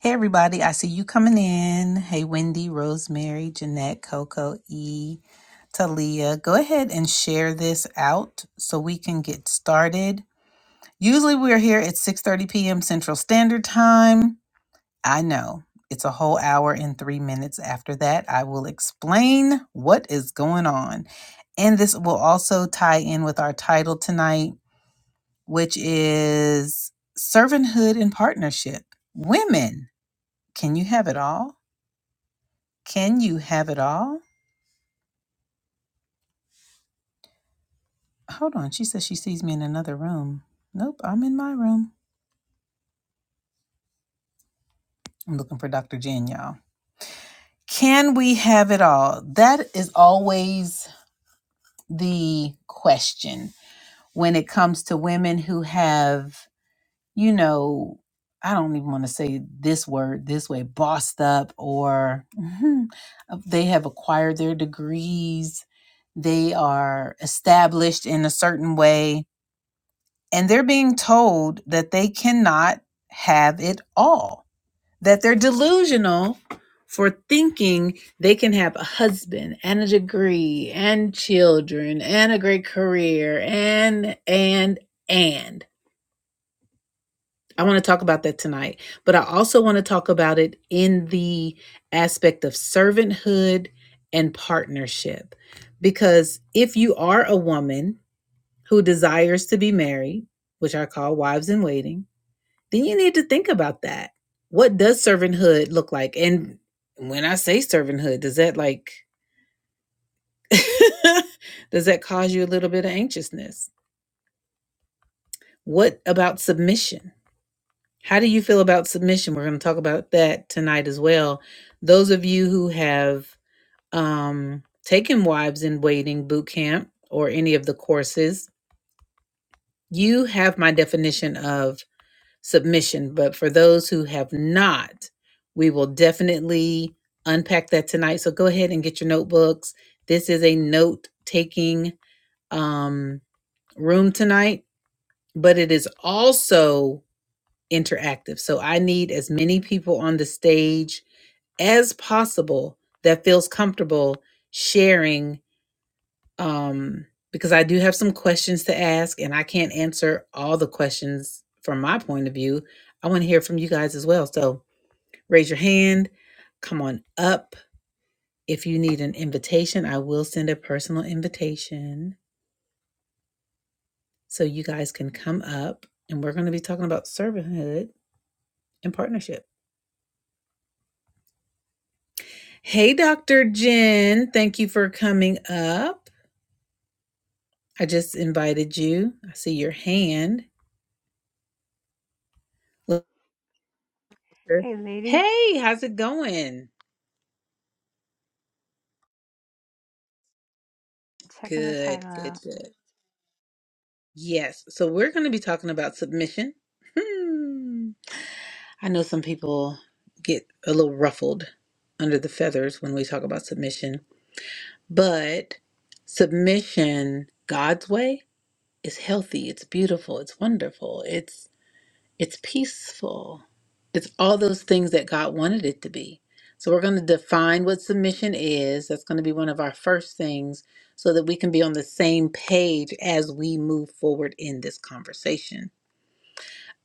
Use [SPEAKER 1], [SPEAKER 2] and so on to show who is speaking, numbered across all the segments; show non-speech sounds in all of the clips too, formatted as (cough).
[SPEAKER 1] Hey everybody, I see you coming in. Hey Wendy, Rosemary, Jeanette, Coco, E, Talia. Go ahead and share this out so we can get started. Usually we're here at 6:30 p.m. Central Standard Time. I know. It's a whole hour and 3 minutes after that. I will explain what is going on. And this will also tie in with our title tonight, which is Servanthood and Partnership. Women, can you have it all? Can you have it all? Hold on. She says she sees me in another room. Nope, I'm in my room. I'm looking for Dr. Jen, y'all. Can we have it all? That is always the question when it comes to women who have, you know, I don't even want to say this word this way, bossed up, or mhm, they have acquired their degrees. They are established in a certain way and they're being told that they cannot have it all, that they're delusional for thinking they can have a husband and a degree and children and a great career and, and, and. I want to talk about that tonight, but I also want to talk about it in the aspect of servanthood and partnership. Because if you are a woman who desires to be married, which I call wives in waiting, then you need to think about that. What does servanthood look like? And when I say servanthood, does that like (laughs) does that cause you a little bit of anxiousness? What about submission? How do you feel about submission? We're going to talk about that tonight as well. Those of you who have um, taken wives in waiting boot camp or any of the courses, you have my definition of submission. But for those who have not, we will definitely unpack that tonight. So go ahead and get your notebooks. This is a note taking um, room tonight, but it is also interactive. So I need as many people on the stage as possible that feels comfortable sharing um, because I do have some questions to ask, and I can't answer all the questions from my point of view. I want to hear from you guys as well. So raise your hand, come on up. If you need an invitation, I will send a personal invitation so you guys can come up. And we're going to be talking about servanthood and partnership. Hey, Dr. Jen, thank you for coming up. I just invited you. I see your hand. Look,
[SPEAKER 2] Hey, lady,
[SPEAKER 1] Hey, how's it going?
[SPEAKER 2] checking the
[SPEAKER 1] Good,
[SPEAKER 2] title
[SPEAKER 1] good,
[SPEAKER 2] out.
[SPEAKER 1] good. Yes. So we're going to be talking about submission. Hmm. I know some people get a little ruffled under the feathers when we talk about submission, but submission God's way is healthy, it's beautiful, it's wonderful. It's It's peaceful. It's all those things that God wanted it to be. So we're going to define what submission is. That's going to be one of our first things so that we can be on the same page as we move forward in this conversation.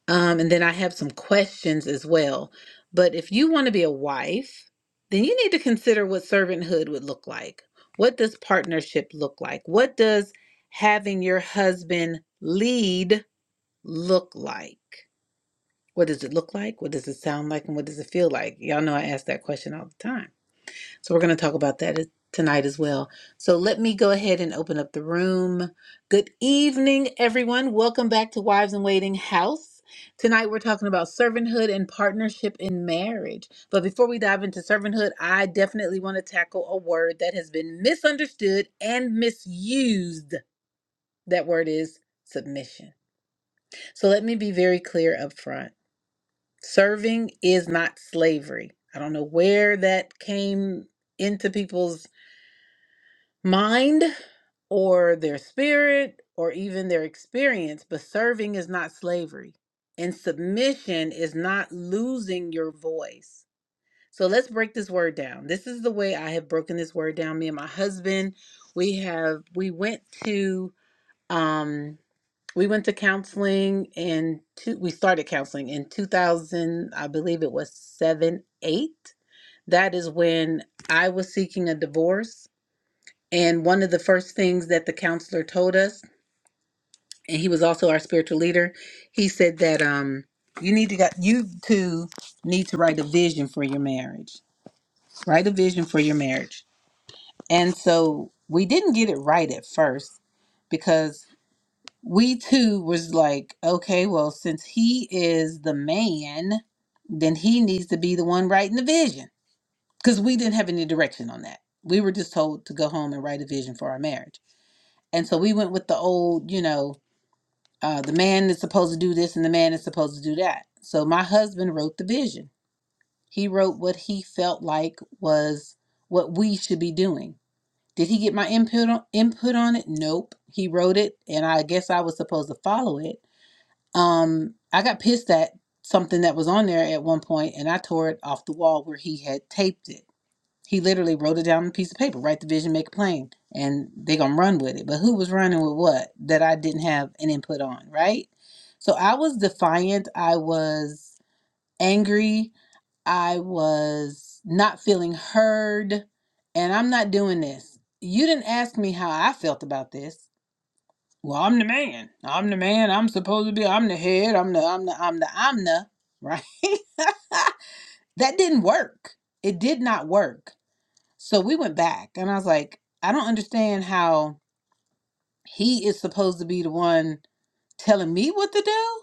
[SPEAKER 1] Um, and then I have some questions as well. But if you want to be a wife, then you need to consider what servanthood would look like. What does partnership look like? What does having your husband lead look like? What does it look like? What does it sound like? And what does it feel like? Y'all know I ask that question all the time. So we're going to talk about that as- tonight as well. So let me go ahead and open up the room. Good evening, everyone. Welcome back to Wives in Waiting House. Tonight we're talking about servanthood and partnership in marriage. But before we dive into servanthood, I definitely want to tackle a word that has been misunderstood and misused. That word is submission. So let me be very clear up front. Serving is not slavery. I don't know where that came into people's mind or their spirit or even their experience, but serving is not slavery. And submission is not losing your voice. So let's break this word down. This is the way I have broken this word down. Me and my husband, we have we went to um we went to counseling and two, we started counseling in 2000 i believe it was 7 8 that is when i was seeking a divorce and one of the first things that the counselor told us and he was also our spiritual leader he said that um you need to got you two need to write a vision for your marriage write a vision for your marriage and so we didn't get it right at first because. we too was like, okay, well, since he is the man, then he needs to be the one writing the vision. Because we didn't have any direction on that. We were just told to go home and write a vision for our marriage. And so we went with the old, you know, uh, the man is supposed to do this and the man is supposed to do that. So my husband wrote the vision. He wrote what he felt like was what we should be doing. Did he get my input on, input on it? Nope. He wrote it, and I guess I was supposed to follow it um, I got pissed at something that was on there at one point, and I tore it off the wall where he had taped it. He literally wrote it down on a piece of paper. Write the vision, make it plain, and they gonna run with it. But who was running with what that I didn't have an input on, right? So I was defiant. I was angry. I was not feeling heard, and I'm not doing this. You didn't ask me how I felt about this. Well, I'm the man. I'm the man. I'm supposed to be. I'm the head. I'm the. I'm the. I'm the. I'm the. Right. (laughs) that didn't work. It did not work. So we went back, and I was like, I don't understand how he is supposed to be the one telling me what to do.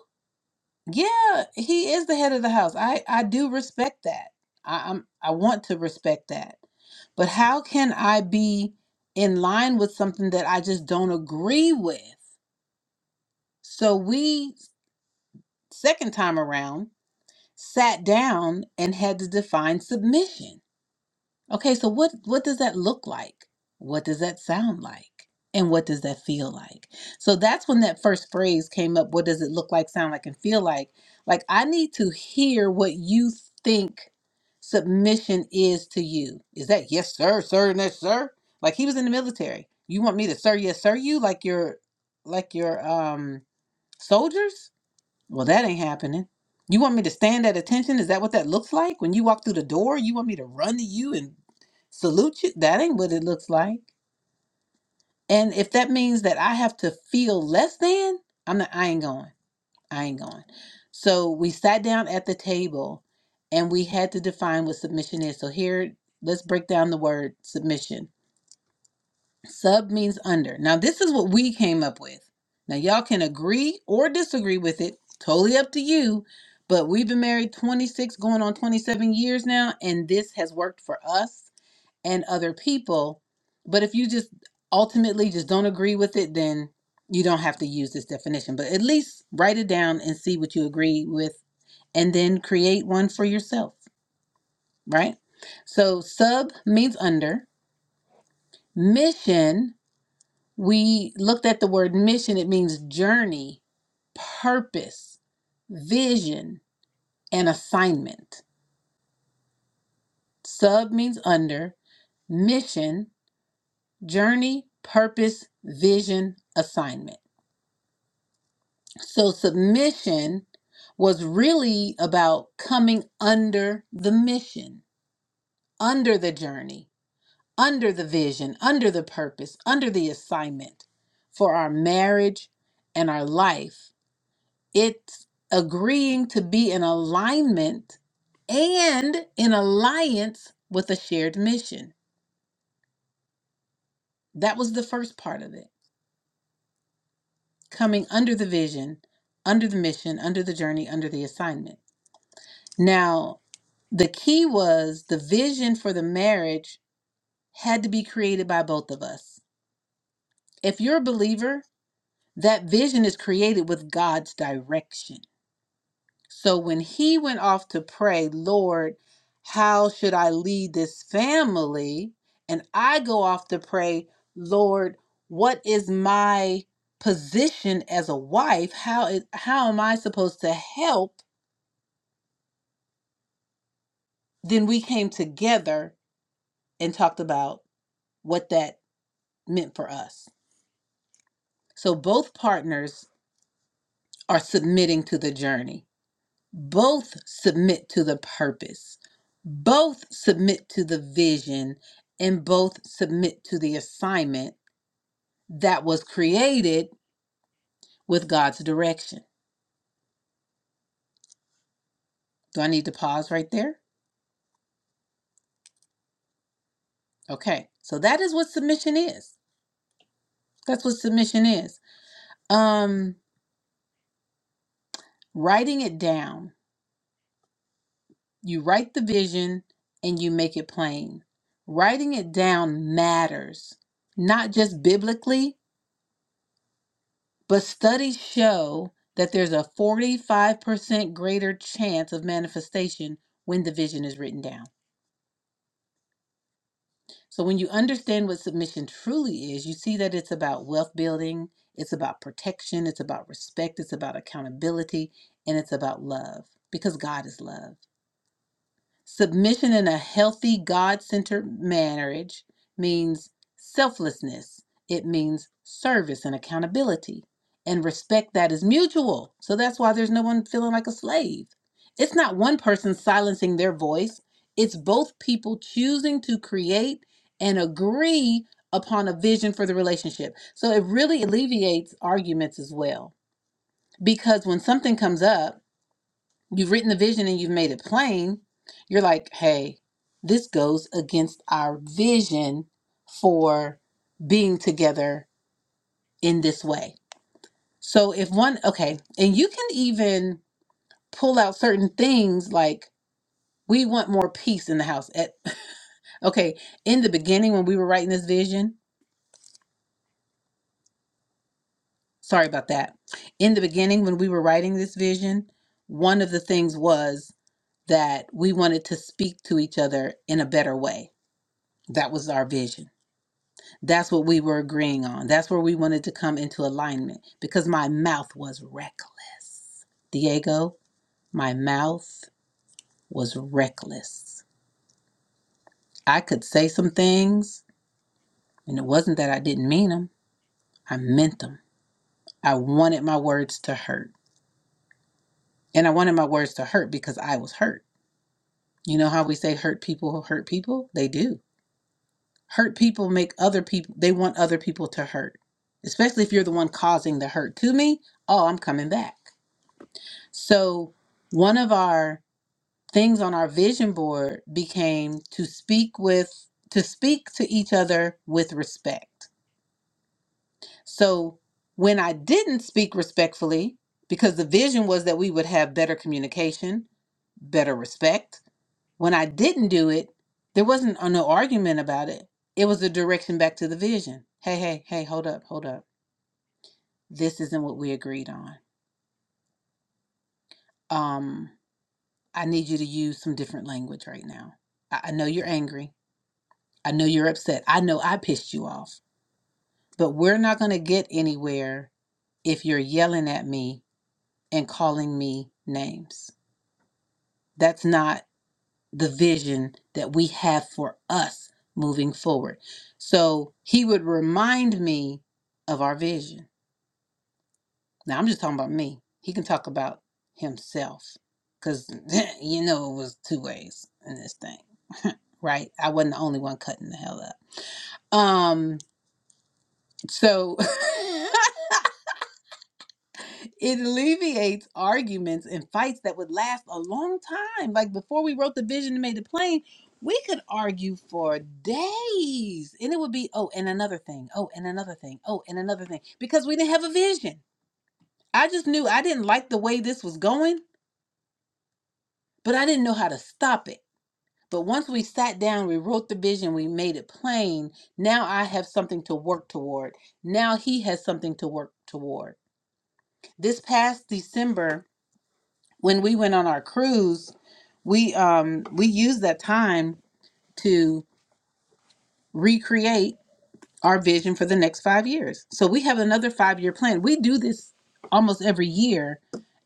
[SPEAKER 1] Yeah, he is the head of the house. I I do respect that. I, I'm I want to respect that. But how can I be in line with something that I just don't agree with? So we second time around sat down and had to define submission okay so what what does that look like what does that sound like and what does that feel like so that's when that first phrase came up what does it look like sound like and feel like like i need to hear what you think submission is to you is that yes sir sir and yes sir like he was in the military you want me to sir yes sir you like your like your um soldiers well, that ain't happening. You want me to stand at attention? Is that what that looks like? When you walk through the door, you want me to run to you and salute you? That ain't what it looks like. And if that means that I have to feel less than, I'm not, I ain't going. I ain't going. So we sat down at the table and we had to define what submission is. So here, let's break down the word submission. Sub means under. Now, this is what we came up with. Now, y'all can agree or disagree with it, totally up to you. But we've been married 26, going on 27 years now, and this has worked for us and other people. But if you just ultimately just don't agree with it, then you don't have to use this definition. But at least write it down and see what you agree with, and then create one for yourself, right? So, sub means under. Mission We looked at the word mission, it means journey, purpose, vision, and assignment. Sub means under, mission, journey, purpose, vision, assignment. So submission was really about coming under the mission, under the journey, under the vision, under the purpose, under the assignment for our marriage and our life It's agreeing to be in alignment and in alliance with a shared mission. That was the first part of it. Coming under the vision, under the mission, under the journey, under the assignment. Now, the key was the vision for the marriage had to be created by both of us. If you're a believer, that vision is created with God's direction. So when he went off to pray, Lord, how should I lead this family? And I go off to pray, Lord, what is my position as a wife? How is how am I supposed to help? Then we came together and talked about what that meant for us. So both partners are submitting to the journey. both submit to the purpose, both submit to the vision, and both submit to the assignment that was created with God's direction. Do I need to pause right there? Okay. So that is what submission is. That's what submission is. Um writing it down. You write the vision and you make it plain. Writing it down matters, not just biblically, But studies show that there's a 45% greater chance of manifestation when the vision is written down. So when you understand what submission truly is, you see that it's about wealth building, it's about protection, it's about respect, it's about accountability, and it's about love because God is love. Submission in a healthy, God centered marriage means selflessness, it means service and accountability and respect that is mutual. So that's why there's no one feeling like a slave. It's not one person silencing their voice, it's both people choosing to create and agree upon a vision for the relationship. So it really alleviates arguments as well. Because when something comes up, You've written the vision and you've made it plain. You're like, hey, this goes against our vision for being together in this way. So if one, okay, and you can even pull out certain things like we want more peace in the house. At, (laughs) okay, in the beginning when we were writing this vision, sorry about that. In the beginning when we were writing this vision, one of the things was that we wanted to speak to each other in a better way. That was our vision That's what we were agreeing on. That's where we wanted to come into alignment because my mouth was reckless. Diego, my mouth was reckless. I could say some things, and it wasn't that I didn't mean them, I meant them. I wanted my words to hurt. And I wanted my words to hurt because I was hurt. You know how we say hurt people hurt people? They do. Hurt people make other people, they want other people to hurt, especially if you're the one causing the hurt to me. Oh, I'm coming back. So, one of our things on our vision board became to speak with to speak to each other with respect. So, when I didn't speak respectfully, because the vision was that we would have better communication, better respect, when I didn't do it, there wasn't a, no argument about it. It was a direction back to the vision. Hey, hey, hey, hold up, hold up. This isn't what we agreed on. Um I need you to use some different language right now. I, I know you're angry. I know you're upset. I know I pissed you off. But we're not going to get anywhere if you're yelling at me and calling me names. That's not the vision that we have for us moving forward. So he would remind me of our vision. Now I'm just talking about me. He can talk about himself because (laughs) you know it was two ways in this thing, right? I wasn't the only one cutting the hell up Um, so (laughs) it alleviates arguments and fights that would last a long time. Like before we wrote the vision and made it plain, we could argue for days and it would be, oh, and another thing, oh, and another thing, oh, and another thing, because we didn't have a vision. I just knew I didn't like the way this was going, but I didn't know how to stop it. But once we sat down, we wrote the vision, we made it plain. Now I have something to work toward. Now he has something to work toward This past December, when we went on our cruise, we um we used that time to recreate our vision for the next five years. So we have another five year plan. We do this almost every year,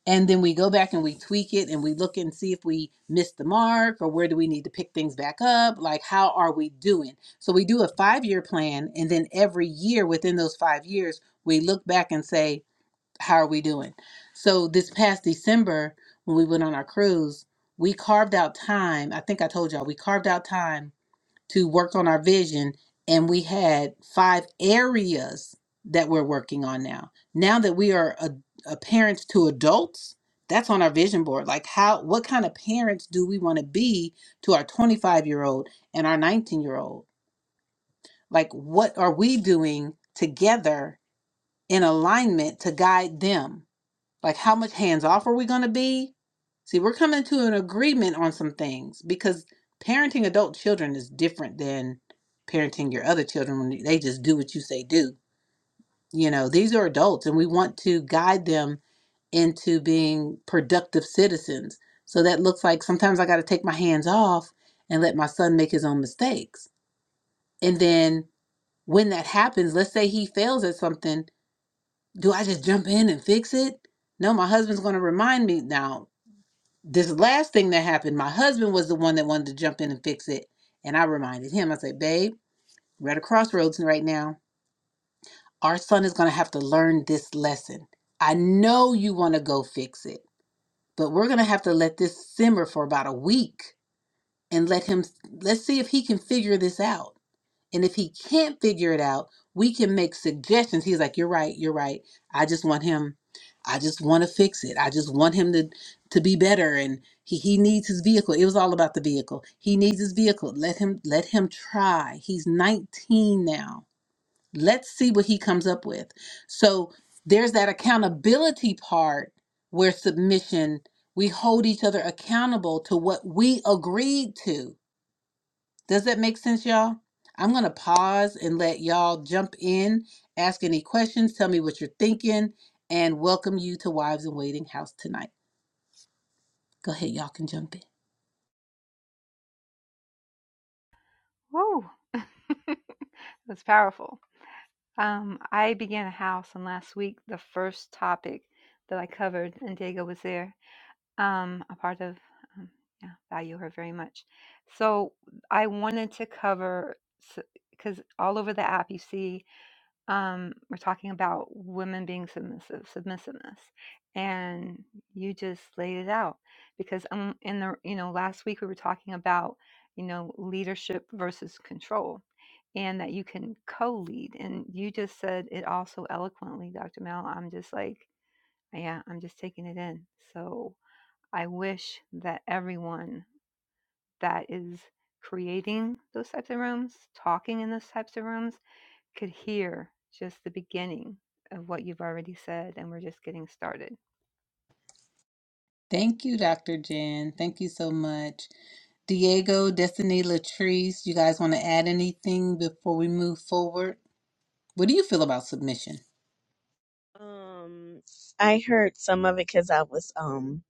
[SPEAKER 1] and then we go back and we tweak it and we look and see if we missed the mark or where do we need to pick things back up. Like how are we doing? So we do a five year plan, and then every year within those five years, we look back and say, how are we doing? So this past December, when we went on our cruise, we carved out time. I think I told y'all we carved out time to work on our vision, and we had five areas that we're working on now. Now that we are a, a parents to adults, that's on our vision board. Like how, what kind of parents do we want to be to our 25 year old and our 19 year old? Like what are we doing together in alignment to guide them? Like, how much hands off are we going to be? See, we're coming to an agreement on some things because parenting adult children is different than parenting your other children when they just do what you say do. You know, these are adults and we want to guide them into being productive citizens. So that looks like sometimes I got to take my hands off and let my son make his own mistakes. And then when that happens, let's say he fails at something, do I just jump in and fix it? No, my husband's going to remind me now. this last thing that happened, my husband was the one that wanted to jump in and fix it. And I reminded him, I said, babe, we're at a crossroads right now. Our son is going to have to learn this lesson. I know you want to go fix it, but we're going to have to let this simmer for about a week and let him, let's see if he can figure this out. And if he can't figure it out, we can make suggestions. He's like, "You're right, you're right. I just want him I just want to fix it. I just want him to to be better and he he needs his vehicle. It was all about the vehicle. He needs his vehicle. Let him let him try. He's 19 now. Let's see what he comes up with." So there's that accountability part where submission we hold each other accountable to what we agreed to does that make sense, y'all? I'm going to pause and let y'all jump in, ask any questions, tell me what you're thinking, and welcome you to Wives in Waiting House tonight. Go ahead, y'all can jump in.
[SPEAKER 2] Whoa, (laughs) it was powerful. Um, I began a house, and last week the first topic that I covered, and Diego was there, um, a part of. Um, yeah, value her very much. So I wanted to cover because all over the app you see um, we're talking about women being submissive, submissiveness, and you just laid it out because um, in the you know last week we were talking about you know leadership versus control and that you can co-lead and you just said it also eloquently dr mel i'm just like yeah i'm just taking it in so i wish that everyone that is creating those types of rooms talking in those types of rooms could hear just the beginning of what you've already said, and we're just getting started.
[SPEAKER 1] Thank you, Dr. Jen. Thank you so much. Diego, Destiny, Latrice, you guys want to add anything before we move forward? What do you feel about submission?
[SPEAKER 3] Um, I heard some of it because I was um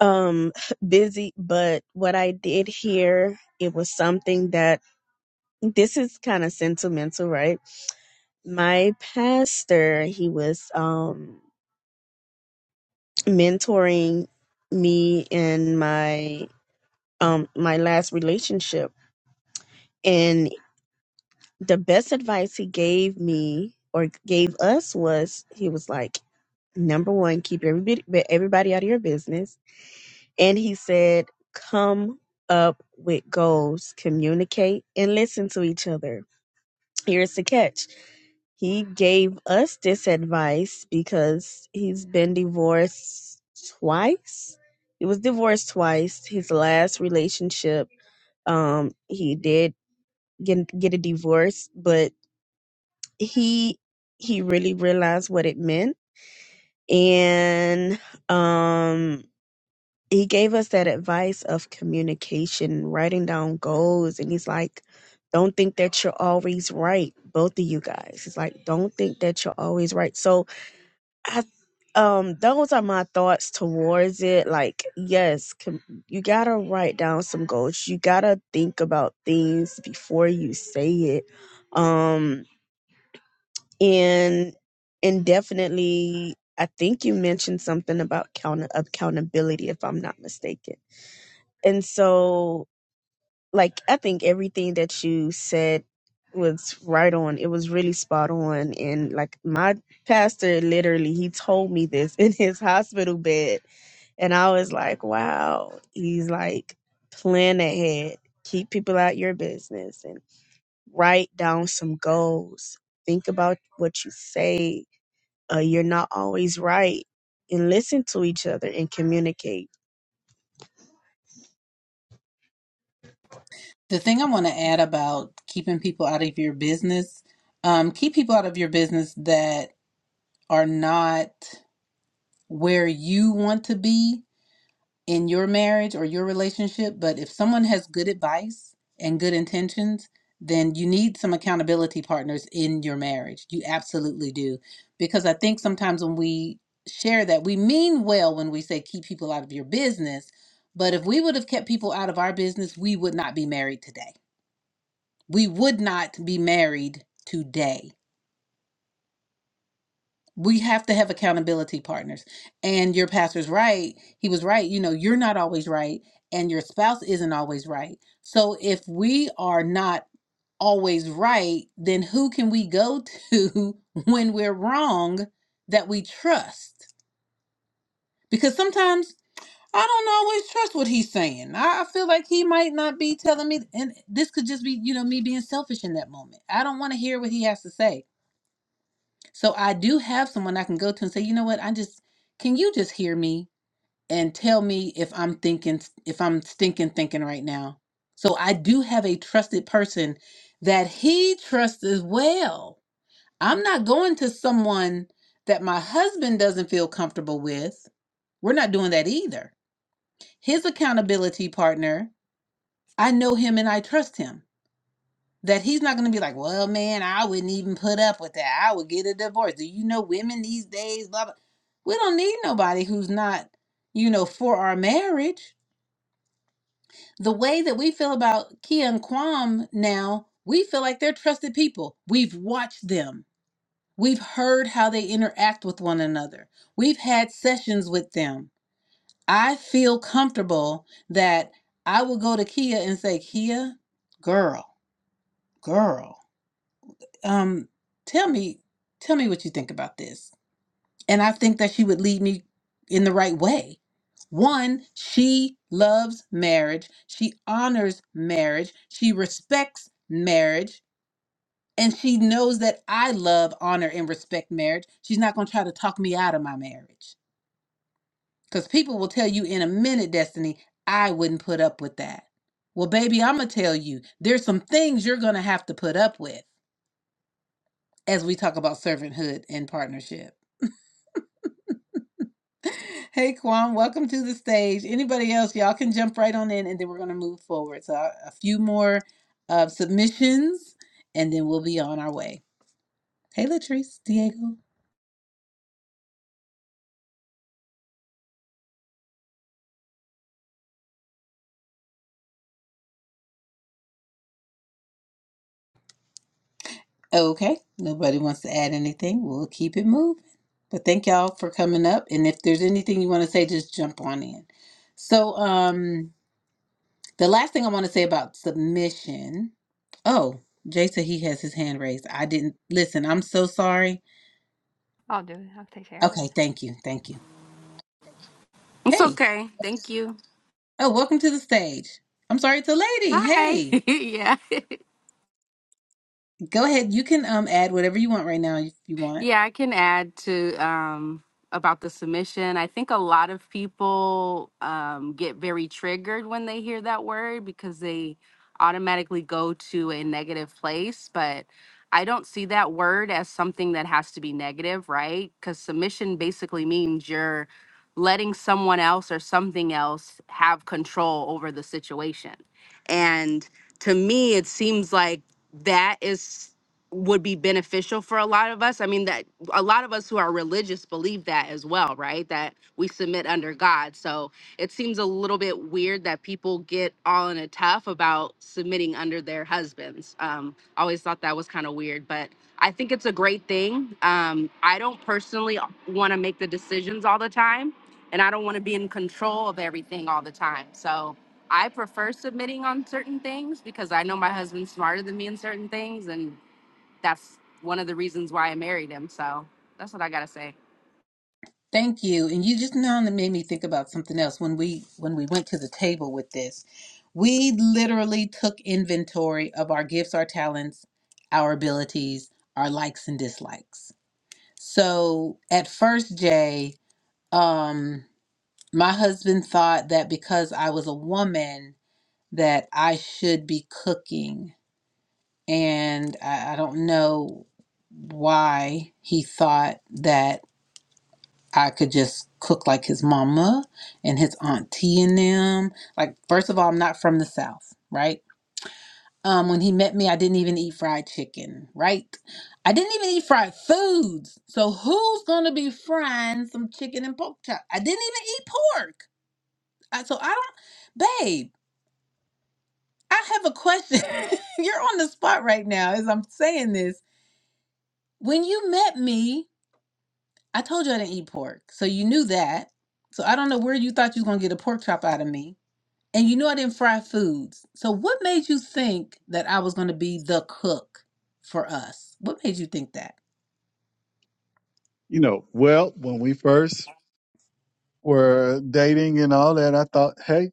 [SPEAKER 3] um (laughs) busy, but what I did hear it was something that this is kind of sentimental, right? My pastor, he was um mentoring me in my um my last relationship, and the best advice he gave me or gave us was he was like, number one, keep everybody everybody out of your business And he said, Come up with goals, communicate, and listen to each other. Here's the catch he gave us this advice because he's been divorced twice. He was divorced twice. His last relationship, um, he did get get a divorce, but he he really realized what it meant, and um, he gave us that advice of communication, writing down goals, and he's like, "Don't think that you're always right." Both of you guys, he's like, "Don't think that you're always right." So I, um, those are my thoughts towards it. Like, yes, com- you gotta write down some goals. You gotta think about things before you say it. Um, and and definitely, I think you mentioned something about count- accountability, if I'm not mistaken and so, like, I think everything that you said was right on. It was really spot on. And like, my pastor literally, he told me this (laughs) in his hospital bed. And I was like, wow. He's like, plan ahead, keep people out your business, and write down some goals. Think about what you say. Uh, you're not always right. And listen to each other and communicate
[SPEAKER 1] The thing I want to add about keeping people out of your business, um, keep people out of your business that are not where you want to be in your marriage or your relationship. But if someone has good advice and good intentions, then you need some accountability partners in your marriage. You absolutely do. Because I think sometimes when we share that, we mean well when we say keep people out of your business. But if we would have kept people out of our business, we would not be married today. We would not be married today we have to have accountability partners and your pastor's right he was right you know you're not always right and your spouse isn't always right so if we are not always right then who can we go to (laughs) when we're wrong that we trust because sometimes i don't always trust what he's saying i I feel like he might not be telling me and this could just be you know me being selfish in that moment i don't want to hear what he has to say so I do have someone I can go to and say, you know what, I just can you just hear me and tell me if I'm thinking if I'm stinking thinking right now. So I do have a trusted person that he trusts as well. I'm not going to someone that my husband doesn't feel comfortable with. We're not doing that either. His accountability partner, I know him and I trust him that he's not going to be like, well, man, I wouldn't even put up with that. I would get a divorce. Do you know women these days? Blah, blah. We don't need nobody who's not, you know, for our marriage. The way that we feel about Kia and Kwam now, we feel like they're trusted people. We've watched them, we've heard how they interact with one another, we've had sessions with them. I feel comfortable that I will go to Kia and say, Kia, girl, girl. um, tell me, tell me what you think about this. And I think that she would lead me in the right way. One, she loves marriage. She honors marriage. She respects marriage. And she knows that I love, honor, and respect marriage. She's not going to try to talk me out of my marriage. Because people will tell you in a minute, Destiny, I wouldn't put up with that. Well, baby, I'm going to tell you, there's some things you're going to have to put up with as we talk about servanthood and partnership. Hey, Kwan, welcome to the stage. Anybody else, y'all can jump right on in and then we're going to move forward. So, a few more uh, submissions and then we'll be on our way. Hey, Latrice, Diego. Okay, nobody wants to add anything. We'll keep it moving. But thank y'all for coming up. And if there's anything you want to say, just jump on in. So, um, the last thing I want to say about submission. Oh, Jay said he has his hand raised. I didn't listen. I'm so sorry.
[SPEAKER 2] I'll do it. I'll take care of it.
[SPEAKER 1] Okay, thank you. Thank you.
[SPEAKER 4] It's
[SPEAKER 1] Hey,
[SPEAKER 4] okay. Thank you.
[SPEAKER 1] Oh, welcome to the stage. I'm sorry, it's a lady.
[SPEAKER 4] Hi.
[SPEAKER 1] Hey,
[SPEAKER 4] (laughs) yeah.
[SPEAKER 1] go ahead. You can um add whatever you want right now if you want.
[SPEAKER 4] Yeah, I can add to um, about the submission. I think a lot of people um, get very triggered when they hear that word because they automatically go to a negative place. But I don't see that word as something that has to be negative, right? Because submission basically means you're letting someone else or something else have control over the situation. And to me, it seems like that is would be beneficial for a lot of us. I mean, that a lot of us who are religious believe that as well, right? That we submit under God. So it seems a little bit weird that people get all in a tough about submitting under their husbands. Um, I always thought that was kind of weird, but I think it's a great thing. Um, I don't personally want to make the decisions all the time, and I don't want to be in control of everything all the time. So I prefer submitting on certain things because I know my husband's smarter than me in certain things, and that's one of the reasons why I married him. So that's what I gotta say.
[SPEAKER 1] Thank you. And you just now made me think about something else when we when we went to the table with this. We literally took inventory of our gifts, our talents, our abilities, our likes and dislikes. So at first, Jay, um, my husband thought that because I was a woman that I should be cooking and I, I don't know why he thought that I could just cook like his mama and his auntie and them. Like, first of all, I'm not from the South, right? Um, when he met me, I didn't even eat fried chicken, right? I didn't even eat fried foods. So who's gonna be frying some chicken and pork chop? I didn't even eat pork. I, so I don't, babe. I have a question. (laughs) You're on the spot right now as I'm saying this. When you met me, I told you I didn't eat pork, so you knew that. So I don't know where you thought you was gonna get a pork chop out of me. And you know I didn't fry foods. So what made you think that I was gonna be the cook for us? What made you think that?
[SPEAKER 5] you know, well, when we first were dating and all that, I thought, hey,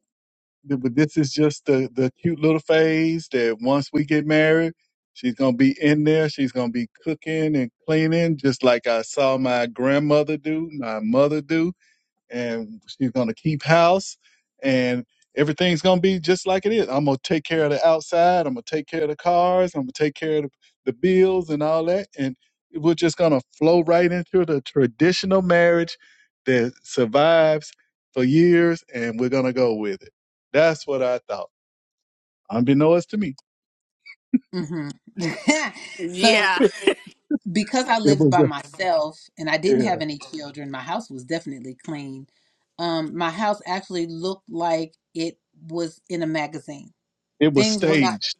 [SPEAKER 5] th- but this is just the the cute little phase that once we get married, she's gonna be in there. She's gonna be cooking and cleaning, just like I saw my grandmother do, my mother do and she's gonna keep house and everything's gonna be just like it is. I'm gonna take care of the outside, I'm gonna take care of the cars, I'm gonna take care of the, the bills and all that. And we're just gonna flow right into the traditional marriage that survives for years and we're gonna go with it. That's what I thought. Unbeknownst to me.
[SPEAKER 1] hmm (laughs) so
[SPEAKER 4] Yeah.
[SPEAKER 5] (laughs)
[SPEAKER 1] because I
[SPEAKER 5] It
[SPEAKER 1] lived
[SPEAKER 5] was
[SPEAKER 1] by
[SPEAKER 5] a,
[SPEAKER 1] myself and I didn't
[SPEAKER 5] yeah,
[SPEAKER 1] have any children, my house was definitely clean. Um, my house actually looked like it was in a magazine.
[SPEAKER 5] it was
[SPEAKER 1] Things were not
[SPEAKER 5] staged.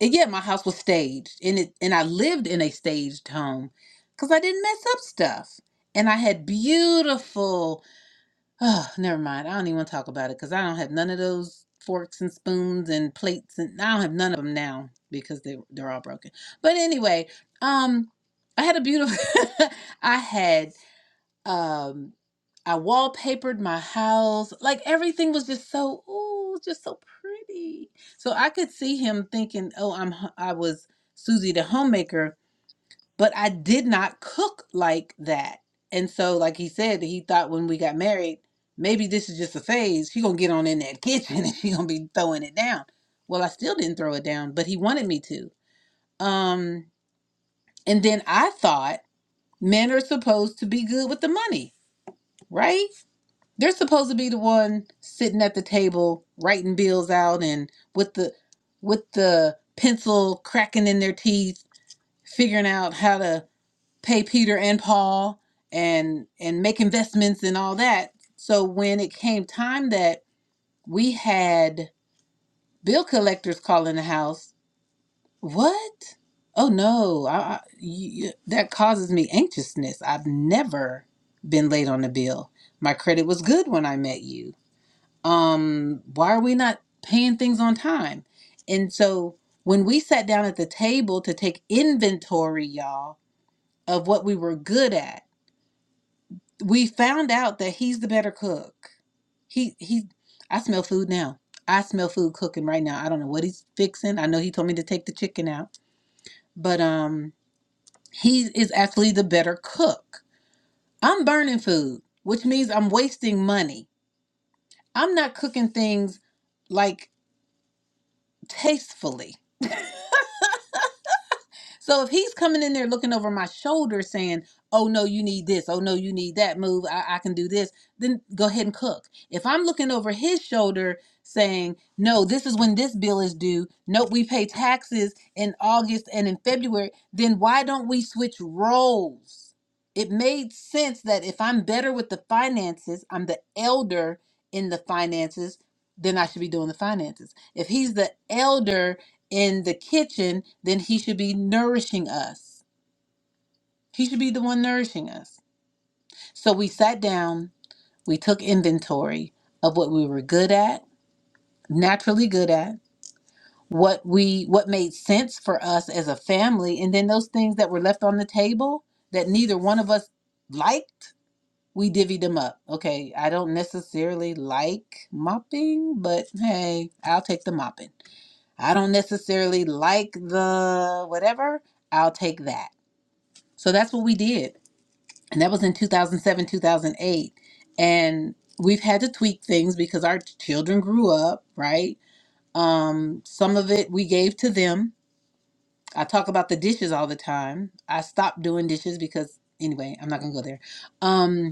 [SPEAKER 1] And yeah, my house was staged, and it and I lived in a staged home because I didn't mess up stuff. And I had beautiful. Oh, never mind. I don't even want to talk about it because I don't have none of those forks and spoons and plates, and I don't have none of them now because they they're all broken. But anyway, um, I had a beautiful. (laughs) I had um, I wallpapered my house. Like everything was just so ooh, just so pretty. So I could see him thinking, "Oh, I'm h- I was Susie the homemaker, but I did not cook like that." And so, like he said, he thought when we got married, maybe this is just a phase. She gonna get on in that kitchen (laughs) and she gonna be throwing it down. Well, I still didn't throw it down, but he wanted me to. Um, and then I thought men are supposed to be good with the money, right? They're supposed to be the one sitting at the table writing bills out and with the with the pencil cracking in their teeth, figuring out how to pay Peter and Paul and and make investments and all that. So when it came time that we had bill collectors calling the house, what? Oh no, I, I, you, that causes me anxiousness. I've never been late on a bill. My credit was good when I met you um why are we not paying things on time and so when we sat down at the table to take inventory y'all of what we were good at we found out that he's the better cook he he i smell food now i smell food cooking right now i don't know what he's fixing i know he told me to take the chicken out but um he is actually the better cook i'm burning food which means i'm wasting money i'm not cooking things like tastefully So if he's coming in there looking over my shoulder saying, oh no, you need this, oh no, you need that move, I, I can do this, then go ahead and cook. If I'm looking over his shoulder saying, no, this is when this bill is due, nope, we pay taxes in August and in February, then why don't we switch roles? It made sense that if I'm better with the finances, I'm the elder in the finances, then I should be doing the finances. If he's the elder, in the kitchen, then he should be nourishing us. He should be the one nourishing us. So we sat down, we took inventory of what we were good at, naturally good at, what we what made sense for us as a family, and then those things that were left on the table that neither one of us liked, we divvied them up. Okay, I don't necessarily like mopping, but hey, I'll take the mopping. I don't necessarily like the whatever, I'll take that. So that's what we did. And that was in 2007, 2008. And we've had to tweak things because our children grew up, right? Um, some of it we gave to them. I talk about the dishes all the time. I stopped doing dishes because, anyway, I'm not going to go there. Um,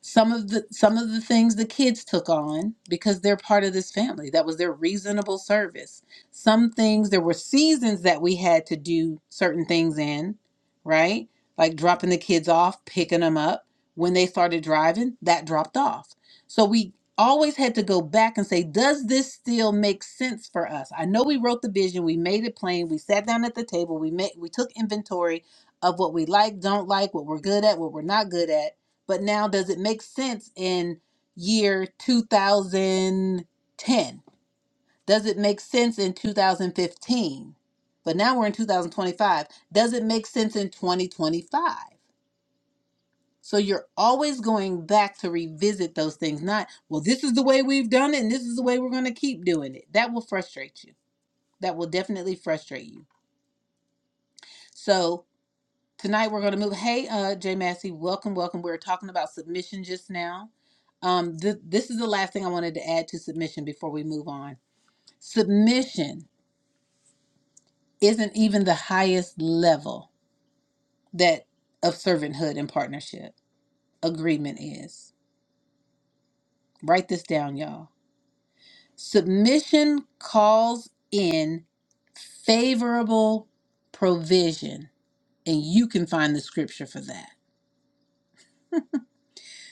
[SPEAKER 1] some of the some of the things the kids took on because they're part of this family that was their reasonable service some things there were seasons that we had to do certain things in right like dropping the kids off picking them up when they started driving that dropped off so we always had to go back and say does this still make sense for us i know we wrote the vision we made it plain we sat down at the table we made we took inventory of what we like don't like what we're good at what we're not good at but now, does it make sense in year 2010? Does it make sense in 2015? But now we're in 2025. Does it make sense in 2025? So you're always going back to revisit those things, not, well, this is the way we've done it and this is the way we're going to keep doing it. That will frustrate you. That will definitely frustrate you. So. Tonight we're going to move. Hey, uh, Jay Massey, welcome, welcome. We were talking about submission just now. Um, th- this is the last thing I wanted to add to submission before we move on. Submission isn't even the highest level that of servanthood and partnership. Agreement is. Write this down, y'all. Submission calls in favorable provision, and you can find the scripture for that.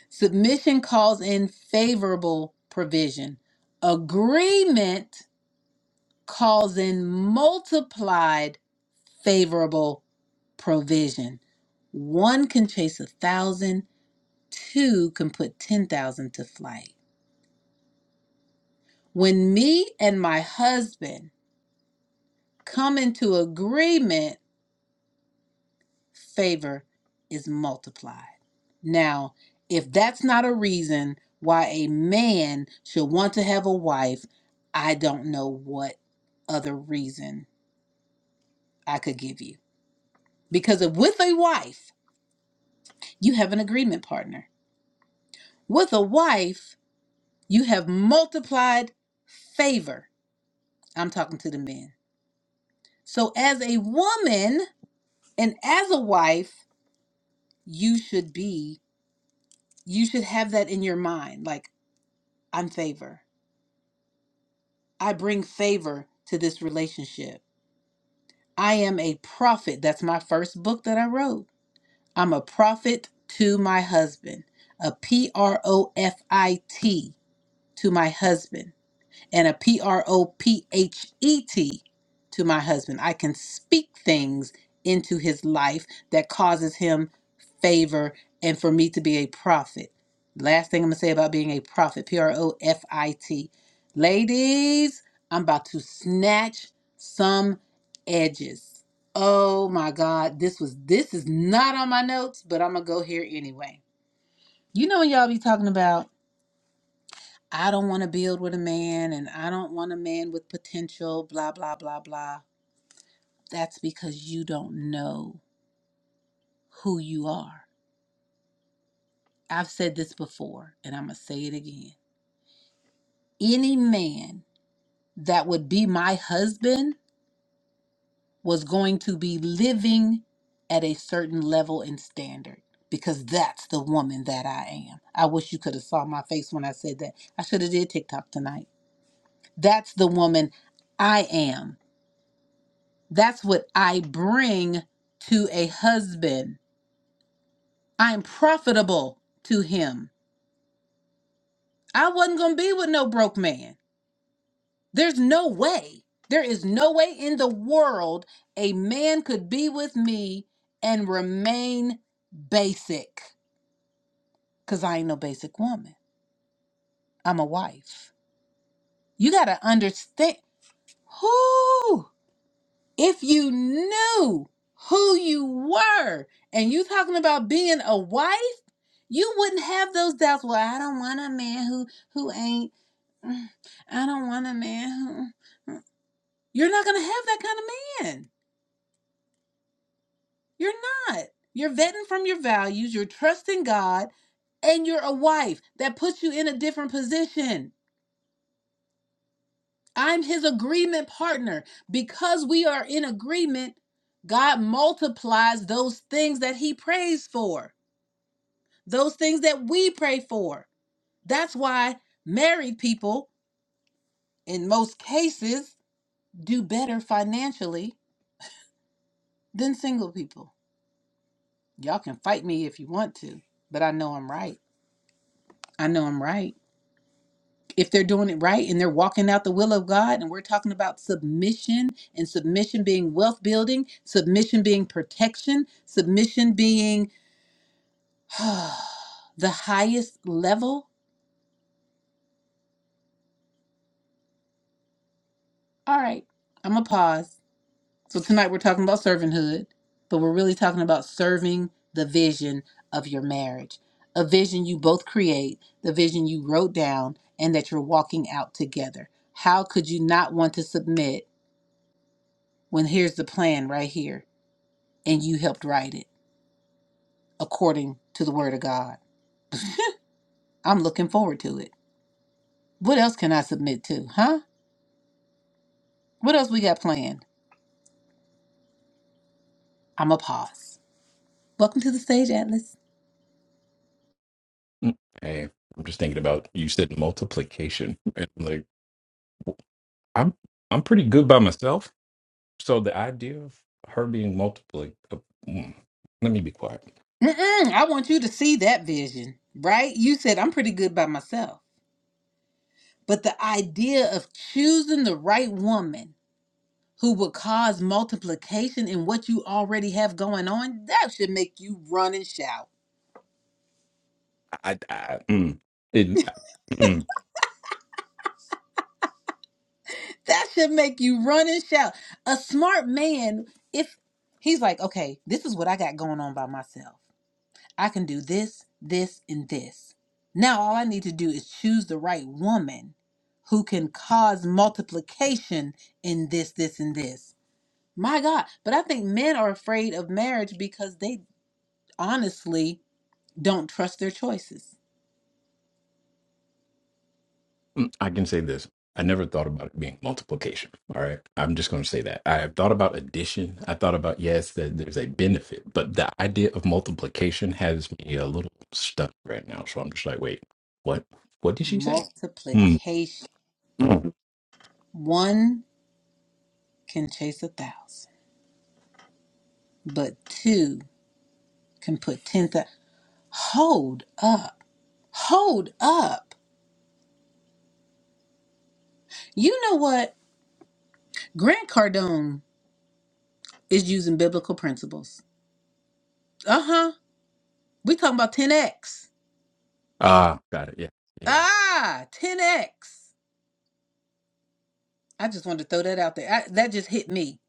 [SPEAKER 1] Submission calls in favorable provision. Agreement calls in multiplied favorable provision. One can chase a thousand, two can put 10,000 to flight. When me and my husband come into agreement, favor is multiplied. Now, if that's not a reason why a man should want to have a wife, I don't know what other reason I could give you. Because if with a wife, you have an agreement partner. With a wife, you have multiplied favor. I'm talking to the men. So as a woman and as a wife, you should be you should have that in your mind like I'm favored. I bring favor to this relationship. I am a prophet. That's my first book that I wrote. I'm a prophet to my husband, a P R O F I T to my husband and a P R O P H E T to my husband. I can speak things into his life that causes him favor and for me to be a prophet. Last thing I'm going to say about being a prophet P R O F I T. Ladies, I'm about to snatch some edges. Oh my God, this was this is not on my notes, but I'm gonna go here anyway. You know what y'all be talking about? I don't want to build with a man and I don't want a man with potential, blah, blah, blah, blah. That's because you don't know who you are. I've said this before and I'm going to say it again. Any man that would be my husband was going to be living at a certain level and standard because that's the woman that I am. I wish you could have saw my face when I said that. I should have did TikTok tonight. That's the woman I am That's what I bring to a husband. I'm profitable to him. I wasn't going to be with no broke man. There's no way. There is no way in the world a man could be with me and remain basic because I ain't no basic woman. I'm a wife. You got to understand. if you knew who you were and you talking about being a wife you wouldn't have those doubts well i don't want a man who who ain't (sighs) mm, i don't want a man who you're not gonna have that kind of man you're not you're vetting from your values you're trusting god and you're a wife that puts you in a different position. I'm his agreement partner. Because we are in agreement, God multiplies those things that he prays for. those things that we pray for. That's why married people, in most cases, do better financially than single people. Y'all can fight me if you want to, but I know I'm right. I know I'm right. If they're doing it right and they're walking out the will of God, and we're talking about submission and submission being wealth building, submission being protection, submission being (sighs) the highest level. All right, I'm going to pause. So tonight we're talking about servanthood, but we're really talking about serving the vision of your marriage. A vision you both create, the vision you wrote down, and that you're walking out together. How could you not want to submit when here's the plan right here and you helped write it according to the word of God? I'm looking forward to it. What else can I submit to, huh? What else we got planned? I'm a pause. Welcome to the stage, Atlas.
[SPEAKER 6] Mm, Hey, I'm just thinking about you said multiplication, and like I'm I'm pretty good by myself. So the idea of her being multiply, uh, mm, let me be quiet.
[SPEAKER 1] Mm-mm, I want you to see that vision, right? You said I'm pretty good by myself. But the idea of choosing the right woman who will cause multiplication in what you already have going on, that should make you run and shout.
[SPEAKER 6] I, I mm, it, mm,
[SPEAKER 1] That should make you run and shout. A smart man, if he's like, okay, this is what I got going on by myself. I can do this, this, and this. Now all I need to do is choose the right woman who can cause multiplication in this, this, and this. My God. But I think men are afraid of marriage because they honestly don't trust their choices.
[SPEAKER 6] mm, I can say this. I never thought about it being multiplication. All right, I'm just going to say that I have thought about addition. I thought about yes, that there's a benefit, but the idea of multiplication has me a little stuck right now. So I'm just like, wait, what? What did she say? Hmm.
[SPEAKER 1] Multiplication.
[SPEAKER 6] hmm.
[SPEAKER 1] One can chase a thousand, but two can put 10,000. Hold up. Hold up. You know what? Grant Cardone is using biblical principles. Uh-huh. We talking about 10x.
[SPEAKER 6] Ah, got it. Yeah, yeah.
[SPEAKER 1] Ah, 10x. I just wanted to throw that out there. I, that just hit me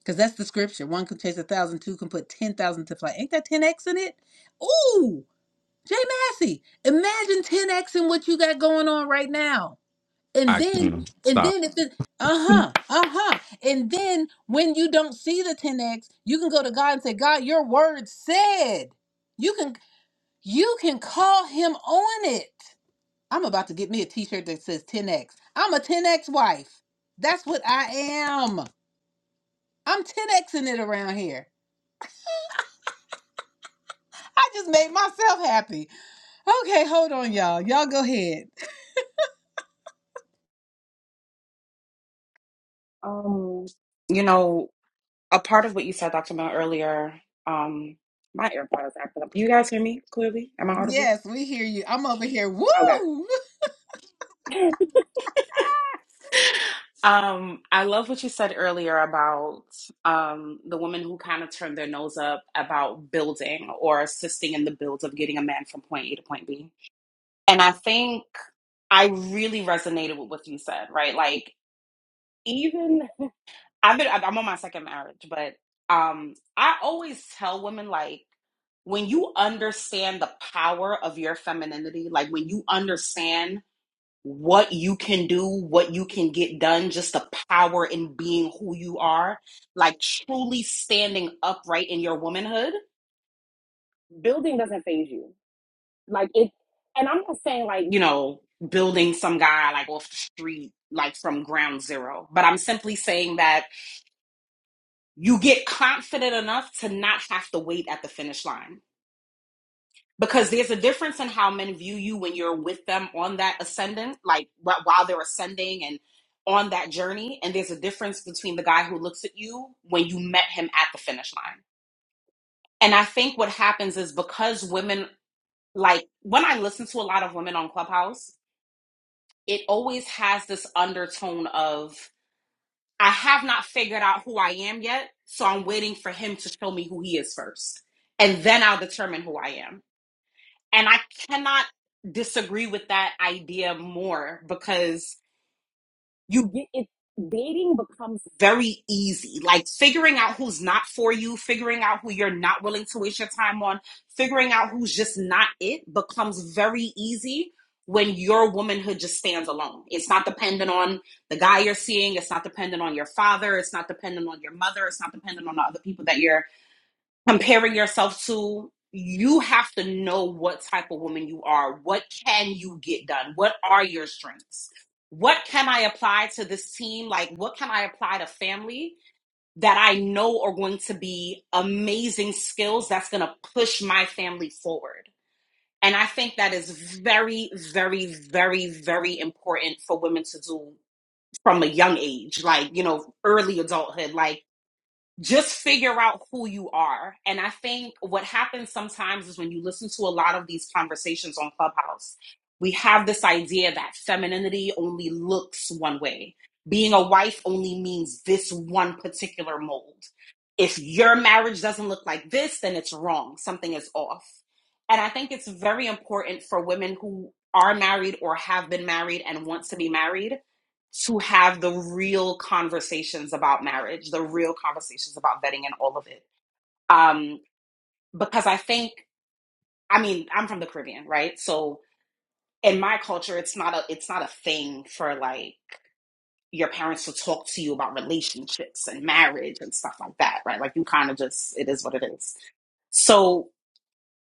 [SPEAKER 1] because that's the scripture. One can chase a thousand, two can put ten thousand to flight. Ain't that 10x in it? Ooh, Jay Massey, imagine 10x in what you got going on right now, and
[SPEAKER 6] I
[SPEAKER 1] then
[SPEAKER 6] mm,
[SPEAKER 1] and
[SPEAKER 6] stop.
[SPEAKER 1] then if it. Uh huh.
[SPEAKER 6] Oh
[SPEAKER 1] Uh huh. And then when you don't see the 10x, you can go to God and say, God, your word said. You can. You can call him on it. I'm about to get me a t shirt that says 10X. I'm a 10X wife. That's what I am. I'm 10Xing it around here. I just made myself happy. Okay, hold on, y'all. Y'all go ahead.
[SPEAKER 7] Um, you know, a part of what you said, Dr. Mel, earlier, um, my AirPods acting up. You guys hear me clearly? Am I audible?
[SPEAKER 1] Yes, we hear you. I'm over here. Woo!
[SPEAKER 7] Okay. (laughs) Um, I love what you said earlier about um, the women who kind of turned their nose up about building or assisting in the build of getting a man from point A to point B. And I think I really resonated with what you said, right? Like, even I've been I'm on my second marriage, but um I always tell women like when you understand the power of your femininity, like when you understand what you can do, what you can get done, just the power in being who you are, like truly standing upright in your womanhood, building doesn't phase you. Like it and I'm not saying like, you know, building some guy like off the street like from ground zero, but I'm simply saying that you get confident enough to not have to wait at the finish line because there's a difference in how men view you when you're with them on that ascendant like while they're ascending and on that journey and there's a difference between the guy who looks at you when you met him at the finish line and i think what happens is because women like when i listen to a lot of women on clubhouse it always has this undertone of I have not figured out who I am yet, so I'm waiting for him to show me who he is first. And then I'll determine who I am. And I cannot disagree with that idea more because you get it dating becomes very easy like figuring out who's not for you figuring out who you're not willing to waste your time on figuring out who's just not it becomes very easy when your womanhood just stands alone it's not dependent on the guy you're seeing it's not dependent on your father it's not dependent on your mother it's not dependent on the other people that you're comparing yourself to you have to know what type of woman you are what can you get done what are your strengths what can i apply to this team like what can i apply to family that i know are going to be amazing skills that's going to push my family forward and i think that is very very very very important for women to do from a young age like you know early adulthood like just figure out who you are. And I think what happens sometimes is when you listen to a lot of these conversations on Clubhouse, we have this idea that femininity only looks one way. Being a wife only means this one particular mold. If your marriage doesn't look like this, then it's wrong. Something is off. And I think it's very important for women who are married or have been married and want to be married to have the real conversations about marriage, the real conversations about vetting and all of it. Um, because I think, I mean, I'm from the Caribbean, right? So in my culture, it's not a it's not a thing for like your parents to talk to you about relationships and marriage and stuff like that, right? Like you kind of just it is what it is. So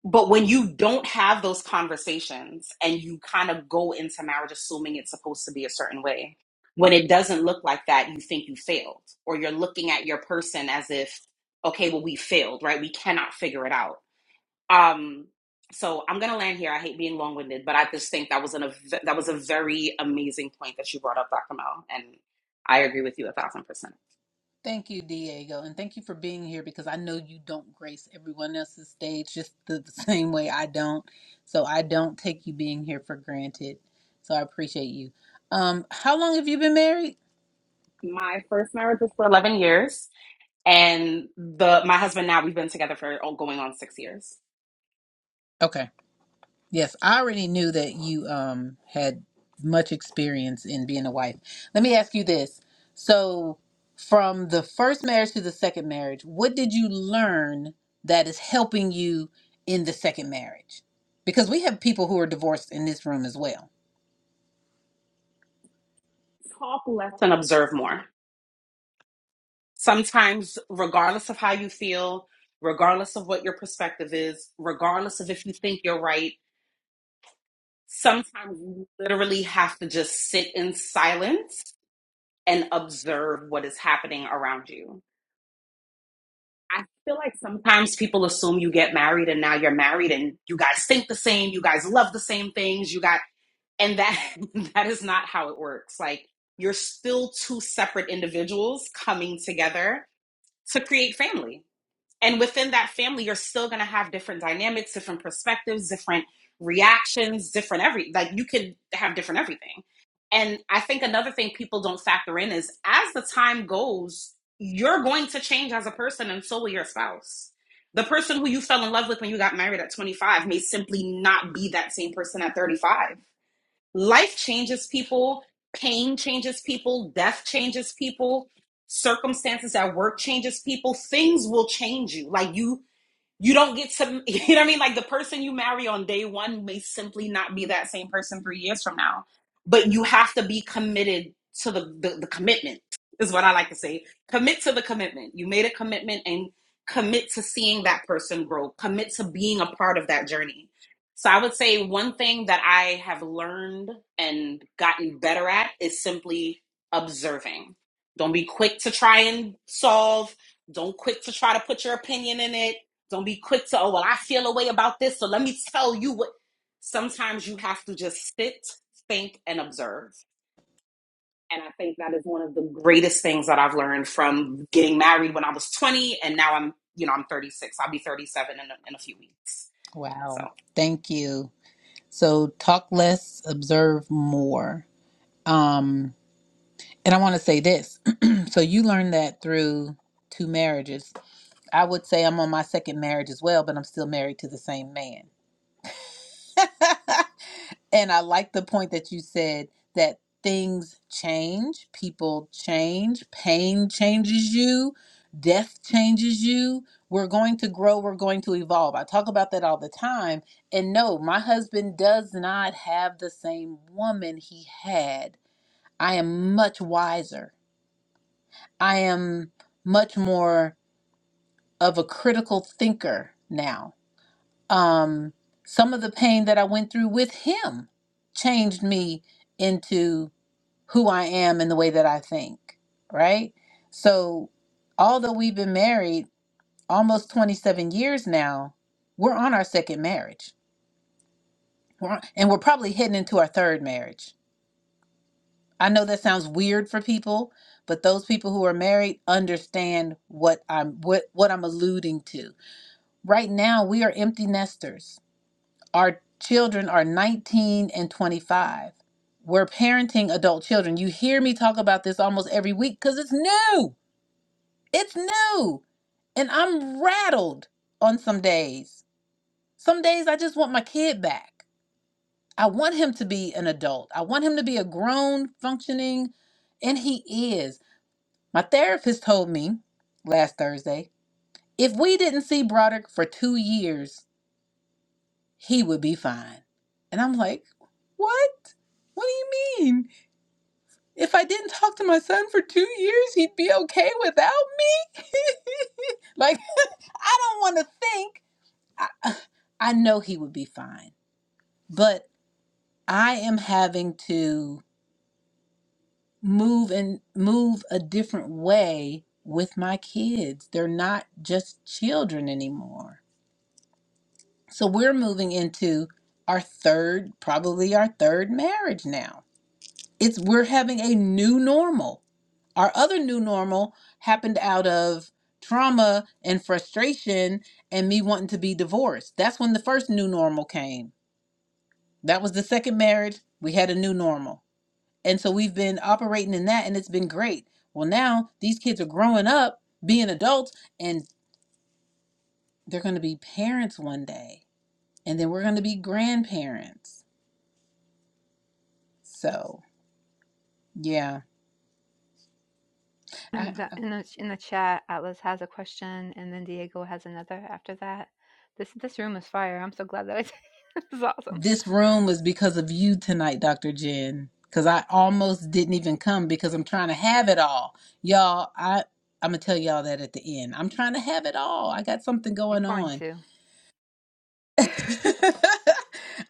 [SPEAKER 7] but when you don't have those conversations and you kind of go into marriage assuming it's supposed to be a certain way when it doesn't look like that you think you failed or you're looking at your person as if okay well we failed right we cannot figure it out um, so I'm gonna land here. I hate being long-winded, but I just think that was an a v that was a very amazing point that you brought up, Dr. Mel, and I agree with you a thousand percent.
[SPEAKER 1] Thank you, Diego. And thank you for being here because I know you don't grace everyone else's stage just the (laughs) same way I don't. So I don't take you being here for granted. So I appreciate you. Um, how long have you been married?
[SPEAKER 7] My first marriage was for 11 years, and the my husband now we've been together for oh, going on six years.
[SPEAKER 1] Okay. Yes, I already knew that you um had much experience in being a wife. Let me ask you this. So, from the first marriage to the second marriage, what did you learn that is helping you in the second marriage? Because we have people who are divorced in this room as well.
[SPEAKER 7] talk less and observe more. Sometimes, regardless of how you feel, regardless of what your perspective is, regardless of if you think you're right, sometimes you literally have to just sit in silence and observe what is happening around you. I feel like sometimes people assume you get married and now you're married and you guys think the same, you guys love the same things, you got and that (laughs) that is not how it works. Like you're still two separate individuals coming together to create family. And within that family, you're still going to have different dynamics, different perspectives, different reactions, different every like you could have different everything. And I think another thing people don't factor in is as the time goes, you're going to change as a person and so will your spouse. The person who you fell in love with when you got married at 25 may simply not be that same person at 35 life changes people, pain changes people, death changes people, circumstances at work changes people. Things will change you. Like you you don't get to (laughs) you know what i mean like the person you marry on day one may simply not be that same person three years from now but you have to be committed to the the, the commitment is what i like to say commit to the commitment you made a commitment and commit to seeing that person grow commit to being a part of that journey so i would say one thing that i have learned and gotten better at is simply observing don't be quick to try and solve don't quick to try to put your opinion in it don't be quick to, oh, well, I feel a way about this, so let me tell you what. Sometimes you have to just sit, think, and observe. And I think that is one of the greatest things that I've learned from getting married when I was 20, and now I'm, you know, I'm 36. I'll be 37 in a, in a few weeks. So,
[SPEAKER 1] Wow. Thank you. So, talk less, observe more. Um and I want to say this. (clears throat) so you learned that through two marriages I would say I'm on my second marriage as well, but I'm still married to the same man. (laughs) and I like the point that you said that things change, people change, pain changes you, death changes you. We're going to grow, we're going to evolve. I talk about that all the time. And no, my husband does not have the same woman he had. I am much wiser. I am much more of a critical thinker now um, some of the pain that I went through with him changed me into who I am and the way that I think, right? So, although we've been married almost 27 years now, we're on our second marriage. We're on, and we're probably heading into our third marriage. I know that sounds weird for people, but those people who are married understand what I'm what what I'm alluding to. Right now, we are empty nesters our children are 19 and 25. We're parenting adult children. You hear me talk about this almost every week because it's new. It's new. And I'm rattled on some days. Some days I just want my kid back. I want him to be an adult. I want him to be a grown, functioning, and he is. My therapist told me last Thursday if we didn't see Broderick for two years, he would be fine. And I'm like, what? What do you mean? If I didn't talk to my son for two years, he'd be okay without me? (laughs) like, I don't want to think. I, I know he would be fine, but I am having to move and move a different way with my kids. They're not just children anymore. So we're moving into our third, probably our third marriage now. It's we're having a new normal Our other new normal happened out of trauma and frustration and me wanting to be divorced. That's when the first new normal came. That was the second marriage. We had a new normal. And so we've been operating in that and it's been great. Well, now these kids are growing up, being adults, and they're going to be parents one day. And then we're going to be grandparents. So, yeah.
[SPEAKER 2] And
[SPEAKER 1] I,
[SPEAKER 2] that in the in the chat, Atlas has a question, and then Diego has another after that. This this room is fire. I'm so glad that I. did. (laughs) this is awesome.
[SPEAKER 1] This room was because of you tonight, Dr. Jen. Cause I almost didn't even come because I'm trying to have it all. Y'all, I I'm gonna tell y'all that at the end. I'm trying to have it all. I got something
[SPEAKER 2] You're
[SPEAKER 1] going
[SPEAKER 2] going
[SPEAKER 1] on.
[SPEAKER 2] to.
[SPEAKER 1] (laughs)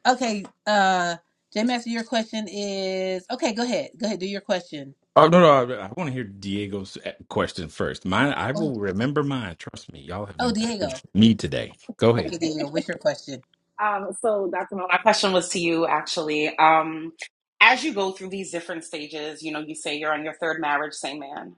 [SPEAKER 1] okay, uh J Master, your question is okay, go ahead. Go ahead, do your question.
[SPEAKER 6] no, no. I, I want to hear Diego's eh, question first. Mine, I
[SPEAKER 1] Oh,
[SPEAKER 6] will remember mine. Trust me, y'all have
[SPEAKER 1] oh
[SPEAKER 6] impacted
[SPEAKER 1] Diego.
[SPEAKER 6] me today. Go
[SPEAKER 1] Okay,
[SPEAKER 6] ahead.
[SPEAKER 1] Diego, what's your question?
[SPEAKER 7] um, so that's my my question was to you actually. Um, as you go through these different stages, you know, you say you're on your third marriage, same man.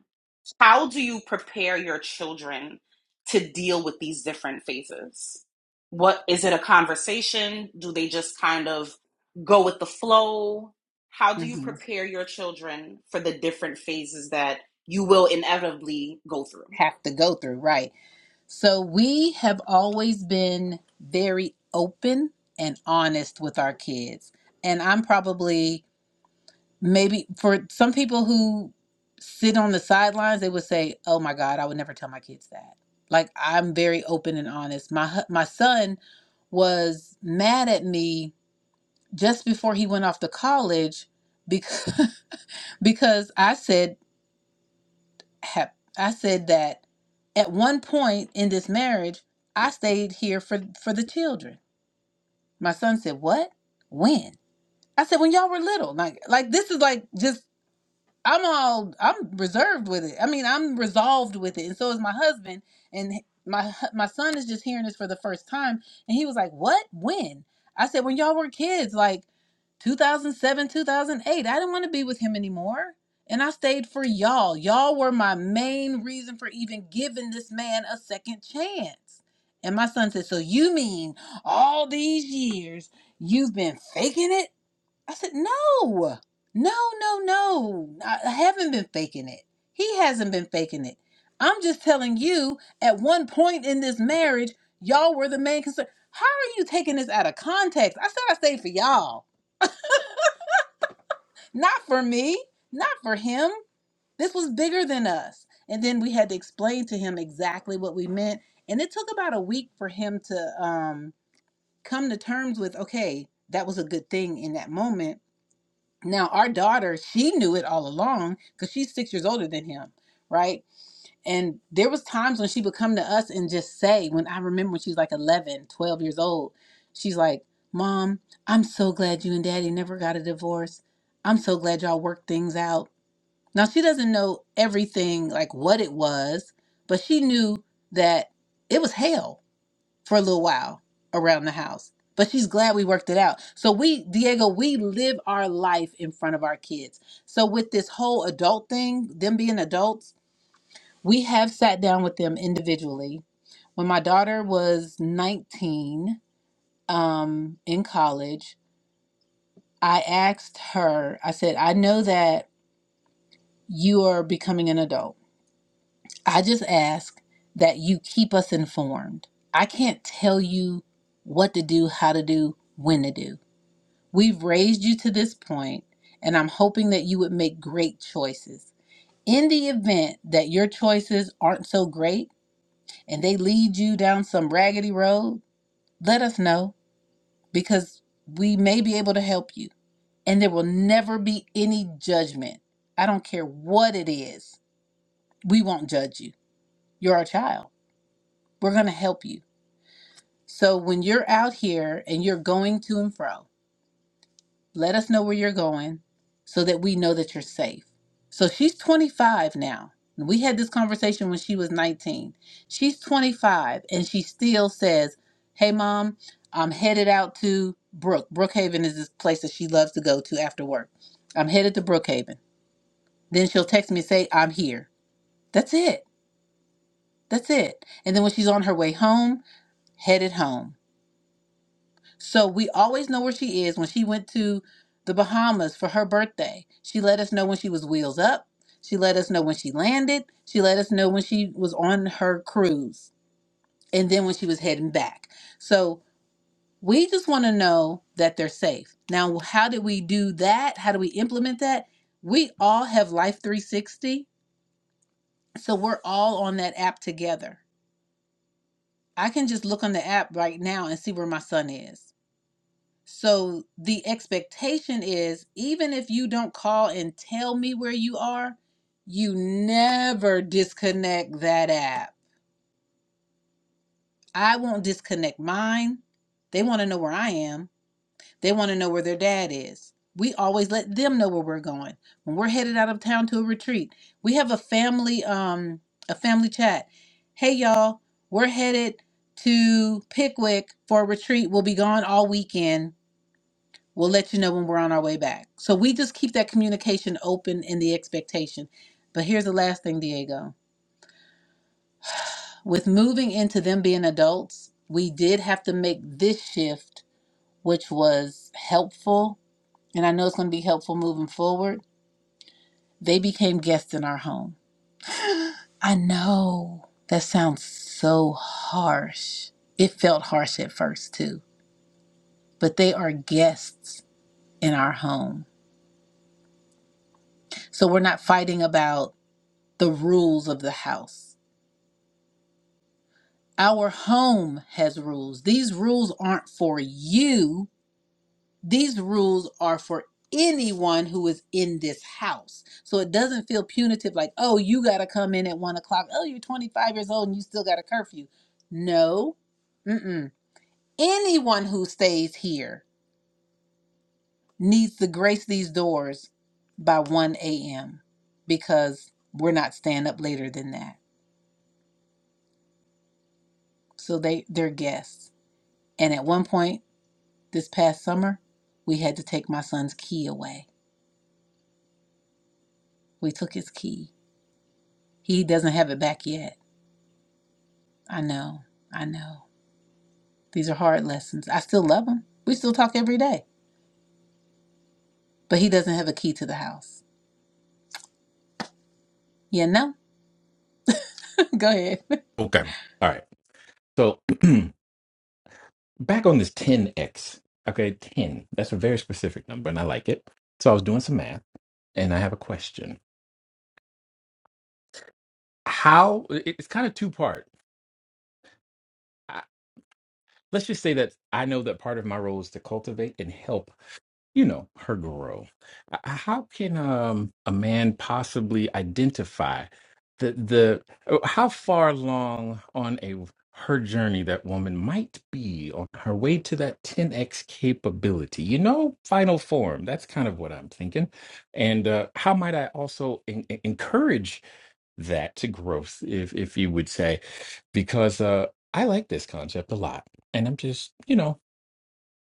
[SPEAKER 7] How do you prepare your children to deal with these different phases? What is it a conversation? Do they just kind of go with the flow? How do you
[SPEAKER 1] hmm
[SPEAKER 7] prepare your children for the different phases that you will inevitably go through?
[SPEAKER 1] Have to go through, right. So we have always been very open and honest with our kids. And I'm probably maybe for some people who sit on the sidelines, they would say, "Oh my God, I would never tell my kids that." Like I'm very open and honest. My hu- my son was mad at me just before he went off to college because (laughs) because I said hap- I said that at one point in this marriage, I stayed here for for the children. My son said, "What? When?" I said, "When y'all were little." Like like this is like just I'm all I'm reserved with it. I mean, I'm resolved with it, and so is my husband. And h- my hu- my son is just hearing this for the first time, and he was like, "What? When?" I said, "When y'all were kids, like 2007, 2008. I didn't want to be with him anymore, and I stayed for y'all. Y'all were my main reason for even giving this man a second chance." And my son said, "So you mean all these years you've been faking it?" I said, no, no, no, no. I I haven't been faking it. He hasn't been faking it. I'm just telling you, at one point in this marriage, y'all were the main concern. How are you taking this out of context? I said I stayed for y'all, not for me, not for him. This was bigger than us. And then we had to explain to him exactly what we meant. And it took about a week for him to um, come to terms with, okay, that was a good thing in that moment Now, our daughter, she knew it all along because she's six years older than him, right? And there was times when she would come to us and just say, when I remember when she was like 11, 12 years old, she's like, Mom, I'm so glad you and Daddy never got a divorce. I'm so glad y'all worked things out. Now, she doesn't know everything, like what it was, but she knew that it was hell for a little while around the house. But she's glad we worked it out. So we, Diego, we live our life in front of our kids. So with this whole adult thing, them being adults, we have sat down with them individually. When my daughter was 19, um, in college, I asked her, I said, I know that you are becoming an adult. I just ask that you keep us informed. I can't tell you what to do, how to do, when to do We've raised you to this point, and I'm hoping that you would make great choices. In the event that your choices aren't so great and they lead you down some raggedy road, let us know because we may be able to help you. And there will never be any judgment. I don't care what it is, we won't judge you. You're our child. We're going to help you. So when you're out here and you're going to and fro, Let us know where you're going so that we know that you're safe. So she's 25 now. We had this conversation when she was 19. She's 25 and she still says, Hey, mom, I'm headed out to Brook. Brookhaven is this place that she loves to go to after work. I'm headed to Brookhaven. Then she'll text me and say, I'm here. That's it. That's it. And then when she's on her way home, headed home. So we always know where she is. When she went to the Bahamas for her birthday, she let us know when she was wheels up. She let us know when she landed. She let us know when she was on her cruise and then when she was heading back. So we just want to know that they're safe. Now, how do we do that? How do we implement that? We all have Life 360. So we're all on that app together. I can just look on the app right now and see where my son is. So the expectation is even if you don't call and tell me where you are, you never disconnect that app. I won't disconnect mine. They want to know where I am, they want to know where their dad is. We always let them know where we're going. When we're headed out of town to a retreat, we have a family um a family chat. Hey y'all, we're headed to Pickwick for a retreat. We'll be gone all weekend We'll let you know when we're on our way back. So we just keep that communication open in the expectation. But here's the last thing, Diego. With moving into them being adults, we did have to make this shift, which was helpful. And I know it's going to be helpful moving forward. They became guests in our home. I know that sounds so harsh. It felt harsh at first, too. But they are guests in our home. So we're not fighting about the rules of the house Our home has rules. These rules aren't for you. These rules are for anyone who is in this house. So it doesn't feel punitive like, oh, you got to come in at one o'clock. Oh, you're 25 years old and you still got a curfew. No. Mm-mm. Anyone who stays here needs to grace these doors by 1 a.m. because we're not staying up later than that. So they, they're guests. And at one point, This past summer, we had to take my son's key away. We took his key. He doesn't have it back yet. I know. I know. These are hard lessons. I still love him. We still talk every day. But he doesn't have a key to the house. You know? (laughs) Go ahead. (laughs)
[SPEAKER 6] Okay. All right. So (clears throat) back on this 10x. Okay, 10. That's a very specific number, and I like it. So I was doing some math, and I have a question. How? it- It's kind of two part. I- Let's just say that I know that part of my role is to cultivate and help you know her growth Uh, how can um a man possibly identify the the uh, how far along on a her journey that woman might be on her way to that 10x capability you know final form that's kind of what i'm thinking and uh, how might i also en- en- encourage that to growth if if you would say because uh i like this concept a lot and i'm just you know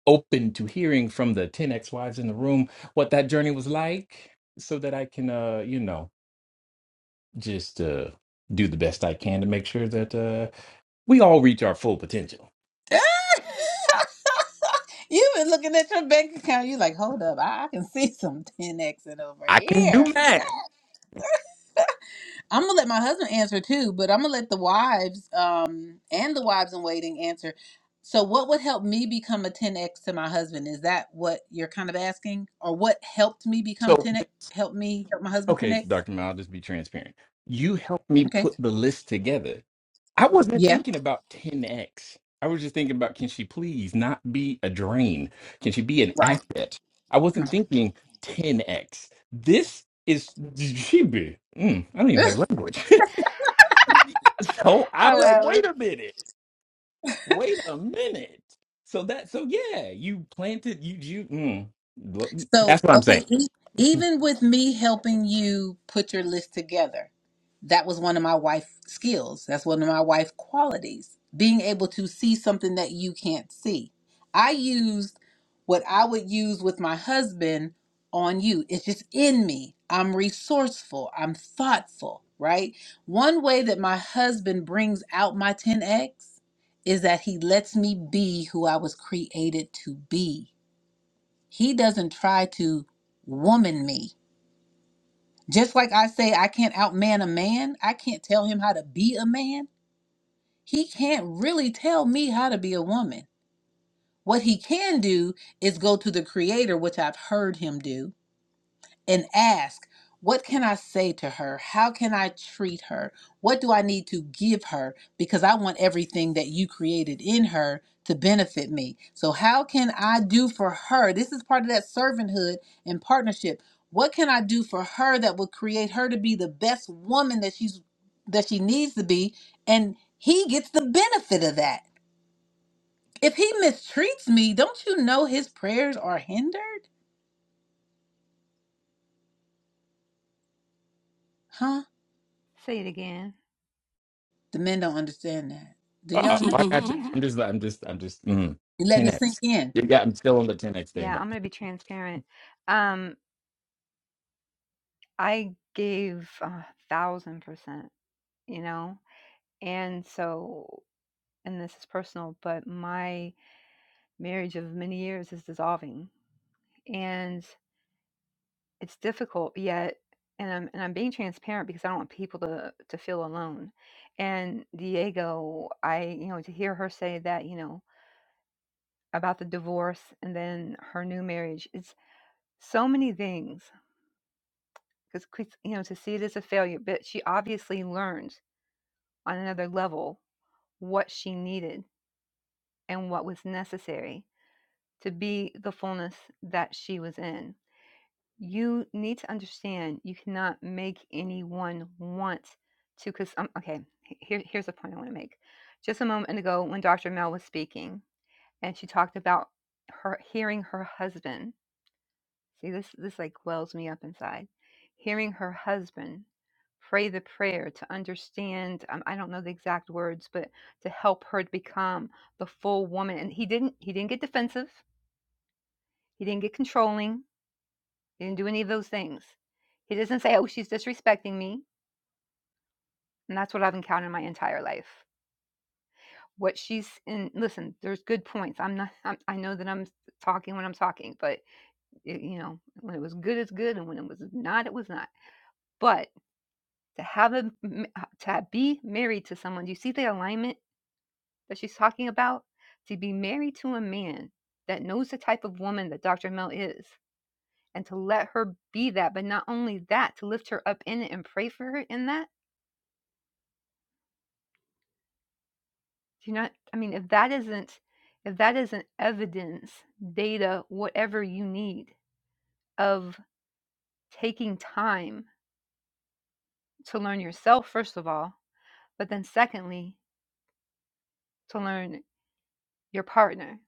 [SPEAKER 6] open to hearing from the 10 ex wives in the room what that journey was like so that I can uh you know just uh do the best I can to make sure that uh we all reach our full potential.
[SPEAKER 1] You've been looking at your bank account. You're like, hold up. I, I can see some 10X over
[SPEAKER 6] I can do
[SPEAKER 1] here.
[SPEAKER 6] math.
[SPEAKER 1] I'm gonna let my husband answer too, but I'm gonna let the wives um and the wives in waiting answer. So what would help me become a 10x to my husband? Is that what you're kind of asking? Or what helped me become
[SPEAKER 6] So
[SPEAKER 1] 10x help me help my husband
[SPEAKER 6] okay,
[SPEAKER 1] 10x?
[SPEAKER 6] Dr. Mel, I'll just be transparent. You helped me
[SPEAKER 1] Okay.
[SPEAKER 6] put the list together I wasn't
[SPEAKER 1] Yeah.
[SPEAKER 6] thinking about 10x. I was just thinking about can she please not be a drain? Can she be an asset? I wasn't
[SPEAKER 1] Right.
[SPEAKER 6] thinking 10x. This is (laughs) she be. Mm, I don't even have language. (laughs) so I'm
[SPEAKER 2] Oh,
[SPEAKER 6] like,
[SPEAKER 2] Atlas,
[SPEAKER 6] wait a minute, wait a minute. So that, so yeah, you planted, you you. Mm, Look,
[SPEAKER 1] So,
[SPEAKER 6] that's what I'm saying.
[SPEAKER 1] okay, e- even with me helping you put your list together, that was one of my wife skills. That's one of my wife qualities, being able to see something that you can't see. I used what I would use with my husband on you. It's just in me. I'm resourceful, I'm thoughtful, right? One way that my husband brings out my 10X is that he lets me be who I was created to be he doesn't try to woman me. Just like I say, I can't outman a man, I can't tell him how to be a man. He can't really tell me how to be a woman. What he can do is go to the creator, which I've heard him do, and ask, What can I say to her? How can I treat her? What do I need to give her? Because I want everything that you created in her to benefit me. So, how can I do for her? This is part of that servanthood and partnership. What can I do for her that will create her to be the best woman that she's that she needs to be? And he gets the benefit of that. If he mistreats me, don't you know his prayers are hindered? Huh?
[SPEAKER 2] say it again.
[SPEAKER 1] The men don't understand that. Do
[SPEAKER 6] uh
[SPEAKER 1] y'all?
[SPEAKER 6] uh, oh, I
[SPEAKER 2] Yeah,
[SPEAKER 6] got you.
[SPEAKER 4] (laughs)
[SPEAKER 6] I'm just, I'm just, I'm just. Mm,
[SPEAKER 1] You're letting it sink
[SPEAKER 6] 10x.
[SPEAKER 1] in.
[SPEAKER 6] You got. I'm still on the 10x
[SPEAKER 2] yeah.
[SPEAKER 6] thing.
[SPEAKER 2] I'm gonna be transparent. Um, I gave a thousand percent. You know, and so, and this is personal, but my marriage of many years is dissolving and it's difficult yet and I'm and I'm being transparent because I don't want people to to feel alone. And Diego, I you know to hear her say that, you know, about the divorce and then her new marriage, it's so many things because you know to see it as a failure, but she obviously learned on another level what she needed and what was necessary to be the fullness that she was in. you need to understand you cannot make anyone want to because um, okay he- here, here's the point i want to make just a moment ago when dr mel was speaking and she talked about her hearing her husband see this this like wells me up inside hearing her husband pray the prayer to understand um, i don't know the exact words but to help her to become the full woman and he didn't he didn't get defensive he didn't get controlling he didn't do any of those things. He doesn't say, oh, she's disrespecting me. And that's what I've encountered my entire life. What she's in, listen, there's good points. I'm not, I'm, I know that I'm talking when I'm talking, but it, you know, when it was good, it's good. And when it was not, it was not. But to have a uh, to be married to someone, do you see the alignment that she's talking about? To be married to a man that knows the type of woman that Dr. Mel is and to let her be that, but not only that, to lift her up in it and pray for her in that Do you not I mean, if that isn't if that isn't evidence, data, whatever you need of taking time to learn yourself first of all, but then secondly, to learn your partner.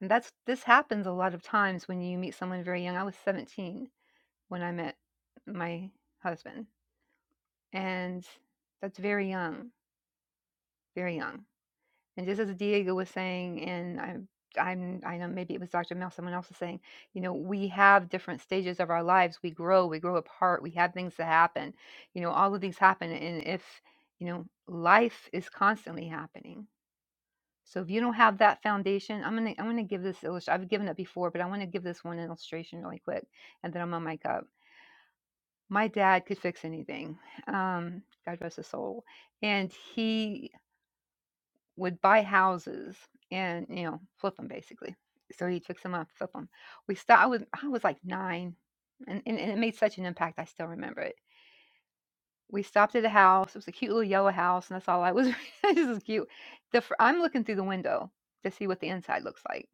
[SPEAKER 2] And that's this happens a lot of times when you meet someone very young. I was 17 when I met my husband, and that's very young, very young. And just as Diego was saying, and I'm, I'm, I know maybe it was Dr. Mel, someone else was saying, you know, we have different stages of our lives. We grow, we grow apart, we have things that happen. You know, all of these happen. And if, you know, life is constantly happening. So if you don't have that foundation, I'm gonna I'm gonna give this illustration. I've given it before, but I want to give this one illustration really quick, and then I'm on my up. My dad could fix anything. Um, God rest his soul and he would buy houses and you know flip them basically. So he'd fix them up, flip them. We stopped. I was I was like nine, and, and and it made such an impact. I still remember it. We stopped at a house. It was a cute little yellow house, and that's all I was. (laughs) this is cute. The fr- I'm looking through the window to see what the inside looks like.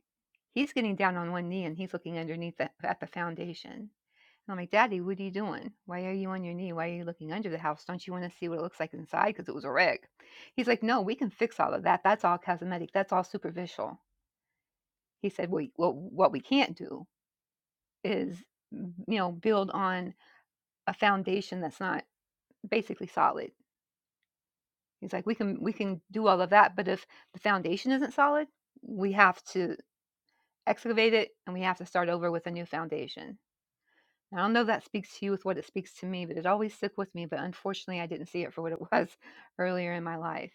[SPEAKER 2] He's getting down on one knee and he's looking underneath the, at the foundation. I'm like, Daddy, what are you doing? Why are you on your knee? Why are you looking under the house? Don't you want to see what it looks like inside? Because it was a wreck. He's like, No, we can fix all of that. That's all cosmetic. That's all superficial. He said, Well, what, what we can't do is, mm, you know, build on a foundation that's not basically solid. He's like, we can we can do all of that, but if the foundation isn't solid, we have to excavate it and we have to start over with a new foundation. I don't know if that speaks to you with what it speaks to me, but it always stuck with me. But unfortunately, I didn't see it for what it was (laughs) earlier in my life.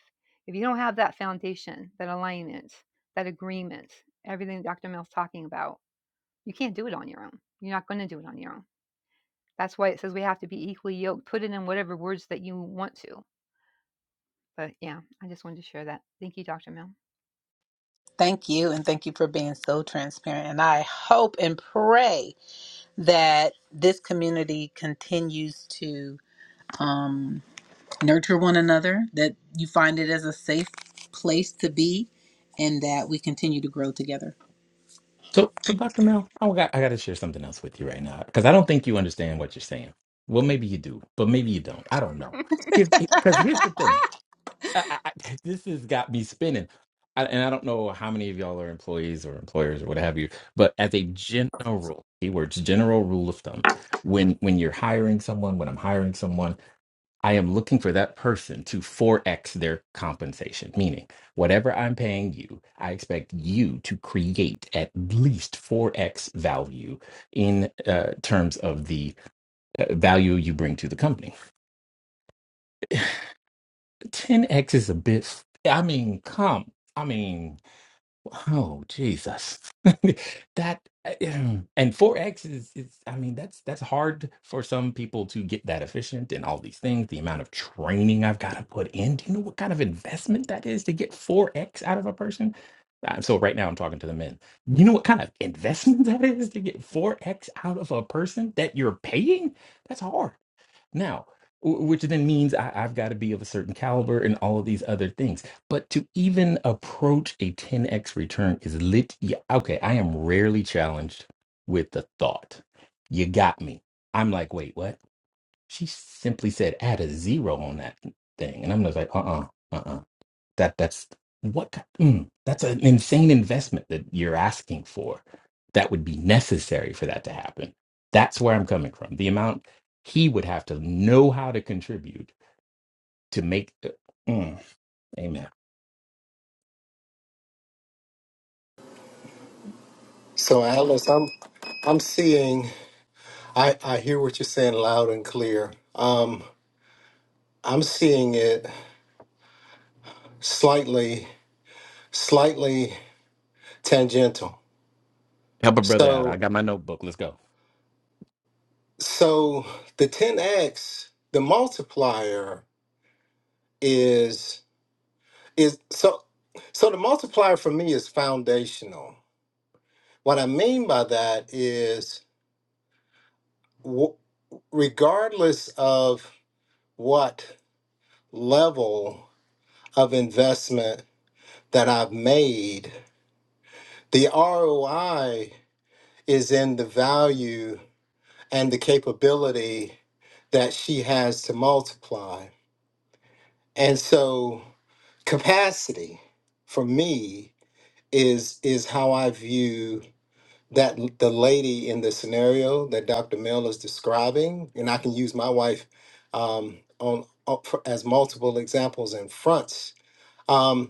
[SPEAKER 2] If you don't have that foundation, that alignment, that agreement, everything Dr. Mill's talking about, you can't do it on your own. You're not going to do it on your own. That's why it says we have to be equally yoked. Put it in whatever words that you want to. But yeah, I just wanted to share that. Thank you, Dr. Mill.
[SPEAKER 1] Thank you, and thank you for being so transparent. And I hope and pray that this community continues to um, nurture one another, that you find it as a safe place to be, and that we continue to grow together.
[SPEAKER 6] So, so Dr. Mel, I got I got to share something else with you right now because I don't think you understand what you're saying. Well, maybe you do, but maybe you don't. I don't know.
[SPEAKER 2] (laughs)
[SPEAKER 6] Because here's the
[SPEAKER 1] (laughs)
[SPEAKER 6] thing, I, I, I- (laughs) this has got me spinning, I, and I don't know how many of y'all are employees or employers or what have you. But as a general, keywords general rule of thumb, when when you're hiring someone, when I'm hiring someone. I am looking for that person to 4x their compensation, meaning whatever I'm paying you, I expect you to create at least 4x value in uh, terms of the uh, value you bring to the company. 10x is a bit, I mean, come, I mean, Oh, Jesus. (laughs) That um, (clears throat) and 4x is is I mean that's that's hard for some people to get that efficient and all these things, the amount of training I've got to put in. Do you know what kind of investment that is to get 4x out of a person? Uh, So right now I'm talking to the men. You know what kind of investment (laughs) that is to get 4x out of a person that you're paying? That's hard now w- which then means I, i've got to be of a certain caliber and all of these other things but to even approach a 10x return is lit yeah, okay i am rarely challenged with the thought you got me i'm like wait what she simply said add a zero on that thing and i'm just like uh-uh uh-uh uh, that that's what mm, that's an insane investment that you're asking for that would be necessary for that to happen that's where i'm coming from the amount he would have to know how to contribute to make the, mm, amen
[SPEAKER 8] So, Alice, I'm I'm seeing. I I hear what you're saying loud and clear. Um, I'm seeing it slightly, slightly tangential.
[SPEAKER 6] help a brother out i
[SPEAKER 8] So,
[SPEAKER 6] got my notebook let's go
[SPEAKER 8] so the 10x, the multiplier is is so so the multiplier for me is foundational. What I mean by that is, w- regardless of what level of investment that I've made, the ROI is in the value and the capability that she has to multiply. And so capacity for me is is how I view that l- the lady in the scenario that Dr. Mill is describing, and I can use my wife um, on, on for- as multiple examples and fronts. Um,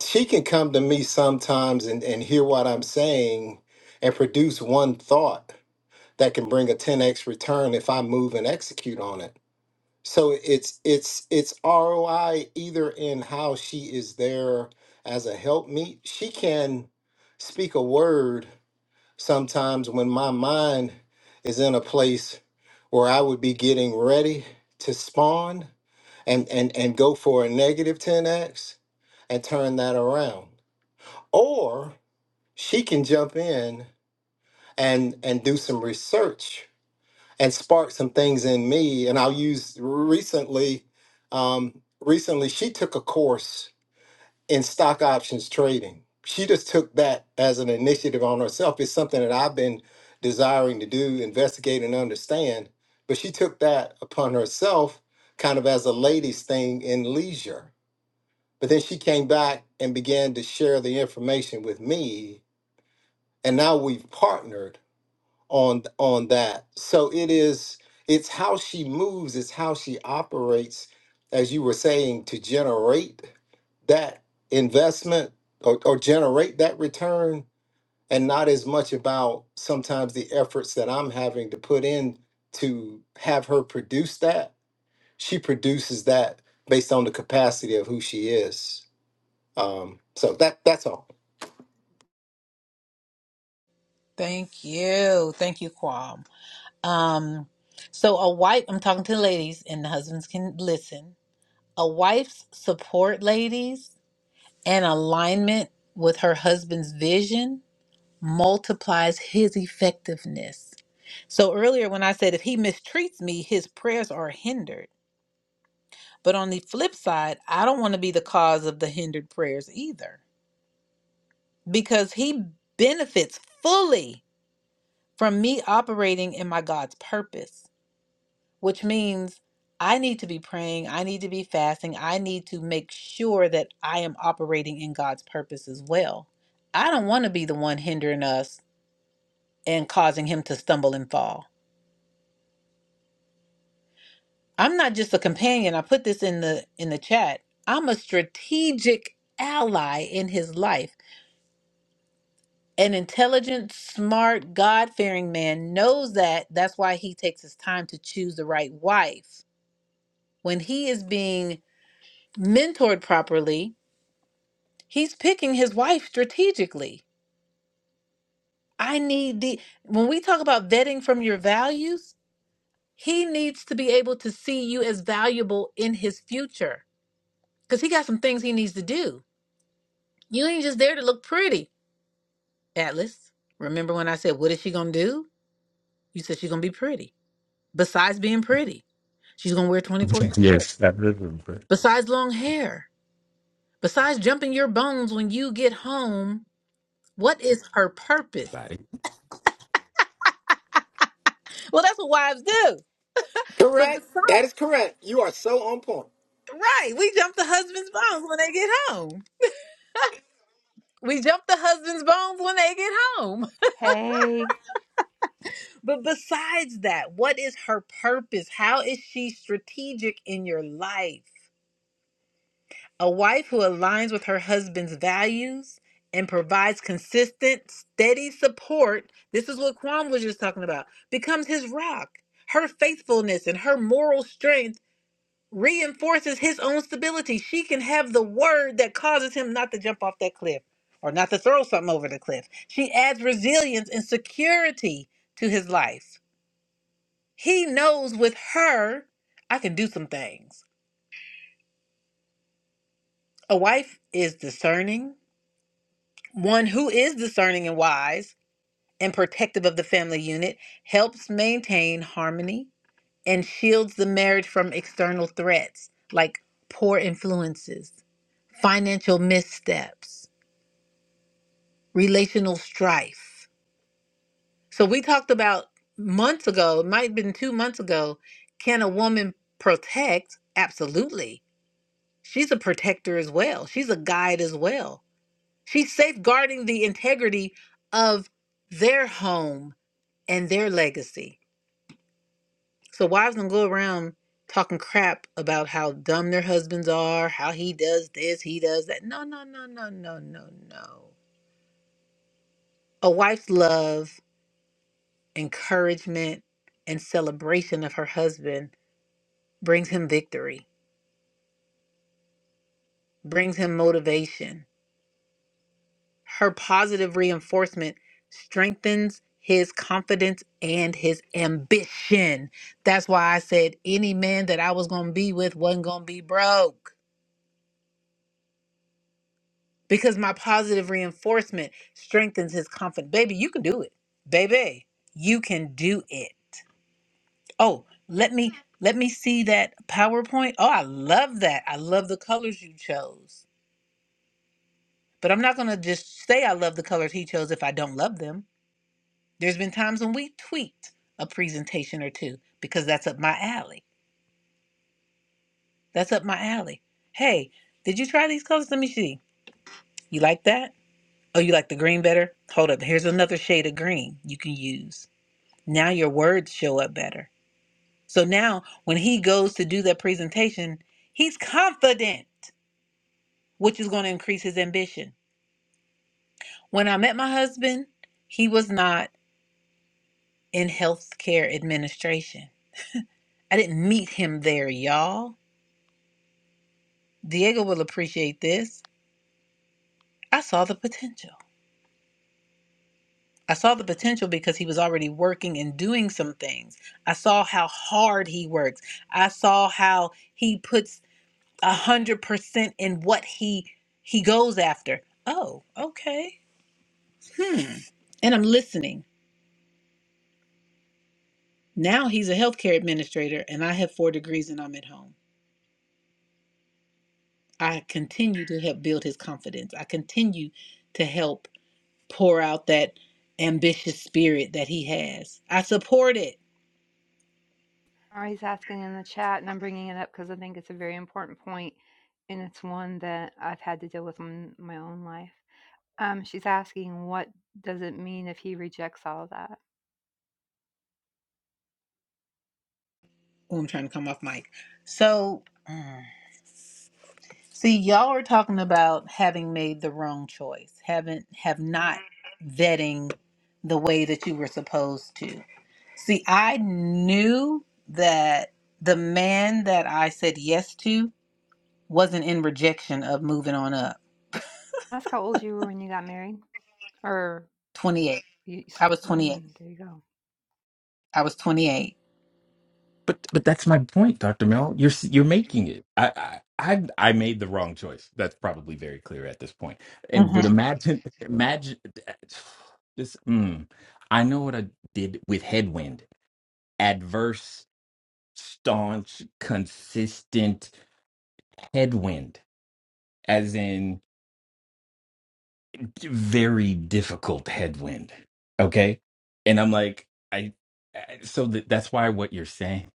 [SPEAKER 8] she can come to me sometimes and, and hear what I'm saying and produce one thought that can bring a 10x return if I move and execute on it. So it's it's it's ROI either in how she is there as a helpmeet. She can speak a word sometimes when my mind is in a place where I would be getting ready to spawn and and and go for a negative 10x and turn that around or she can jump in and and do some research and spark some things in me and i'll use recently um, recently she took a course in stock options trading she just took that as an initiative on herself it's something that i've been desiring to do investigate and understand but she took that upon herself kind of as a ladies thing in leisure but then she came back and began to share the information with me and now we've partnered on on that so it is it's how she moves it's how she operates as you were saying to generate that investment or, or generate that return and not as much about sometimes the efforts that i'm having to put in to have her produce that she produces that based on the capacity of who she is um, so that that's all
[SPEAKER 1] Thank you. Thank you, Quam. Um, so a wife, I'm talking to the ladies and the husbands can listen. A wife's support, ladies, and alignment with her husband's vision multiplies his effectiveness. So earlier when I said if he mistreats me, his prayers are hindered. But on the flip side, I don't want to be the cause of the hindered prayers either because he benefits fully from me operating in my God's purpose, which means I need to be praying, I need to be fasting, I need to make sure that I am operating in God's purpose as well. I don't want to be the one hindering us and causing him to stumble and fall. I'm not just a companion. I put this in the in the chat. I'm a strategic ally in his life. An intelligent, smart, God-fearing man knows that. That's why he takes his time to choose the right wife. When he is being mentored properly, he's picking his wife strategically. I need the when we talk about vetting from your values, he needs to be able to see you as valuable in his future because he got some things he needs to do. You ain't just there to look pretty, Atlas. Remember when I said, What is she gonna do? You said she's gonna be pretty. Besides being pretty, she's gonna wear 24
[SPEAKER 6] (laughs)
[SPEAKER 1] inch.
[SPEAKER 6] Yes, that is.
[SPEAKER 1] Besides long hair, besides jumping your bones when you get home, what is her purpose? Well, that's what wives do. But
[SPEAKER 8] Correct. That
[SPEAKER 1] besides,
[SPEAKER 8] is correct. You are so on point.
[SPEAKER 1] right, we jump the husband's bones when they get home. We jump the husband's bones when they get home.
[SPEAKER 2] Hey.
[SPEAKER 1] But besides that, what is her purpose? How is she strategic in your life? A wife who aligns with her husband's values and provides consistent, steady support. This is what Kwam was just talking about. Becomes his rock. Her faithfulness and her moral strength reinforces his own stability. She can have the word that causes him not to jump off that cliff or not to throw something over the cliff. She adds resilience and security to his life. He knows with her, I can do some things. A wife is discerning. One who is discerning and wise and protective of the family unit helps maintain harmony and shields the marriage from external threats like poor influences, financial missteps, relational strife. So, we talked about months ago, it might have been two months ago, can a woman protect? Absolutely She's a protector as well. She's a guide as well. She's safeguarding the integrity of their home and their legacy. So wives don't go around talking crap about how dumb their husbands are, how he does this, he does that. No, no, no, no, no, no, no. A wife's love, encouragement, and celebration of her husband brings him victory, brings him motivation, Her positive reinforcement strengthens his confidence and his ambition. That's why I said any man that I was going to be with wasn't going to be broke because my positive reinforcement strengthens his confidence. Baby, you can do it. Baby, you can do it. Oh, let me let me see that PowerPoint. Oh, I love that. I love the colors you chose. But I'm not going to just say I love the colors he chose if I don't love them. There's been times when we tweaked a presentation or two because that's up my alley. That's up my alley. Hey, did you try these colors? Let me see. You like that? Oh, you like the green better? Hold up. Here's another shade of green you can use. Now your words show up better. So now when he goes to do that presentation, he's confident, which is going to increase his ambition. When I met my husband, he was not in healthcare administration. I didn't meet him there, y'all. Diego will appreciate this. I saw the potential. I saw the potential because he was already working and doing some things. I saw how hard he works. I saw how he puts a hundred percent in what he he goes after. Oh, okay. Hmm. And I'm listening. Now he's a healthcare administrator and I have four degrees and I'm at home. I continue to help build his confidence. I continue to help pour out that ambitious spirit that he has. I support it.
[SPEAKER 2] Or asking in the chat, and I'm bringing it up because I think it's a very important point, and it's one that I've had to deal with in my own life. Um, she's asking, what does it mean if he rejects all of that?
[SPEAKER 1] Oh, I'm trying to come off mic. So, see, y'all are talking about having made the wrong choice, haven't have not vetting the way that you were supposed to. See, I knew that the man that I said yes to wasn't in rejection of moving on up.
[SPEAKER 2] Ask how old you were when you got married, or
[SPEAKER 1] 28.
[SPEAKER 2] you,
[SPEAKER 1] I was 28.
[SPEAKER 2] mm, there you go.
[SPEAKER 1] I was 28.
[SPEAKER 6] But but that's my point, Doctor Mel. You're s- you're making it. I, I I I made the wrong choice. That's probably very clear at this point. And but
[SPEAKER 1] Mhm.
[SPEAKER 6] imagine imagine (sighs) this. Mm, I know what I did with headwind. Adverse, staunch, consistent headwind, as in very difficult headwind. Okay, and I'm like I. I- So that that's why what you're saying.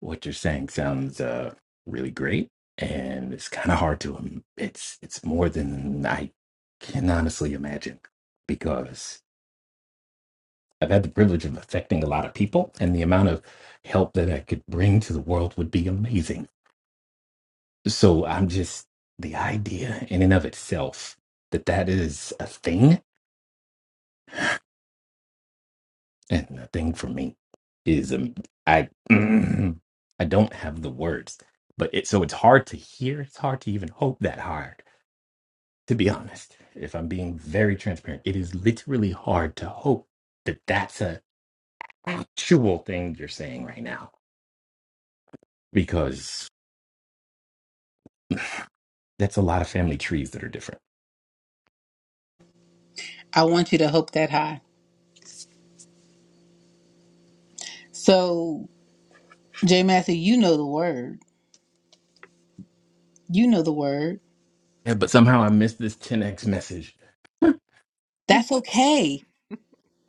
[SPEAKER 6] what you're saying sounds uh, really great, and it's kind of hard to. im- It's it's more than I can honestly imagine because I've had the privilege of affecting a lot of people, and the amount of help that I could bring to the world would be amazing. So I'm just the idea in and of itself that that is a thing and a thing for me is um, I (clears throat) I don't have the words, but it so it's hard to hear. It's hard to even hope that hard to be honest, if I'm being very transparent, it is literally hard to hope that that's a actual thing you're saying right now because (clears throat) that's a lot of family trees that are different.
[SPEAKER 1] I want you to hope that high. So Jay Matthew, you know the word. You know the word.
[SPEAKER 6] Yeah, but somehow I missed this 10x message. (laughs)
[SPEAKER 1] That's okay.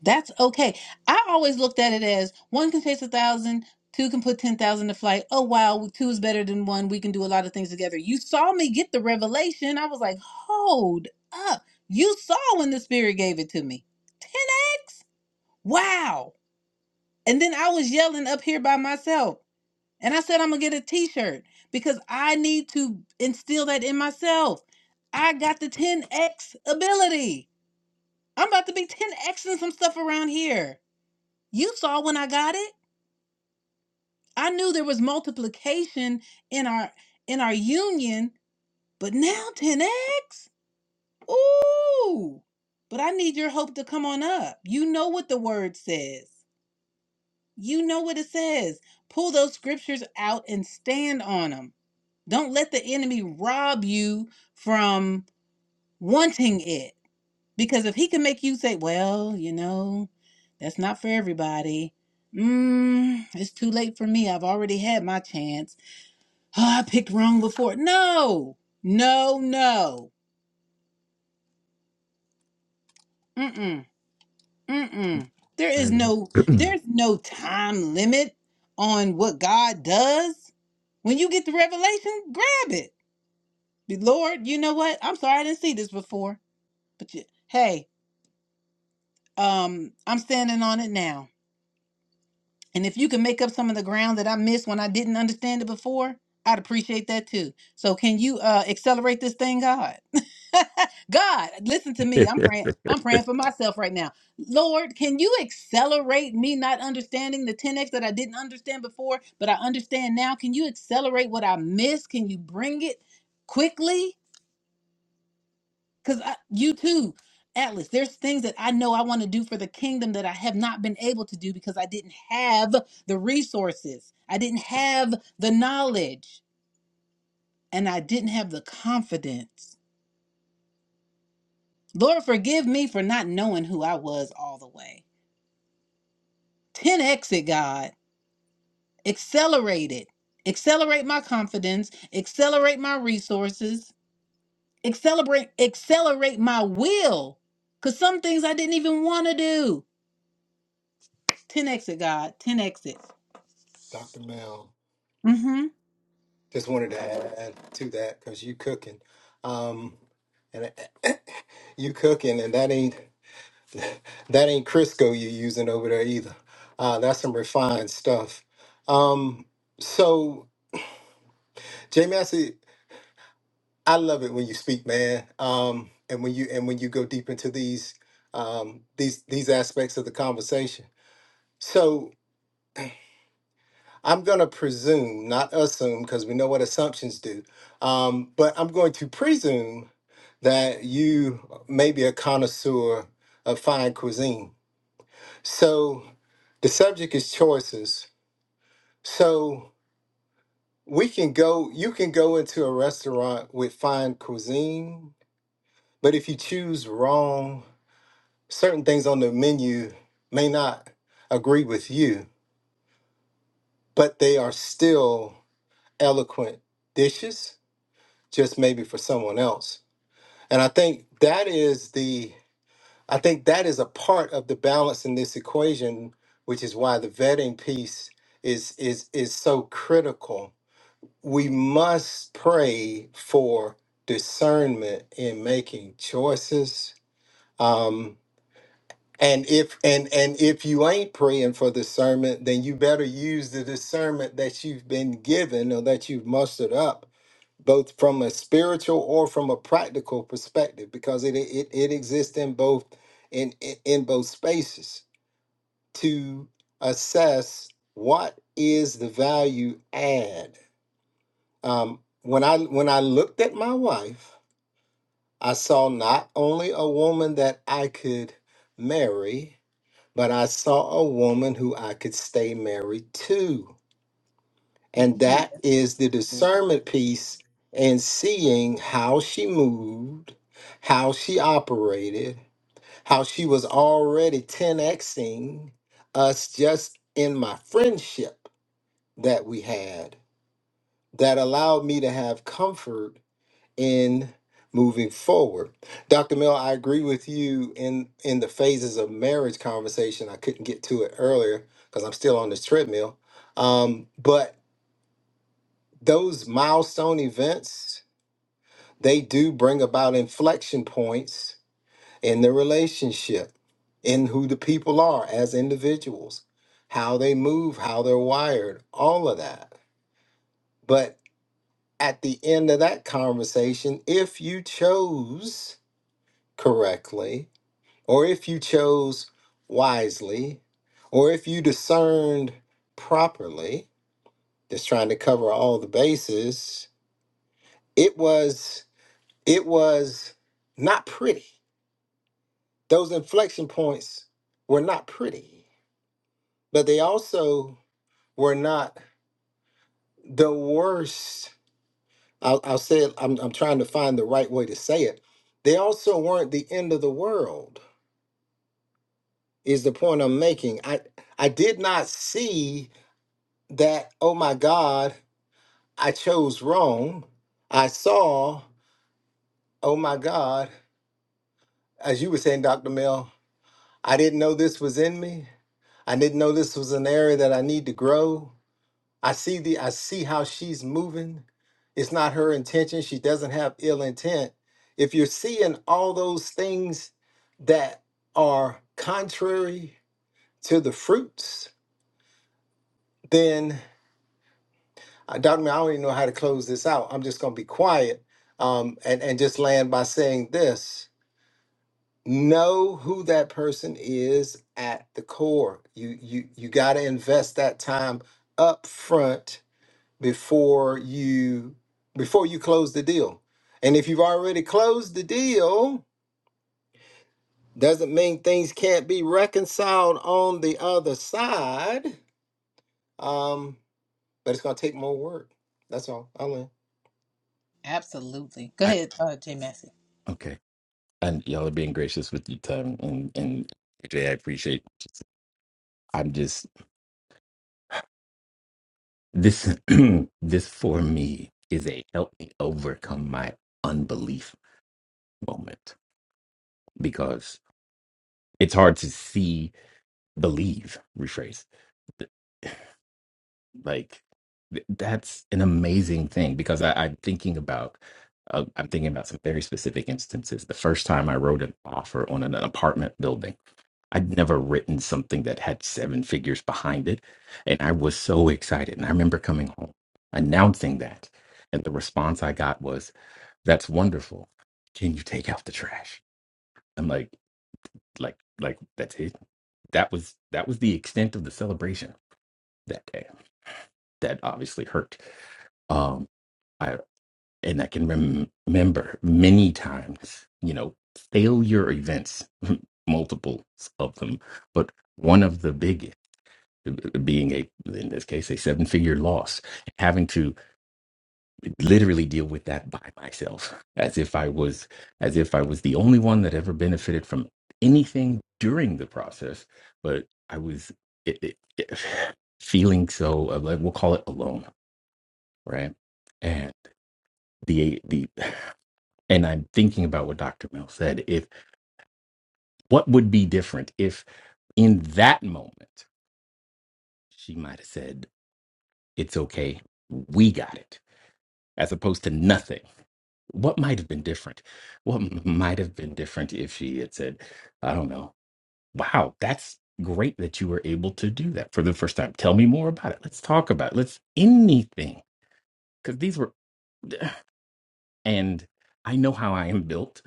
[SPEAKER 1] That's okay. I always looked at it as one can chase a thousand, two can put ten thousand to flight. Oh wow, two is better than one. We can do a lot of things together. You saw me get the revelation. I was like, hold up. You saw when the spirit gave it to me. 10x? Wow. And then I was yelling up here by myself. And I said, I'm going to get a t shirt because I need to instill that in myself. I got the 10X ability. I'm about to be 10Xing some stuff around here. You saw when I got it. I knew there was multiplication in our in our union, but now 10X? Ooh. But I need your hope to come on up. You know what the word says. You know what it says. Pull those scriptures out and stand on 'em. Don't let the enemy rob you from wanting it. Because if he can make you say, well, you know, that's not for everybody. Mm, it's too late for me. I've already had my chance. Oh, I picked wrong before. No, no, no. Mm-mm, mm-mm. There
[SPEAKER 6] I
[SPEAKER 1] is
[SPEAKER 6] know.
[SPEAKER 1] no,
[SPEAKER 6] (clears throat)
[SPEAKER 1] there's no time limit on what God does. When you get the revelation, grab it. Lord, you know what? I'm sorry I didn't see this before. But you, hey, um i'm standing on it now and if you can make up some of the ground that i missed when i didn't understand it before i'd appreciate that too so can you uh accelerate this thing god (laughs) god listen to me i'm praying i'm praying for myself right now lord can you accelerate me not understanding the 10x that i didn't understand before but i understand now can you accelerate what i missed can you bring it quickly Because you too, Atlas, there's things that I know I want to do for the kingdom that I have not been able to do because I didn't have the resources, I didn't have the knowledge, and I didn't have the confidence. Lord, forgive me for not knowing who I was all the way. 10x it, God. Accelerate it. Accelerate my confidence. Accelerate my resources. Accelerate, accelerate my will. Cause some things I didn't even want to do. 10 exit, God. 10 exit.
[SPEAKER 8] dr mel
[SPEAKER 1] Mm-hmm.
[SPEAKER 8] Just wanted to add to that because you cooking, um, and (laughs) you cooking, and that ain't (laughs) that ain't Crisco you using over there either. Uh, that's some refined stuff. Um, so Jay Massey, I love it when you speak, man, um, and when you and when you go deep into these um, these these aspects of the conversation. So I'm gonna presume, not assume, because we know what assumptions do. Um, but I'm going to presume that you may be a connoisseur of fine cuisine. So the subject is choices. So we can go, you can go into a restaurant with fine cuisine, but if you choose wrong, certain things on the menu may not agree with you, but they are still eloquent dishes, just maybe for someone else. And I think that is the I think that is a part of the balance in this equation, which is why the vetting piece is is is so critical. We must pray for discernment in making choices. Um, and if and and if you ain't praying for discernment, then you better use the discernment that you've been given or that you've mustered up both from a spiritual or from a practical perspective because it it, it exists in both in, in in both spaces to assess what is the value add um, when i when i looked at my wife i saw not only a woman that i could marry but i saw a woman who i could stay married to And
[SPEAKER 1] Mm,
[SPEAKER 8] that
[SPEAKER 1] that's
[SPEAKER 8] is the
[SPEAKER 1] good.
[SPEAKER 8] discernment piece and seeing how she moved, how she operated, how she was already 10xing us just in my friendship that we had that allowed me to have comfort in moving forward. Dr. Mill, I agree with you in in the phases of marriage conversation. I couldn't get to it earlier because I'm still on this treadmill. Um, but those milestone events they do bring about inflection points in the relationship in who the people are as individuals how they move how they're wired all of that but at the end of that conversation if you chose correctly or if you chose wisely or if you discerned properly just trying to cover all the bases it was It was not pretty. Those inflection points were not pretty, but they also were not the worst. I'll, I'll say it, I'm, I'm trying to find the right way to say it. They also weren't the end of the world, is the point I'm making. I, I did not see that, oh my God, I chose wrong. I saw, oh my God, as you were saying, Dr. Mel, I didn't know this was in me. I didn't know this was an area that I need to grow. I see the I see how she's moving. It's not her intention. She doesn't have ill intent. If you're seeing all those things that are contrary to the fruits, then uh, Dr. Mel, I don't even know how to close this out. I'm just going to be quiet um, and, and just land by saying this. Know who that person is at the core. You you you got to invest that time up front before you before you close the deal. And if you've already closed the deal, doesn't mean things can't be reconciled on the other side. Um, but it's gonna take more work. That's all. I will
[SPEAKER 1] Absolutely. Go
[SPEAKER 6] I,
[SPEAKER 1] ahead, uh, Jay Massey.
[SPEAKER 6] okay. And y'all are being gracious with your time. And, and AJ, I appreciate. I'm just This (clears throat) this for me is a help me overcome my unbelief moment because it's hard to see believe rephrase Th- like th- that's an amazing thing because I, I'm thinking about uh, I'm thinking about some very specific instances. The first time I wrote an offer on an apartment building, I'd never written something that had seven figures behind it, and I was so excited. And I remember coming home announcing that, and the response I got was that's wonderful. Can you take out the trash? I'm like, like, like that's it. That was that was the extent of the celebration that day. That obviously hurt. Um, I and I can rem- remember many times, you know, failure events, (laughs) multiples of them, but one of the biggest being a in this case a seven figure loss, having to literally deal with that by myself as if i was as if i was the only one that ever benefited from anything during the process but i was it, it, it, (sighs) feeling so uh, like we'll call it alone right and the the and i'm thinking about what dr mel said if what would be different if in that moment she might have said it's okay we got it as opposed to nothing What might have been different? What m- might have been different if she had said, I don't know, wow, that's great that you were able to do that for the first time. Tell me more about it. Let's talk about it. Let's anything. Because these were, (sighs) and I know how I am built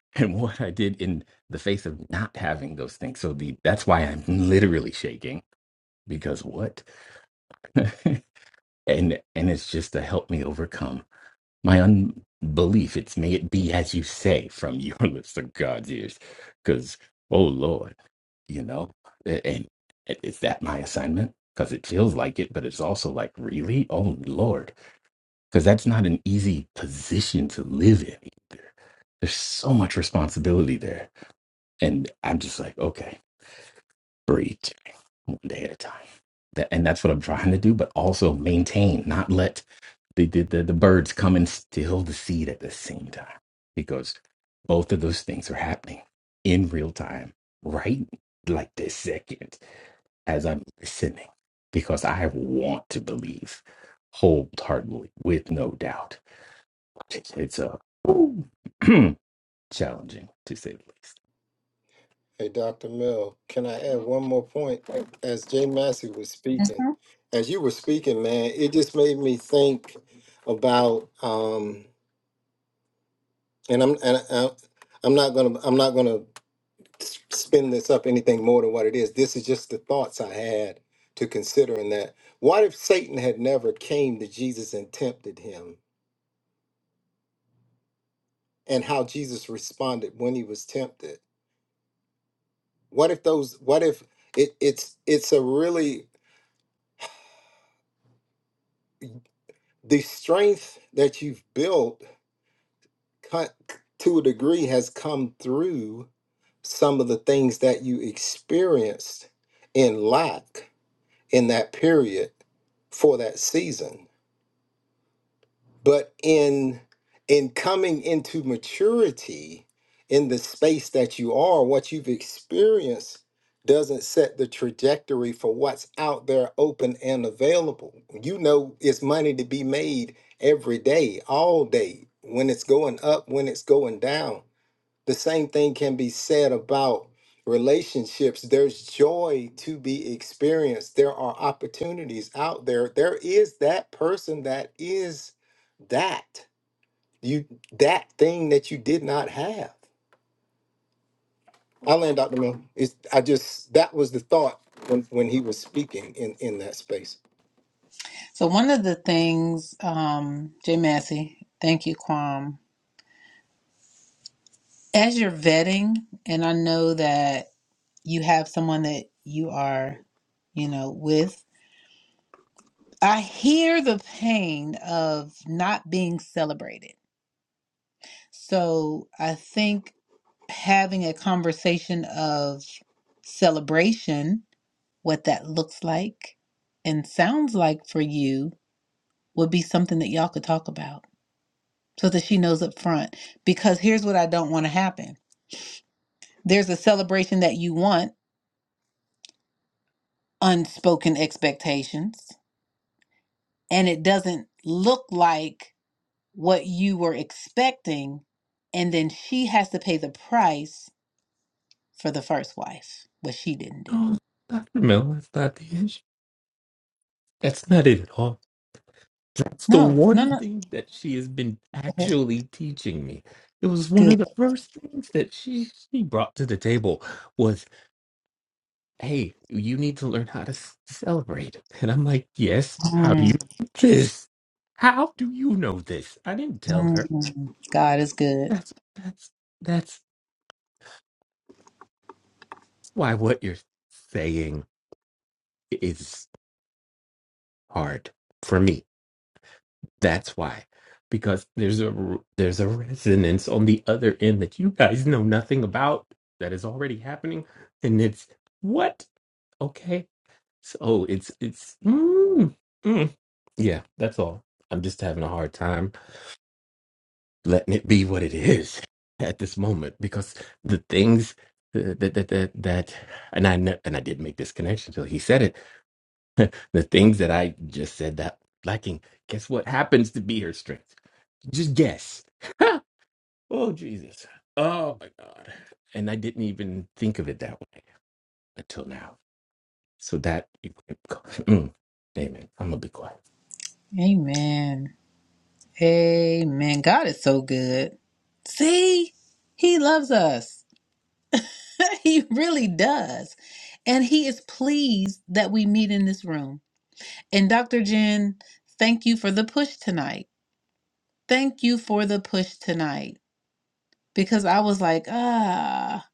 [SPEAKER 6] (laughs) and what I did in the face of not having those things. So the that's why I'm literally shaking because what? (laughs) and and it's just to help me overcome my unbelief. It's may it be as you say from your (laughs) lips to God's ears. Because, oh Lord, you know, a- and i- is that my assignment? Because it feels like it, but it's also like, really? Oh Lord. Because that's not an easy position to live in either. There's so much responsibility there. And I'm just like, okay, breathe, Jack, one day at a time. That, and that's what I'm trying to do, but also maintain, not let the, the, the, the birds come and steal the seed at the same time because both of those things are happening in real time right like this second as i'm listening because i want to believe wholeheartedly with no doubt it's a (clears throat) challenging to say the least
[SPEAKER 8] Hey, Dr. Mill, can I add one more point? As Jay Massey was speaking,
[SPEAKER 1] hmm
[SPEAKER 8] as you were speaking, man, it just made me think about um, and I'm and I, I'm not gonna I'm not gonna s- spin this up anything more than what it is. This is just the thoughts I had to consider in that. What if Satan had never came to Jesus and tempted him and how Jesus responded when he was tempted? What if those what if it, it's it's a really the strength that you've built cut to a degree has come through some of the things that you experienced in lack in that period for that season but in in coming into maturity in the space that you are what you've experienced doesn't set the trajectory for what's out there open and available you know it's money to be made every day all day when it's going up when it's going down the same thing can be said about relationships. There's joy to be experienced. There are opportunities out there. There is that person that is that you that thing that you did not have. I land Dr. Mill. It's I just that was the thought when when he was speaking in in that space.
[SPEAKER 1] So one of the things, um, Jay Massey, thank you, Quam. As you're vetting, and I know that you have someone that you are, you know, with. I hear the pain of not being celebrated. So I think having a conversation of celebration, what that looks like and sounds like for you, would be something that y'all could talk about so that she knows up front. Because here's what I don't want to happen there's a celebration that you want, unspoken expectations, and it doesn't look like what you were expecting. And then she has to pay the price for the first wife, what she didn't do.
[SPEAKER 6] No, Dr. Mill, that's not the issue. That's not it at all. That's the
[SPEAKER 1] No, no,
[SPEAKER 6] one
[SPEAKER 1] no. (laughs)
[SPEAKER 6] thing that she has been
[SPEAKER 1] Okay.
[SPEAKER 6] actually teaching me. It was one
[SPEAKER 1] Good.
[SPEAKER 6] of the first things that she, she brought to the table was, "Hey, you need to learn how to s- celebrate." And I'm like, "Yes, how do
[SPEAKER 1] Mm,
[SPEAKER 6] you know this? How do you know this?" I didn't tell
[SPEAKER 1] mm,
[SPEAKER 6] her.
[SPEAKER 1] mm. God is good.
[SPEAKER 6] That's that's that's why what you're saying is hard for me. That's why. Because there's a r- there's a resonance on the other end that you guys know nothing about that is already happening and it's what? Okay. So it's it's mm, mm. yeah, that's all. I'm just having a hard time letting it be what it is (laughs) at this moment because the things that that that, that, that and I ne- and I did make this connection till he said it (laughs) the things that I just said that lacking, guess what happens to be her strength? Just guess. (laughs) oh, Jesus. Oh, my God. And I didn't even think of it that way until now. So that, (laughs) mm, amen. I'm going to be quiet.
[SPEAKER 1] Amen. Amen. God is so good. See, He loves us. (laughs) he really does. And He is pleased that we meet in this room. And Dr. Jen, thank you for the push tonight. Thank you for the push tonight because I was like, ah,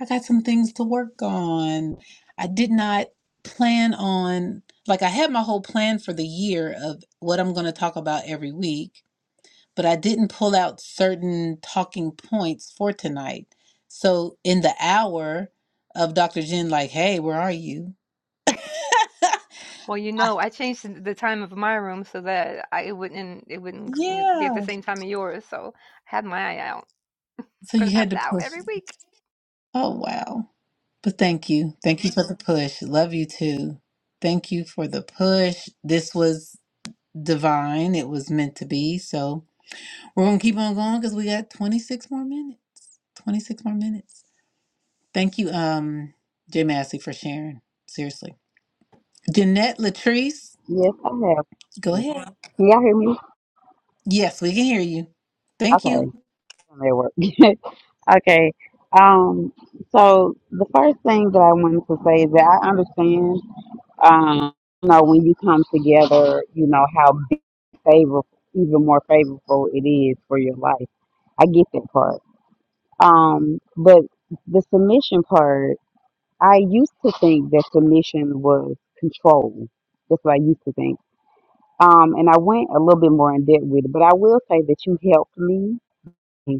[SPEAKER 1] I got some things to work on. I did not plan on, like, I had my whole plan for the year of what I'm going to talk about every week but I didn't pull out certain talking points for tonight. So in the hour of Dr. Jen, like, hey, where are you?
[SPEAKER 2] Well, you
[SPEAKER 1] I,
[SPEAKER 2] know, I changed the time of my room so that I, it wouldn't it wouldn't be at the
[SPEAKER 1] yeah.
[SPEAKER 2] same time of yours. So I had my eye out.
[SPEAKER 1] So
[SPEAKER 2] I'm
[SPEAKER 1] you
[SPEAKER 2] gonna have
[SPEAKER 1] had
[SPEAKER 2] it
[SPEAKER 1] to
[SPEAKER 2] out
[SPEAKER 1] push.
[SPEAKER 2] every
[SPEAKER 1] me.
[SPEAKER 2] week.
[SPEAKER 1] Oh, wow. But thank you. Thank you for the push. Love you too. Thank you for the push. This was divine. It was meant to be. So we're going to keep on going because we got 26 more minutes. 26 more minutes. Thank you, um, Jay Massey, for sharing. Seriously. Jeanette Latrice.
[SPEAKER 9] Yes, I have.
[SPEAKER 1] Go ahead.
[SPEAKER 9] Can y'all hear me?
[SPEAKER 1] Yes, we can hear you. Thank
[SPEAKER 9] Okay,
[SPEAKER 1] you.
[SPEAKER 9] I'm at work. (laughs) okay. Um. So the first thing that I wanted to say is that I understand. Um. You know, when you come together, you know how big favor, even more favorable it is for your life. I get that part. Um. But the submission part, I used to think that submission was control. That's what I used to think. Um, and I went a little bit more in depth with it, but I will say that you helped me Mm,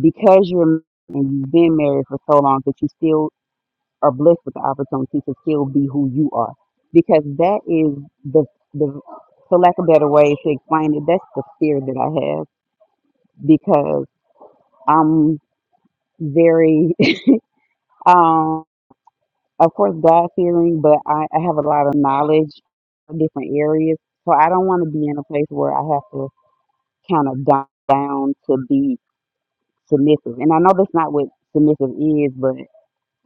[SPEAKER 9] because you're and you've been married for so long that you still are blessed with the opportunity to still be who you are because that is the the for lack of better way to explain it that's the fear that i have because i'm very (laughs) um of course god fearing but I, I have a lot of knowledge in different areas so i don't want to be in a place where i have to kind of down, down to be submissive and i know that's not what submissive is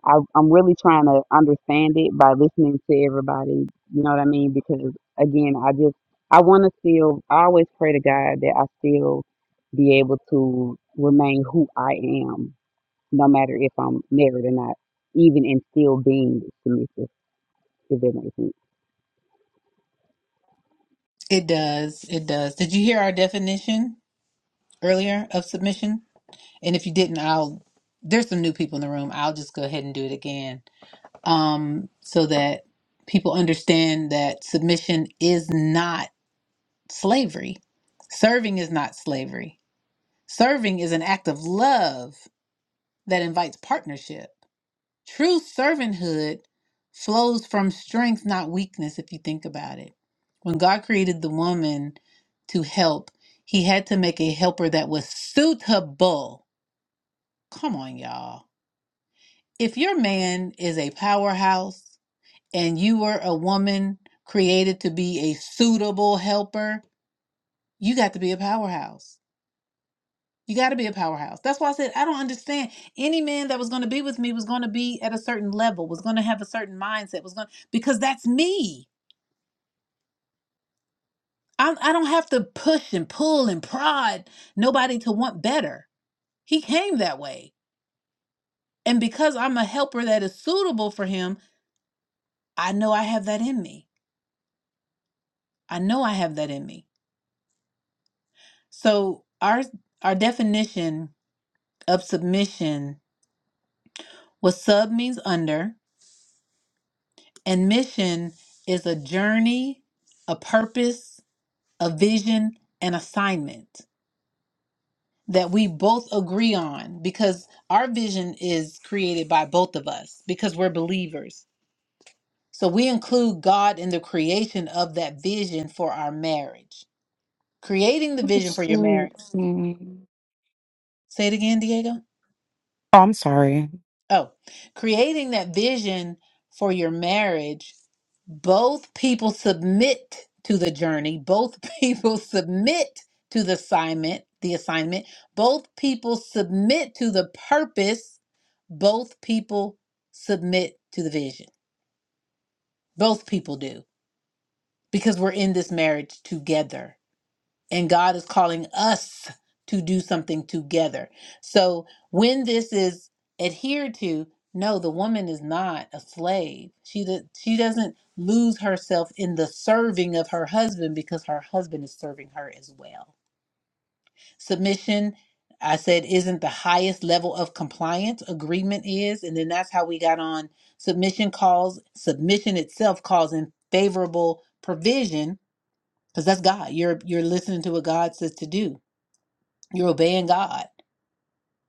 [SPEAKER 9] I, I'm really trying to understand it by listening to everybody. You know what I mean? Because again, I just I want to still. I always pray to God that I still be able to remain who I am, no matter if I'm married or not, even in still being submissive. If that makes sense.
[SPEAKER 1] It does. It does. Did you hear our definition earlier of submission? And if you didn't, I'll there's some new people in the room. I'll just go ahead and do it again. Um so that people understand that submission is not slavery. Serving is not slavery. Serving is an act of love that invites partnership. True servanthood flows from strength, not weakness, if you think about it. When God created the woman to help, he had to make a helper that was suitable. Come on, y'all. If your man is a powerhouse and you were a woman created to be a suitable helper, you got to be a powerhouse. You got to be a powerhouse. That's why I said I don't understand. Any man that was going to be with me was going to be at a certain level, was going to have a certain mindset, was going because that's me. I, I don't have to push and pull and prod nobody to want better. He came that way, and because I'm a helper that is suitable for him, I know I have that in me. I know I have that in me. So our our definition of submission was sub means under, And mission is a journey, a purpose, a vision, an assignment that we both agree on because our vision is created by both of us because we're believers. So we include God in the creation of that vision for our marriage. Creating the vision for your marriage.
[SPEAKER 7] Oh,
[SPEAKER 1] Say it again, Diego.
[SPEAKER 7] I'm sorry.
[SPEAKER 1] Oh, creating that vision for your marriage, both people submit to the journey, both (laughs) people submit to the assignment, the assignment, both people submit to the purpose, both people submit to the vision. Both people do because we're in this marriage together and God is calling us to do something together. So when this is adhered to, no, the woman is not a slave. She do, she doesn't lose herself in the serving of her husband because her husband is serving her as well. Submission, I said, isn't the highest level of compliance. Agreement is, and then that's how we got on. Submission calls submission itself calls in favorable provision because that's God. You're you're listening to what God says to do you're obeying God.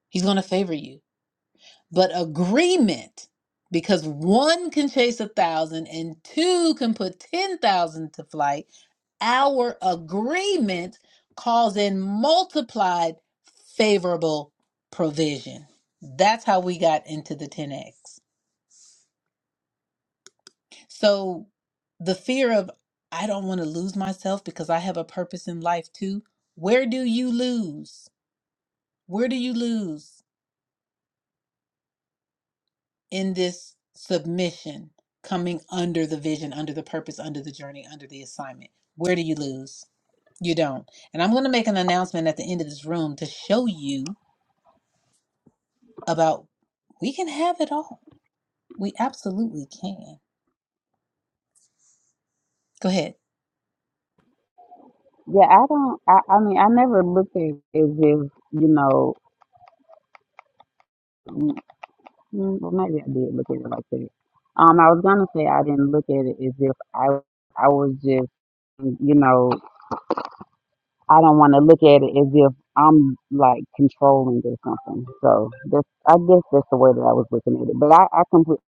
[SPEAKER 1] He's going to favor you. But agreement, because one can chase a thousand and two can put 10,000 to flight, our agreement calls in multiplied favorable provision. That's how we got into the 10X. So the fear of, I don't want to lose myself because I have a purpose in life too. Where do you lose? Where do you lose? in this submission, coming under the vision, under the purpose, under the journey, under the assignment? Where do you lose? You don't. And I'm going to make an announcement at the end of this room to show you about we can have it all. We absolutely can. Go ahead.
[SPEAKER 9] Yeah, I don't. I, I mean, I never looked at it as if you know. mm, mm, Well, maybe I did look at it like that. Um, I was gonna say I didn't look at it as if I I was just you know I don't want to look at it as if I'm like controlling or something. So that's, I guess that's the way that I was looking at it. But I, I completely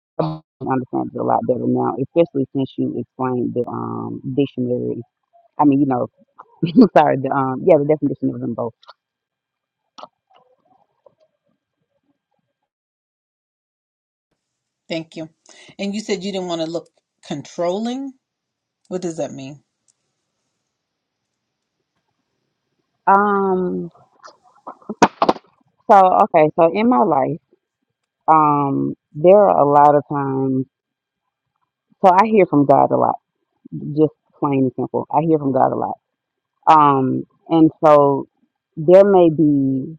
[SPEAKER 9] understand it a lot better now, especially since you explained the um, dictionary. I mean, you know, (laughs) sorry, the um, yeah, the definition of them both.
[SPEAKER 1] Thank you. And you said you didn't want to look controlling. What does that mean?
[SPEAKER 9] Um, so okay, so in my life, um, there are a lot of times. So I hear from God a lot, just plain and simple. I hear from God a lot. Um, and so there may be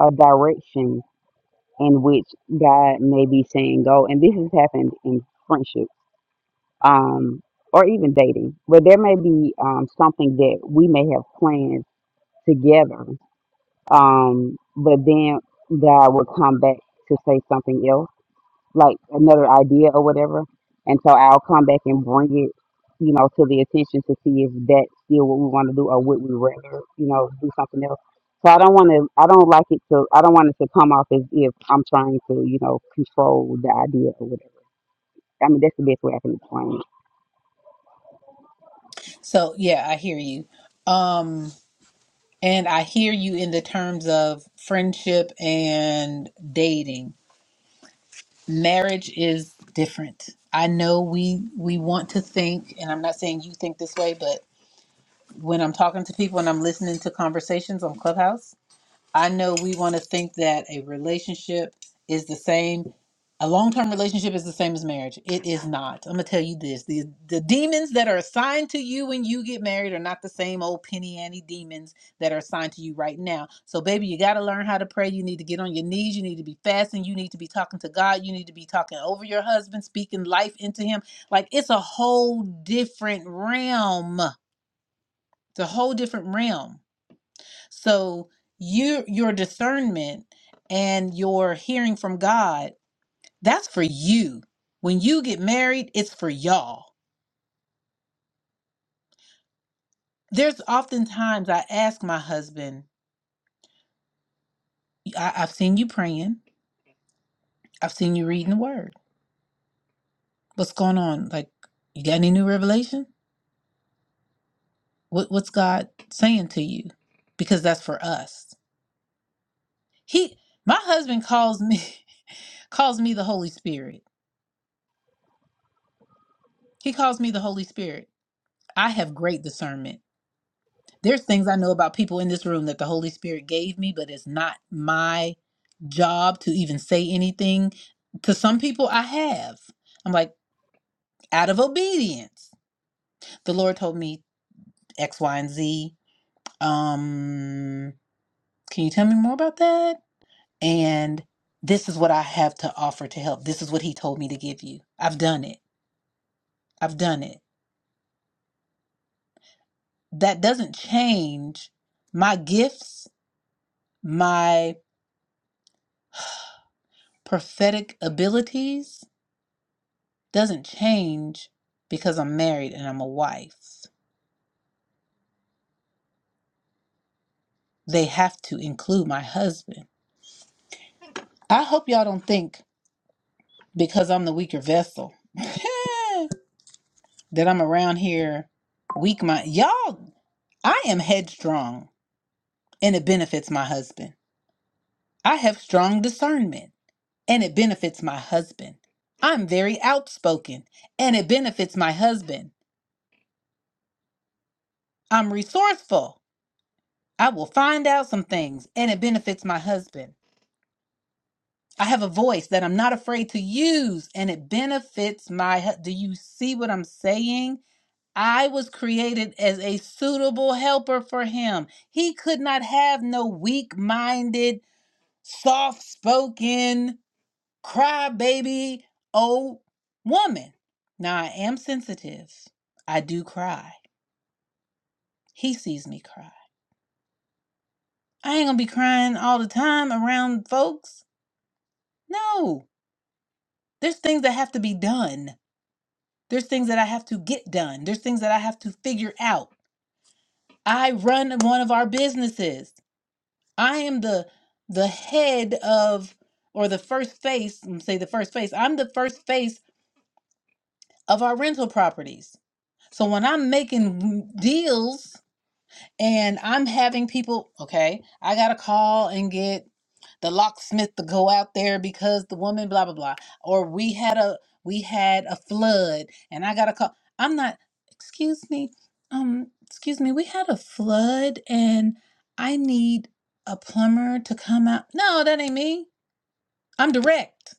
[SPEAKER 9] a direction in which God may be saying go. And this has happened in friendship, um, or even dating. But there may be um, something that we may have planned together, um, but then God will come back to say something else like another idea or whatever. And so I'll come back and bring it, you know, to the attention to see if that's still what we want to do or would we rather, you know, do something else. So I don't want to, I don't like it to, I don't want it to come off as if I'm trying to, you know, control the idea or whatever. I mean, that's the best way I can explain it.
[SPEAKER 1] So, yeah, I hear you. Um and I hear you in the terms of friendship and dating marriage is different. I know we we want to think, and I'm not saying you think this way, but when I'm talking to people and I'm listening to conversations on Clubhouse, I know we want to think that a relationship is the same. A long term relationship is the same as marriage. It is not. I'm going to tell you this the, the demons that are assigned to you when you get married are not the same old penny ante demons that are assigned to you right now. So, baby, you got to learn how to pray. You need to get on your knees. You need to be fasting. You need to be talking to God. You need to be talking over your husband, speaking life into him. Like, it's a whole different realm. It's a whole different realm. So you your discernment and your hearing from God, that's for you. When you get married, it's for y'all. There's oftentimes I ask my husband, I, I've seen you praying, I've seen you reading the word. What's going on? Like, you got any new revelation? What what's God saying to you? Because that's for us. He my husband calls me (laughs) calls me the Holy Spirit. He calls me the Holy Spirit. I have great discernment There's things I know about people in this room that the Holy Spirit gave me, but it's not my job to even say anything. To some people, I have. I'm like, out of obedience. The Lord told me X, Y, and Z. Um, can you tell me more about that? And this is what I have to offer to help. This is what He told me to give you. I've done it. I've done it. That doesn't change my gifts, my prophetic abilities doesn't change because I'm married and I'm a wife. They have to include my husband. I hope y'all don't think because I'm the weaker vessel (laughs) that I'm around here weak my y'all I am headstrong and it benefits my husband. I have strong discernment and it benefits my husband. I'm very outspoken and it benefits my husband. I'm resourceful. I will find out some things and it benefits my husband. I have a voice that I'm not afraid to use and it benefits my he- do you see what I'm saying? I was created as a suitable helper for him. He could not have no weak-minded, soft-spoken, crybaby old woman. Now I am sensitive. I do cry. He sees me cry. I ain't going to be crying all the time around folks. No. There's things that have to be done There's things that I have to get done. There's things that I have to figure out. I run one of our businesses. I am the the head of or the first face, I'm gonna say the first face. I'm the first face of our rental properties. So when I'm making deals and I'm having people, okay, I got to call and get the locksmith to go out there because the woman blah blah blah or we had a we had a flood and I got to call I'm not excuse me um excuse me we had a flood and I need a plumber to come out no that ain't me I'm direct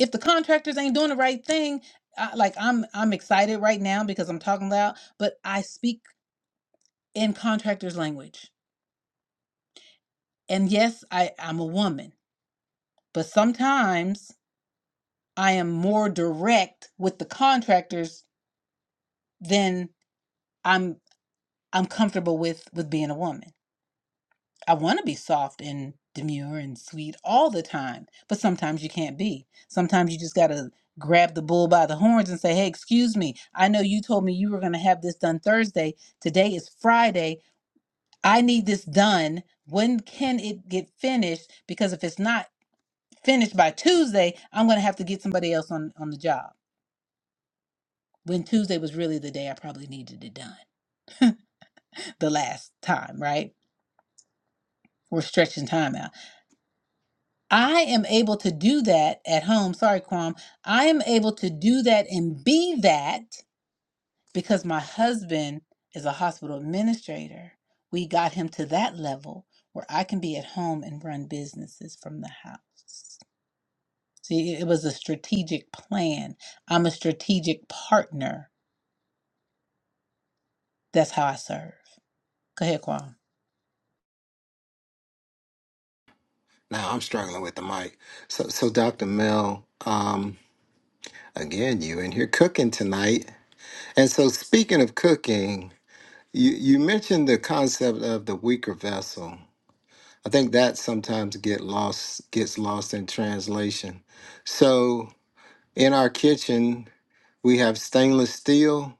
[SPEAKER 1] if the contractors ain't doing the right thing I, like I'm I'm excited right now because I'm talking loud but I speak in contractors language And yes, I, I'm a woman, but sometimes I am more direct with the contractors than I'm I'm comfortable with with being a woman. I want to be soft and demure and sweet all the time, but sometimes you can't be. Sometimes you just got to grab the bull by the horns and say, "Hey, excuse me. I know you told me you were going to have this done Thursday. Today is Friday. I need this done. When can it get finished? Because if it's not, finished by Tuesday, I'm gonna have to get somebody else on on the job. When Tuesday was really the day I probably needed it done. The last time, right? We're stretching time out. I am able to do that at home. Sorry, Quam. I am able to do that and be that because my husband is a hospital administrator. We got him to that level where I can be at home and run businesses from the house. See, it was a strategic plan. I'm a strategic partner That's how I serve. Go ahead, Quan.
[SPEAKER 8] Now I'm struggling with the mic. So, so Dr. Mel, um, again, you in here cooking tonight. And so, speaking of cooking, You you mentioned the concept of the weaker vessel. I think that sometimes get lost gets lost in translation. So in our kitchen, we have stainless steel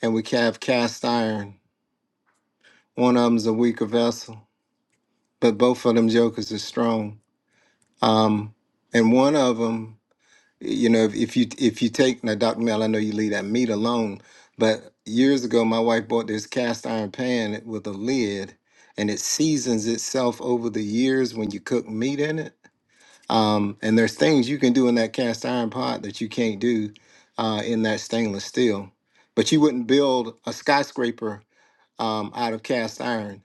[SPEAKER 8] and we ca- have cast iron. One of them's a weaker vessel, but both of them jokers are strong. Um, and one of them you know if, if you if you take now dr mel i know you leave that meat alone but years ago my wife bought this cast iron pan with a lid and it seasons itself over the years when you cook meat in it um, and there's things you can do in that cast iron pot that you can't do uh, in that stainless steel but you wouldn't build a skyscraper um, out of cast iron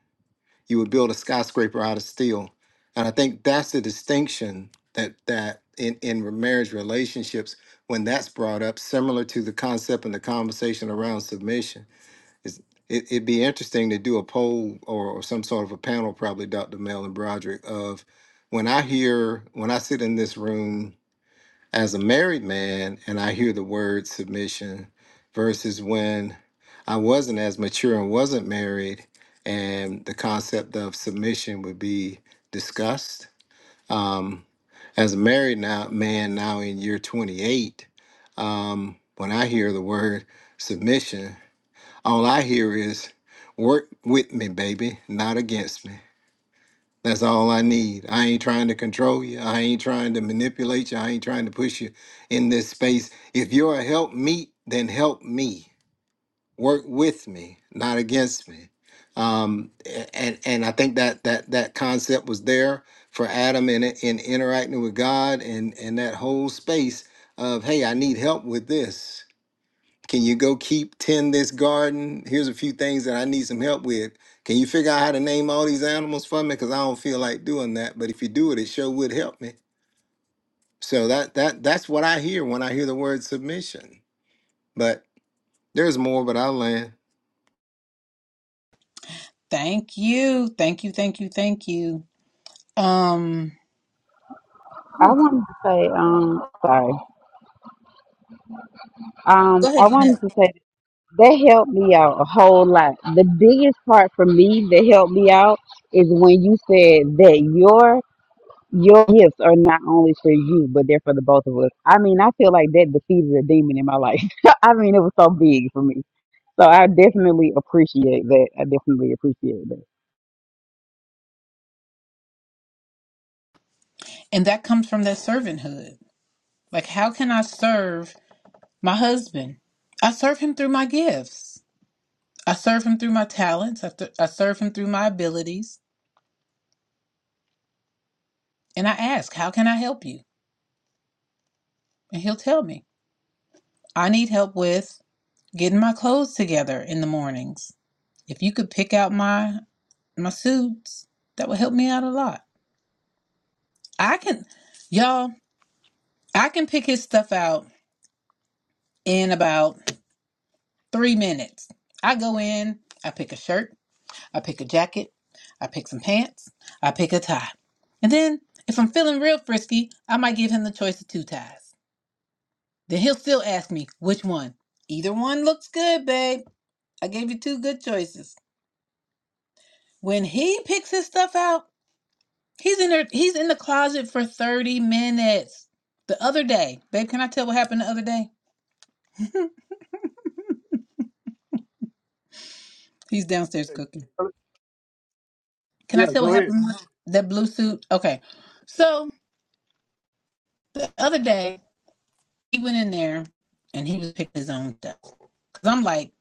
[SPEAKER 8] you would build a skyscraper out of steel. And I think that's the distinction that that in, in marriage relationships, when that's brought up, similar to the concept and the conversation around submission, is it, it'd be interesting to do a poll or, or some sort of a panel, probably Dr. Mel and Broderick, of when I hear when I sit in this room as a married man and I hear the word submission versus when I wasn't as mature and wasn't married and the concept of submission would be discussed. Um, as a married now man now in year 28, um, when I hear the word submission, all I hear is work with me, baby, not against me. That's all I need. I ain't trying to control you. I ain't trying to manipulate you. I ain't trying to push you in this space. If you're a help me, then help me. Work with me, not against me. Um, a- and and I think that that that concept was there for Adam in it- in interacting with God and and that whole space of hey, I need help with this. Can you go keep tend this garden? Here's a few things that I need some help with. Can you figure out how to name all these animals for me? Because I don't feel like doing that. But if you do it, it sure would help me. So that that that's what I hear when I hear the word submission. But there's more, but I'll land.
[SPEAKER 1] Thank you. Thank you. Thank you. Thank you. Um
[SPEAKER 9] I
[SPEAKER 1] whew.
[SPEAKER 9] wanted to say, um, sorry. Um,
[SPEAKER 1] go
[SPEAKER 9] I
[SPEAKER 1] ahead,
[SPEAKER 9] wanted
[SPEAKER 1] Jeanette.
[SPEAKER 9] to say that helped me out a whole lot. The biggest part for me that helped me out is when you said that Your gifts are not only for you, but they're for the both of us. I mean, I feel like that defeated a demon in my life. (laughs) I mean, it was so big for me. So I definitely appreciate that. I definitely appreciate that.
[SPEAKER 1] And that comes from that servanthood. Like how can I serve my husband? I serve him through my gifts. I serve him through my talents. I, th- I serve him through my abilities. And I ask, how can I help you? And he'll tell me. I need help with getting my clothes together in the mornings. If you could pick out my my suits, that would help me out a lot. I can, y'all, I can pick his stuff out in about three minutes. I go in, I pick a shirt, I pick a jacket, I pick some pants, I pick a tie. And then, if I'm feeling real frisky, I might give him the choice of two ties. Then he'll still ask me, which one? Either one looks good, babe. I gave you two good choices. When he picks his stuff out, he's in there, he's in the closet for 30 minutes. The other day, babe, can I tell what happened the other day? He's downstairs cooking. Can
[SPEAKER 5] Yeah,
[SPEAKER 1] I tell what
[SPEAKER 5] go ahead.
[SPEAKER 1] happened with that blue suit? Okay. So the other day, he went in there and he was picking his own stuff. Because I'm like,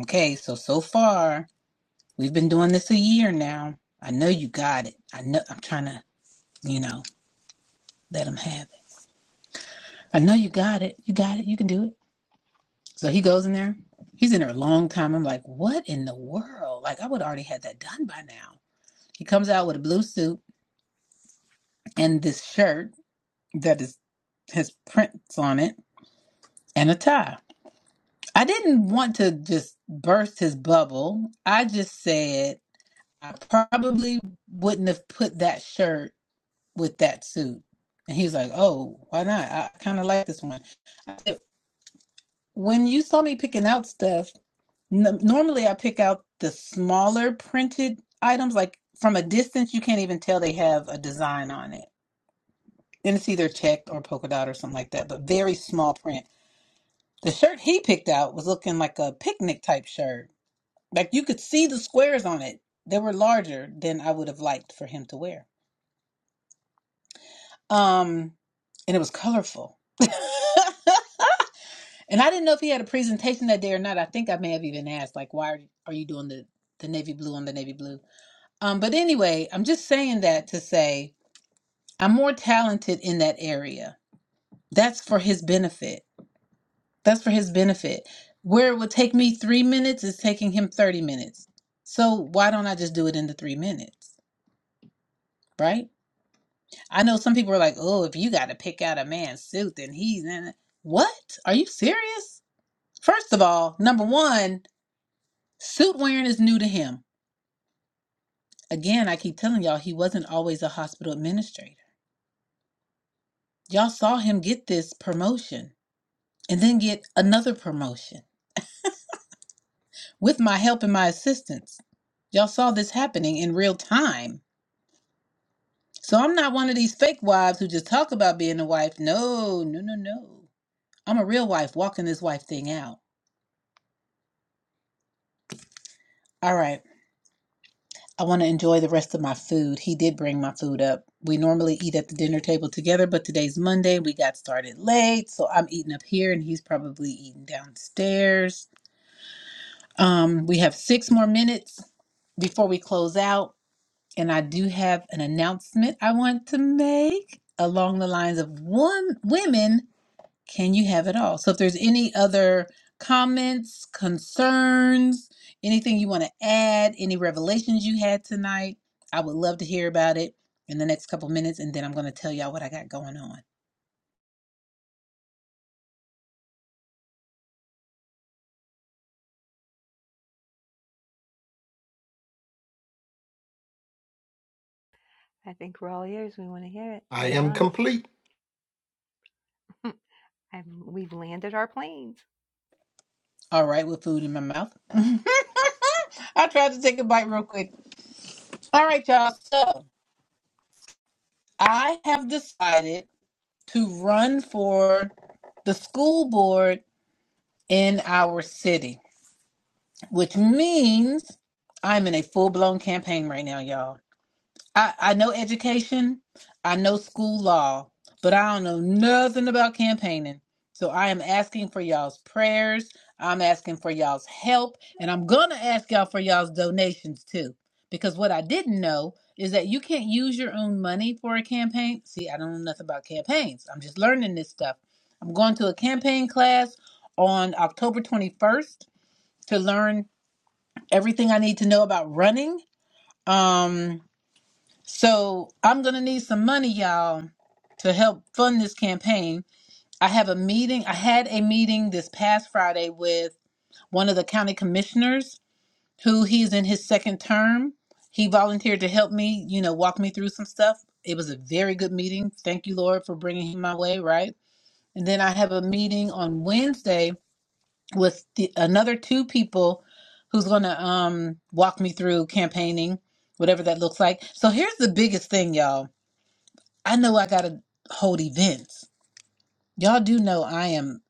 [SPEAKER 1] okay, so, so far, we've been doing this a year now. I know you got it. I know I'm trying to, you know, let him have it. I know you got it. You got it. You can do it. So he goes in there. He's in there a long time. I'm like, what in the world? Like, I would already had that done by now. He comes out with a blue suit and this shirt that is has prints on it and a tie. I didn't want to just burst his bubble. I just said I probably wouldn't have put that shirt with that suit. And he was like, "Oh, why not? I kind of like this one." I said, when you saw me picking out stuff, n- normally I pick out the smaller printed items. Like from a distance, you can't even tell they have a design on it, and it's either checked or polka dot or something like that. But very small print. The shirt he picked out was looking like a picnic type shirt Like you could see the squares on it. They were larger than I would have liked for him to wear. Um, and it was colorful. (laughs) and I didn't know if he had a presentation that day or not. I think I may have even asked, like, why are, are you doing the, the navy blue on the navy blue? Um, but anyway, I'm just saying that to say I'm more talented in that area. That's for his benefit. That's for his benefit. Where it would take me three minutes is taking him 30 minutes. So why don't I just do it in the three minutes? Right? I know some people are like, oh, if you got to pick out a man's suit, then he's in it. What? Are you serious? First of all, number one, suit wearing is new to him. Again, I keep telling y'all, he wasn't always a hospital administrator. Y'all saw him get this promotion and then get another promotion with my help and my assistance. Y'all saw this happening in real time. So I'm not one of these fake wives who just talk about being a wife. No, no, no, no. I'm a real wife walking this wife thing out. All right. I want to enjoy the rest of my food. He did bring my food up. We normally eat at the dinner table together, but today's Monday. We got started late, so I'm eating up here and he's probably eating downstairs. Um, we have six more minutes before we close out, and I do have an announcement I want to make along the lines of one women. Can you have it all? So if there's any other comments, concerns, anything you want to add, any revelations you had tonight, I would love to hear about it in the next couple minutes and then I'm going to tell y'all what I got going on.
[SPEAKER 2] I think we're all ears. We want to hear it.
[SPEAKER 8] I
[SPEAKER 2] Lay it on
[SPEAKER 8] hey
[SPEAKER 2] us. (laughs) I've, we've landed our planes.
[SPEAKER 1] All right, with food in my mouth. (laughs) I tried to take a bite real quick. All right, y'all. So I have decided to run for the school board in our city, which means I'm in a full blown campaign right now, y'all. I, I know education, I know school law, but I don't know nothing about campaigning. So I am asking for y'all's prayers. I'm asking for y'all's help. And I'm going to ask y'all for y'all's donations too. Because what I didn't know is that you can't use your own money for a campaign. See, I don't know nothing about campaigns. I'm just learning this stuff. I'm going to a campaign class on October 21st to learn everything I need to know about running. Um, so I'm gonna need some money, y'all, to help fund this campaign. I have a meeting. I had a meeting this past Friday with one of the county commissioners who he's in his second term. He volunteered to help me, you know, walk me through some stuff. It was a very good meeting. Thank you, Lord, for bringing him my way, right? And then I have a meeting on Wednesday with the, another two people who's going to um walk me through campaigning, whatever that looks like. So here's the biggest thing, y'all. I know I got to hold events. Y'all do know I am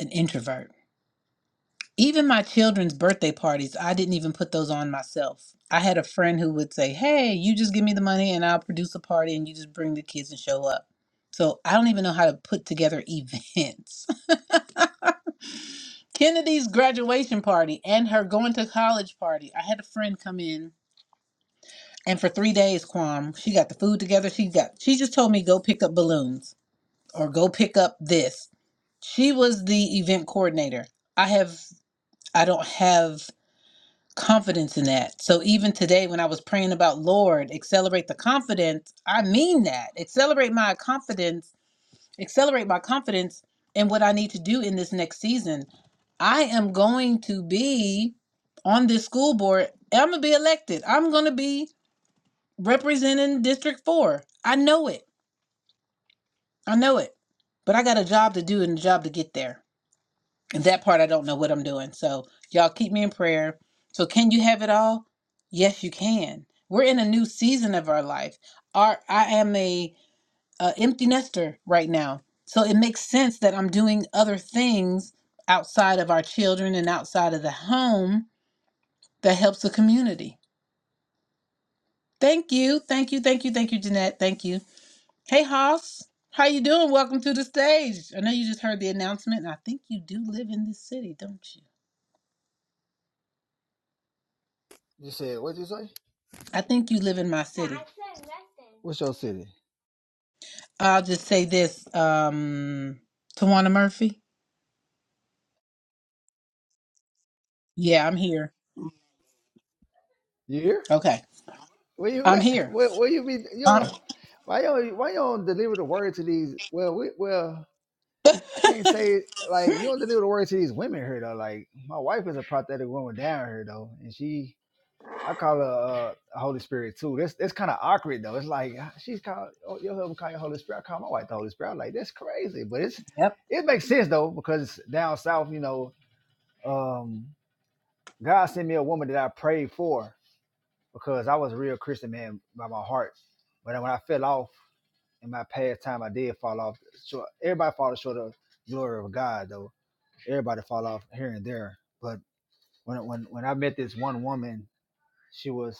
[SPEAKER 1] an introvert. Even my children's birthday parties, I didn't even put those on myself. I had a friend who would say, "Hey, you just give me the money and I'll produce a party and you just bring the kids and show up." So, I don't even know how to put together (laughs) events. Kennedy's graduation party and her going to college party. I had a friend come in, and for three days, Kwam she got the food together. She got. She just told me go pick up balloons or go pick up this. She was the event coordinator. I have. I don't have confidence in that. So even today, when I was praying about Lord, accelerate the confidence. I mean that. Accelerate my confidence accelerate my confidence in what I need to do in this next season. I am going to be on this school board. I'm going to be elected. I'm going to be representing District 4. I know it. I know it. But I got a job to do and a job to get there. And that part, I don't know what I'm doing. So, y'all keep me in prayer. So, can you have it all? Yes, you can. We're in a new season of our life. Our, I am a uh, empty nester right now. So it makes sense that I'm doing other things outside of our children and outside of the home that helps the community. Thank you. Thank you. Thank you. Thank you, Jeanette. Thank you. Hey, Hoss. How you doing? Welcome to the stage. I know you just heard the announcement, and I think you do live in this city, don't you?
[SPEAKER 10] You said what you say?
[SPEAKER 1] I think you live in my city.
[SPEAKER 10] What's your city?
[SPEAKER 1] I'll just say this, um, Tawana Murphy. Yeah, I'm here.
[SPEAKER 10] You here?
[SPEAKER 1] Okay.
[SPEAKER 10] Where you
[SPEAKER 1] I'm
[SPEAKER 10] at?
[SPEAKER 1] here.
[SPEAKER 10] Where where you be? You
[SPEAKER 1] Uh,
[SPEAKER 10] don't, why you don't, why you don't deliver the word to these? Well, we, well, I can't say like you
[SPEAKER 1] (laughs)
[SPEAKER 10] don't deliver the word to these women here though. Like my wife is a prophetic woman down here though, and she I call her uh, a Holy Spirit too. That's that's kind of awkward though. It's like ah, she's called oh, your husband call you Holy Spirit. I call my wife the Holy Spirit. I'm like that's crazy, but it's
[SPEAKER 1] yep.
[SPEAKER 10] it makes sense though because down south, you know. um God sent me a woman that I prayed for because I was a real Christian man by my heart. But when I fell off in my past time, I did fall off. So everybody falls short of the glory of God, though. Everybody fall off here and there. But when when when I met this one woman, she was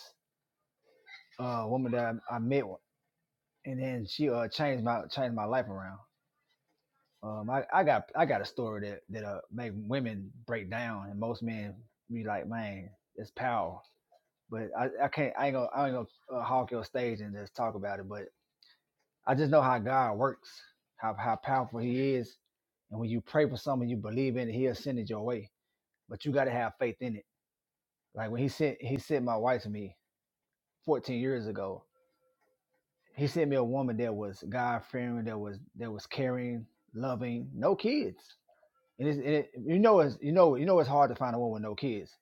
[SPEAKER 10] a woman that I, I met, and then she uh, changed my changed my life around. Um, I, I got I got a story that that uh, make women break down, and most men be like, man, it's power But I, I can't. I ain't gonna. I ain't gonna uh, hog your stage and just talk about it. But I just know how God works, how how powerful He is, and when you pray for someone you believe in, He'll send it your way. But you got to have faith in it. Like when He sent He sent my wife to me 14 years ago. He sent me a woman that was God fearing, that was that was caring, loving, no kids. And, it's, and it, you know it's you know you know it's hard to find a woman with no kids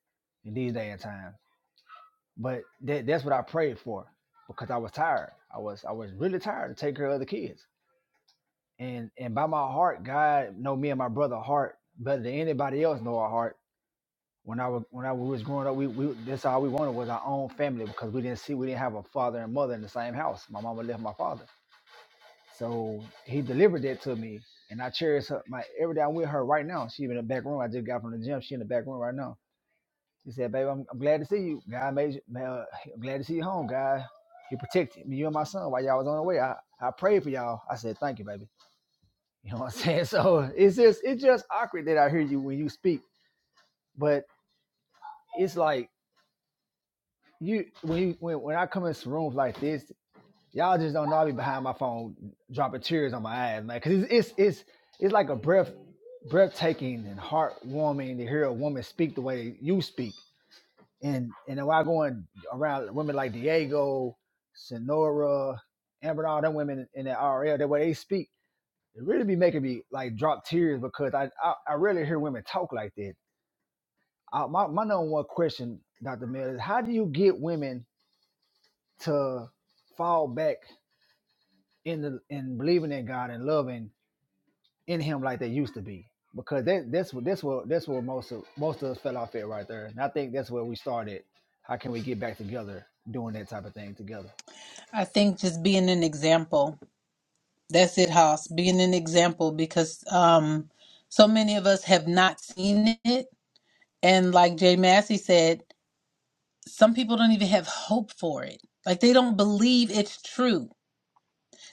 [SPEAKER 10] in these day and times. But that, that's what I prayed for because I was tired. I was I was really tired to take care of the kids. And and by my heart, God know me and my brother heart better than anybody else know our heart. When I was when I was growing up, we, we that's all we wanted was our own family because we didn't see we didn't have a father and mother in the same house. My mama left my father, so he delivered that to me, and I cherish her. My every day I'm with her right now. She in the back room. I just got from the gym. She in the back room right now she said, "Baby, I'm, I'm glad to see you. God made you. Man, uh, I'm glad to see you home. God, He protected me, you and my son while y'all was on the way. I, I prayed for y'all. I said, thank you, baby. (laughs) You know what I'm (laughs) saying? So it's just it's just awkward that I hear you when you speak, but it's like you when you when, when I come in some rooms like this, y'all just don't know I be behind my phone dropping tears on my eyes, man. Cause it's it's it's it's like a breath breathtaking and heartwarming to hear a woman speak the way you speak. and and while going around women like Diego, Sonora, Amber, and all them women in the RL, the way they speak, it really be making me like drop tears because I I, I rarely hear women talk like that. I, my my number one question, Doctor Miller, is how do you get women to fall back in the in believing in God and loving in Him like they used to be? Because that that's what that's what that's where most of most of us fell off at right there, and I think that's where we started. How can we get back together doing that type of thing together?
[SPEAKER 1] I think just being an example That's it, Haas. Being an example because um, so many of us have not seen it. And like Jay Massey said, some people don't even have hope for it. Like they don't believe it's true.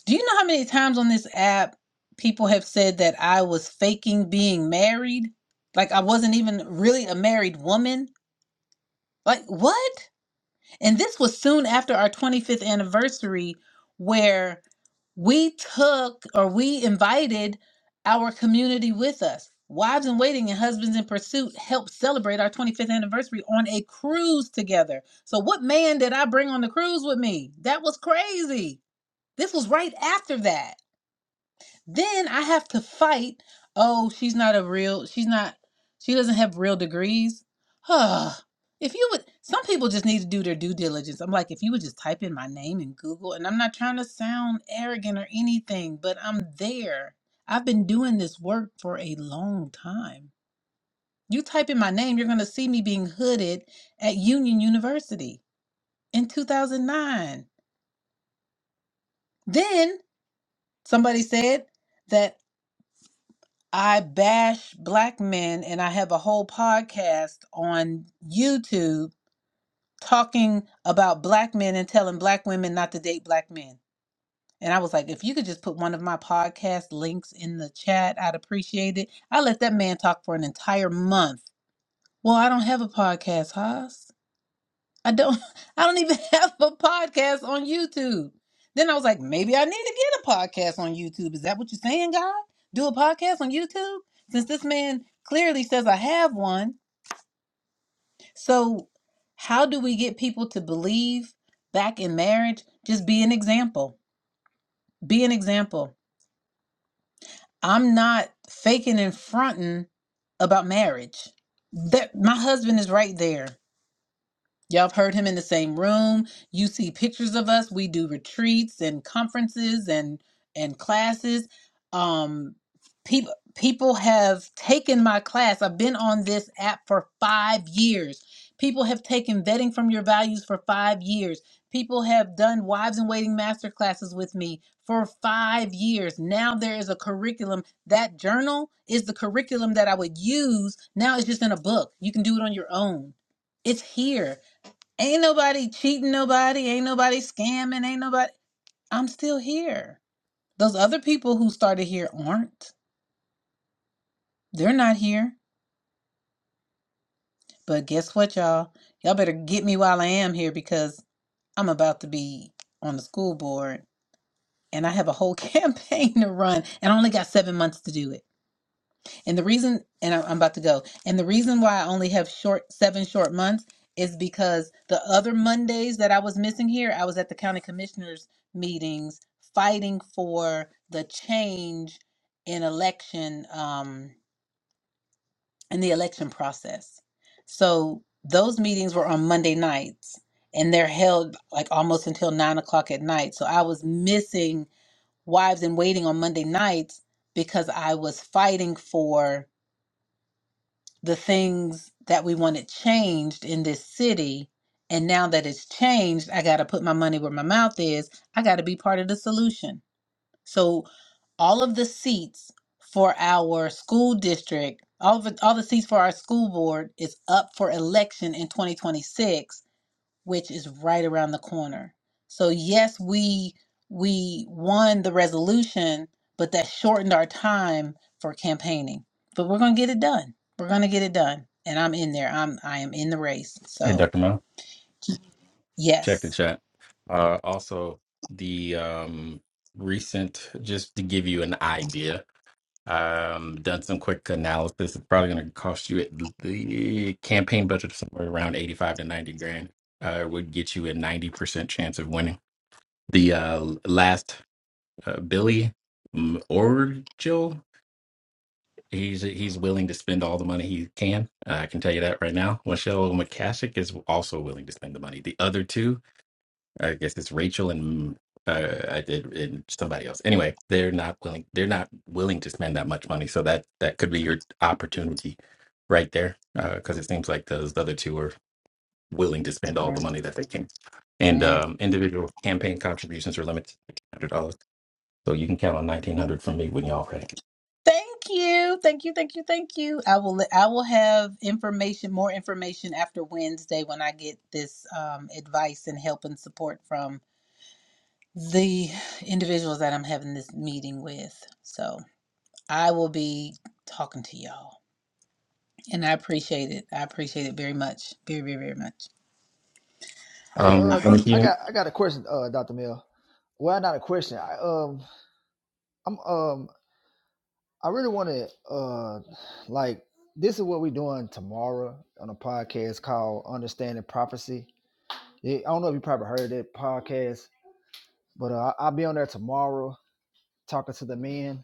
[SPEAKER 1] Do you know how many times on this app people have said that I was faking being married? Like I wasn't even really a married woman? Like what? And this was soon after our 25th anniversary where we took or we invited our community with us. Wives in Waiting and Husbands in Pursuit helped celebrate our 25th anniversary on a cruise together. So, what man did I bring on the cruise with me? That was crazy. This was right after that. Then I have to fight. Oh, she's not a real, she's not, she doesn't have real degrees. Huh. if you would, some people just need to do their due diligence. I'm like, if you would just type in my name in Google, and I'm not trying to sound arrogant or anything, but I'm there. I've been doing this work for a long time. You type in my name, you're going to see me being hooded at Union University in 2009. Then somebody said, that. I bash black men, and I have a whole podcast on YouTube talking about black men and telling black women not to date black men. And I was like, if you could just put one of my podcast links in the chat, I'd appreciate it. I let that man talk for an entire month. Well, I don't have a podcast, Haas. I don't (laughs) I don't even (laughs) have a podcast on YouTube. Then I was like, maybe I need to get a podcast on YouTube. Is that what you're saying, God? Do a podcast on YouTube? Since this man clearly says I have one. So how do we get people to believe back in marriage? Just be an example. Be an example. I'm not faking and fronting about marriage. That my husband is right there. Y'all have heard him in the same room. You see pictures of us. We do retreats and conferences and and classes. Um people people have taken my class. I've been on this app for 5 years. People have taken vetting from your values for 5 years. People have done wives and waiting master classes with me for 5 years. Now there is a curriculum. That journal is the curriculum that I would use. Now it's just in a book. You can do it on your own. It's here. Ain't nobody cheating nobody. Ain't nobody scamming. Ain't nobody. I'm still here. Those other people who started here aren't. They're not here. But guess what, y'all? Y'all better get me while I am here because I'm about to be on the school board and I have a whole (laughs) campaign to run and I only got seven months to do it. And the reason, and I- I'm about to go, and the reason why I only have short seven short months is because the other Mondays that I was missing here, I was at the county commissioners meetings fighting for the change in election, um, in the election process. So those meetings were on Monday nights and they're held like almost until nine o'clock at night. So I was missing wives in waiting on Monday nights because I was fighting for the things that we wanted changed in this city. And now that it's changed, I got to put my money where my mouth is. I got to be part of the solution. So, all of the seats for our school district, all of it, all the seats for our school board is up for election in 2026 which is right around the corner. So yes, we we won the resolution, but that shortened our time for campaigning. But we're going to get it done. We're going to get it done. And I'm in there. I'm I am in the race.
[SPEAKER 6] Hey,
[SPEAKER 1] So,
[SPEAKER 6] Dr. Mel, check the
[SPEAKER 1] yes.
[SPEAKER 6] chat. Uh, also, the um, recent, just to give you an idea, Um, done some quick analysis. It's probably going to cost you at the campaign budget of somewhere around 85 to 90 grand. Uh, would get you a 90% chance of winning. The uh, last uh, Billy mm, Orgel, he's he's willing to spend all the money he can. Uh, I can tell you that right now. Michelle McCasick is also willing to spend the money. The other two, I guess it's Rachel and uh, I did and somebody else. Anyway, they're not willing. They're not willing to spend that much money. So that that could be your opportunity, right there, because it seems like those other two are willing to spend all the
[SPEAKER 1] Mhm.
[SPEAKER 6] money that they can. And
[SPEAKER 1] Mm.
[SPEAKER 6] um, individual campaign contributions are limited to one thousand nine hundred dollars, so you can count on nineteen hundred from me when y'all ready.
[SPEAKER 1] Thank you. Thank you. Thank you. Thank you. I will I will have information, more information after Wednesday when I get this um, advice and help and support from the individuals that I'm having this meeting with. So, I will be talking to y'all. And I appreciate it. I appreciate it very much. Very, very, very much.
[SPEAKER 10] Hey, uh,
[SPEAKER 6] Um,
[SPEAKER 1] All
[SPEAKER 6] I mean,
[SPEAKER 1] right.
[SPEAKER 6] you
[SPEAKER 10] I got I got a question, uh, Doctor Mill. Well, not a question. I um, I'm um, I really want to uh, like this is what we're doing tomorrow on a podcast called Understanding Prophecy. Yeah, I don't know if you probably heard that podcast, but uh, I- I'll be on there tomorrow talking to the men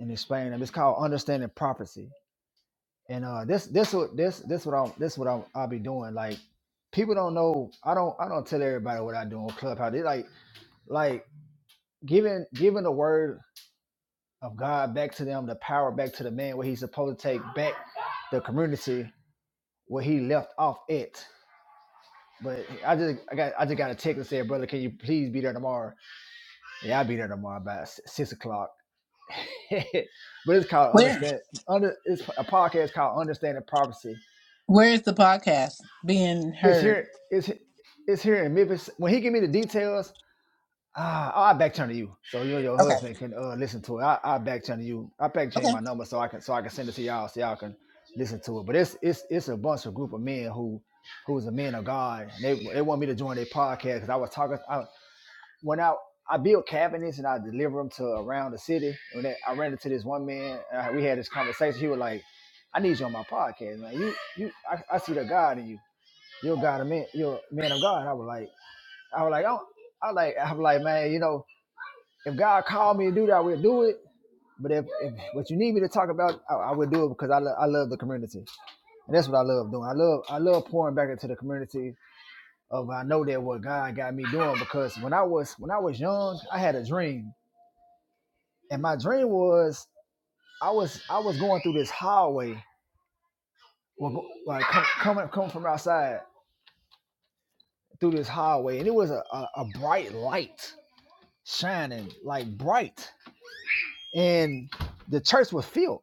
[SPEAKER 10] and explaining them. It's called Understanding Prophecy, and uh, this this what this this what I'm this what I'm, I'll be doing. Like people don't know. I don't I don't tell everybody what I do on Clubhouse. They like like giving giving the word of God back to them, the power back to the man where he's supposed to take back the community where he left off it. But I just I got I just got a text and said, brother, can you please be there tomorrow? Yeah, I'll be there tomorrow about s- six o'clock. (laughs) but it's called
[SPEAKER 1] Where?
[SPEAKER 10] understand under it's a podcast called Understanding Prophecy.
[SPEAKER 1] Where is the podcast being
[SPEAKER 10] It's
[SPEAKER 1] heard?
[SPEAKER 10] here it's it's here in Memphis. When he give me the details, Ah, oh, I back channel you, so you and your
[SPEAKER 1] Okay.
[SPEAKER 10] husband can uh, listen to it. I I back channel you. I back channel
[SPEAKER 1] Okay.
[SPEAKER 10] my number so I can so I can send it to y'all so y'all can listen to it. But it's it's it's a bunch of group of men who who's a men of God. And they they want me to join their podcast because I was talking. I, when I I build cabinets and I deliver them to around the city. And then I ran into this one man. And I- we had this conversation. He was like, "I need you on my podcast, man. You you I, I see the God in you. You're God of man. You're a man of God." And I was like, I was like, oh, I was like I was like, man, you know if God called me to do that, I would do it. But if, if what you need me to talk about, I, I would do it because I, lo- I love the community, and that's what I love doing. I love I love pouring back into the community of I know that what God got me doing because when I was when I was young, I had a dream, and my dream was I was I was going through this hallway, well, like coming coming from outside through this hallway, and it was a, a, a bright light shining like bright, and the church was filled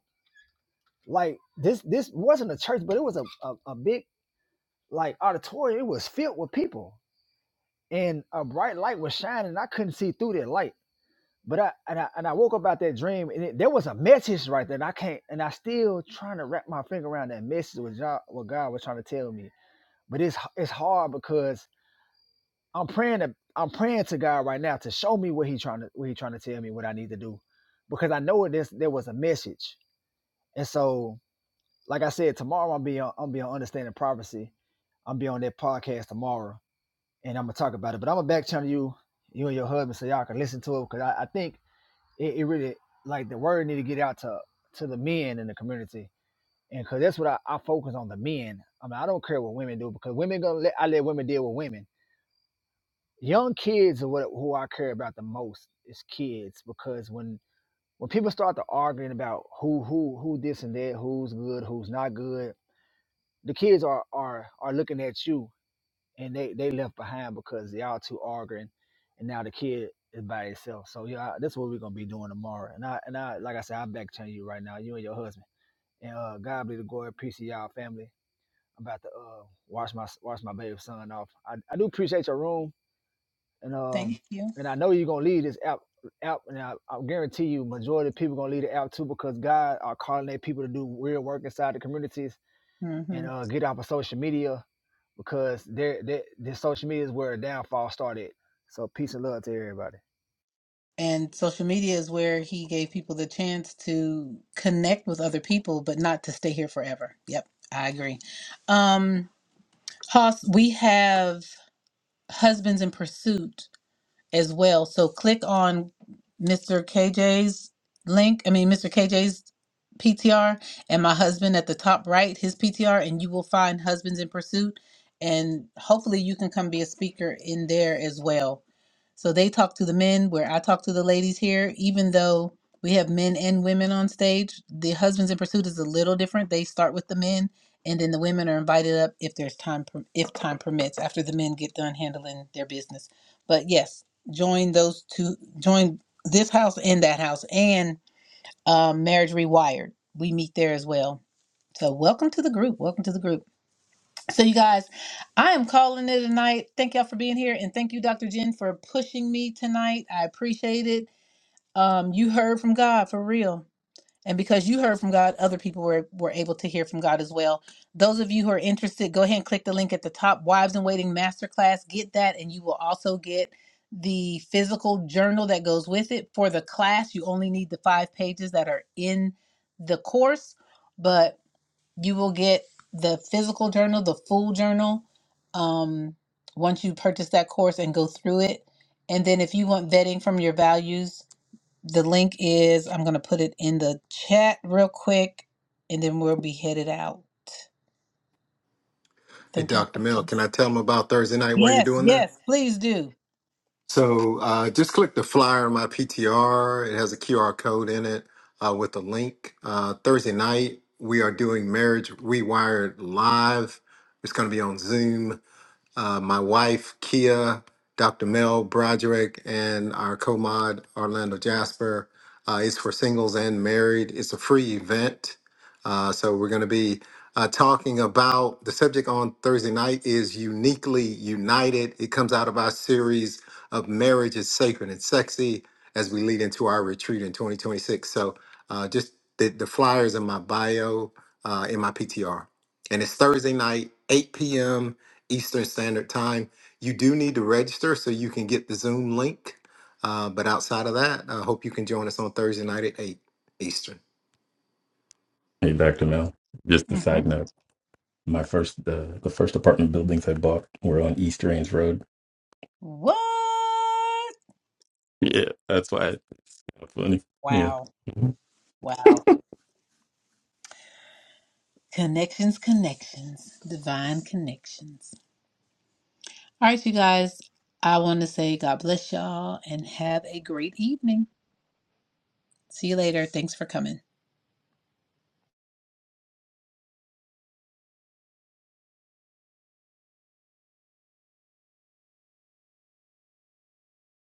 [SPEAKER 10] Like this this wasn't a church, but it was a, a, a big like auditorium. It was filled with people. And a bright light was shining. and I couldn't see through that light. But I and I and I woke up out that dream and it, there was a message right there. And I can't and I still trying to wrap my finger around that message what God, what God was trying to tell me. But it's it's hard because I'm praying to I'm praying to God right now to show me what he trying to what he trying to tell me what I need to do. Because I know this there was a message. And so like I said, tomorrow I'm be on I'm be on understanding prophecy. I'm be on that podcast tomorrow, and I'm gonna talk about it. But I'm gonna back channel you, you and your husband, so y'all can listen to it because I, I think it, it really like the word need to get out to to the men in the community, and because that's what I, I focus on the men. I mean, I don't care what women do because women gonna let I let women deal with women. Young kids are what who I care about the most is kids because when when people start to arguing about who who who this and that, who's good, who's not good the kids are are are looking at you and they they left behind because y'all two arguing and now the kid is by itself so yeah that's what we're gonna be doing tomorrow and i and i like i said i'm back telling you right now you and your husband and uh god be the glory peace to y'all family i'm about to uh wash my wash my baby son off i, I do appreciate your room and um
[SPEAKER 1] Thank you.
[SPEAKER 10] and i know you're gonna leave this app app and I, I guarantee you majority of people gonna leave the app too because god are calling their people to do real work inside the communities and
[SPEAKER 1] hmm
[SPEAKER 10] uh, get off of social media because their their their social media is where the downfall started. So peace and love to everybody.
[SPEAKER 1] And social media is where he gave people the chance to connect with other people, but not to stay here forever. Yep. I agree. Um, Hoss, we have Husbands in Pursuit as well. So click on Mr. KJ's link, I mean, Mr. KJ's PTR and my husband at the top right, his PTR, and you will find Husbands in Pursuit. And hopefully you can come be a speaker in there as well. So they talk to the men where I talk to the ladies here, even though we have men and women on stage. The Husbands in Pursuit is a little different. They start with the men and then the women are invited up if there's time per- if time permits after the men get done handling their business. But yes, join those two join this house and that house and um, marriage rewired we meet there as well so welcome to the group welcome to the group so you guys i am calling it a night thank y'all for being here and thank you dr jen for pushing me tonight i appreciate it um, you heard from god for real and because you heard from God, other people were, were able to hear from God as well. Those of you who are interested, go ahead and click the link at the top Wives in Waiting Masterclass. Get that, and you will also get the physical journal that goes with it. For the class, you only need the five pages that are in the course, but you will get the physical journal, the full journal, um, once you purchase that course and go through it. And then if you want vetting from your values, the link is, I'm going to put it in the chat real quick and then we'll be headed out. Thank y'all
[SPEAKER 8] Dr.
[SPEAKER 1] for
[SPEAKER 8] Mel,
[SPEAKER 1] coming.
[SPEAKER 8] can I tell them about Thursday night while you're
[SPEAKER 1] Yes,
[SPEAKER 8] doing that?
[SPEAKER 1] yes, please do.
[SPEAKER 8] So uh, just click the flyer on my PTR. It has a QR code in it uh, with a link. Uh, Thursday night, we are doing Marriage Rewired Live. It's going to be on Zoom uh, my wife, Kia, Dr. Mel Broderick, and our co mod, Orlando Jasper. Uh, it's for singles and married. It's a free event. Uh, so we're going to be uh, talking about the subject on Thursday night is Uniquely United. It comes out of our series of Marriage is Sacred and Sexy as we lead into our retreat in 2026. So uh, just the, the flyers in my bio, uh, in my PTR. And it's Thursday night, 8 p.m. Eastern Standard Time. You do need to register so you can get the Zoom link. Uh, but outside of that, I hope you can join us on Thursday night at 8 Eastern.
[SPEAKER 6] hey, Doctor Mel. Just a
[SPEAKER 1] hmm
[SPEAKER 6] side note. My first the the first apartment buildings I bought were on East Range Road.
[SPEAKER 1] What?
[SPEAKER 6] Yeah, that's why Funny. Yeah.
[SPEAKER 1] Wow,
[SPEAKER 6] Mhm.
[SPEAKER 1] wow. Connections, connections, divine connections. All right, you guys, I want to say God bless y'all and have a great evening. See you later. Thanks for coming.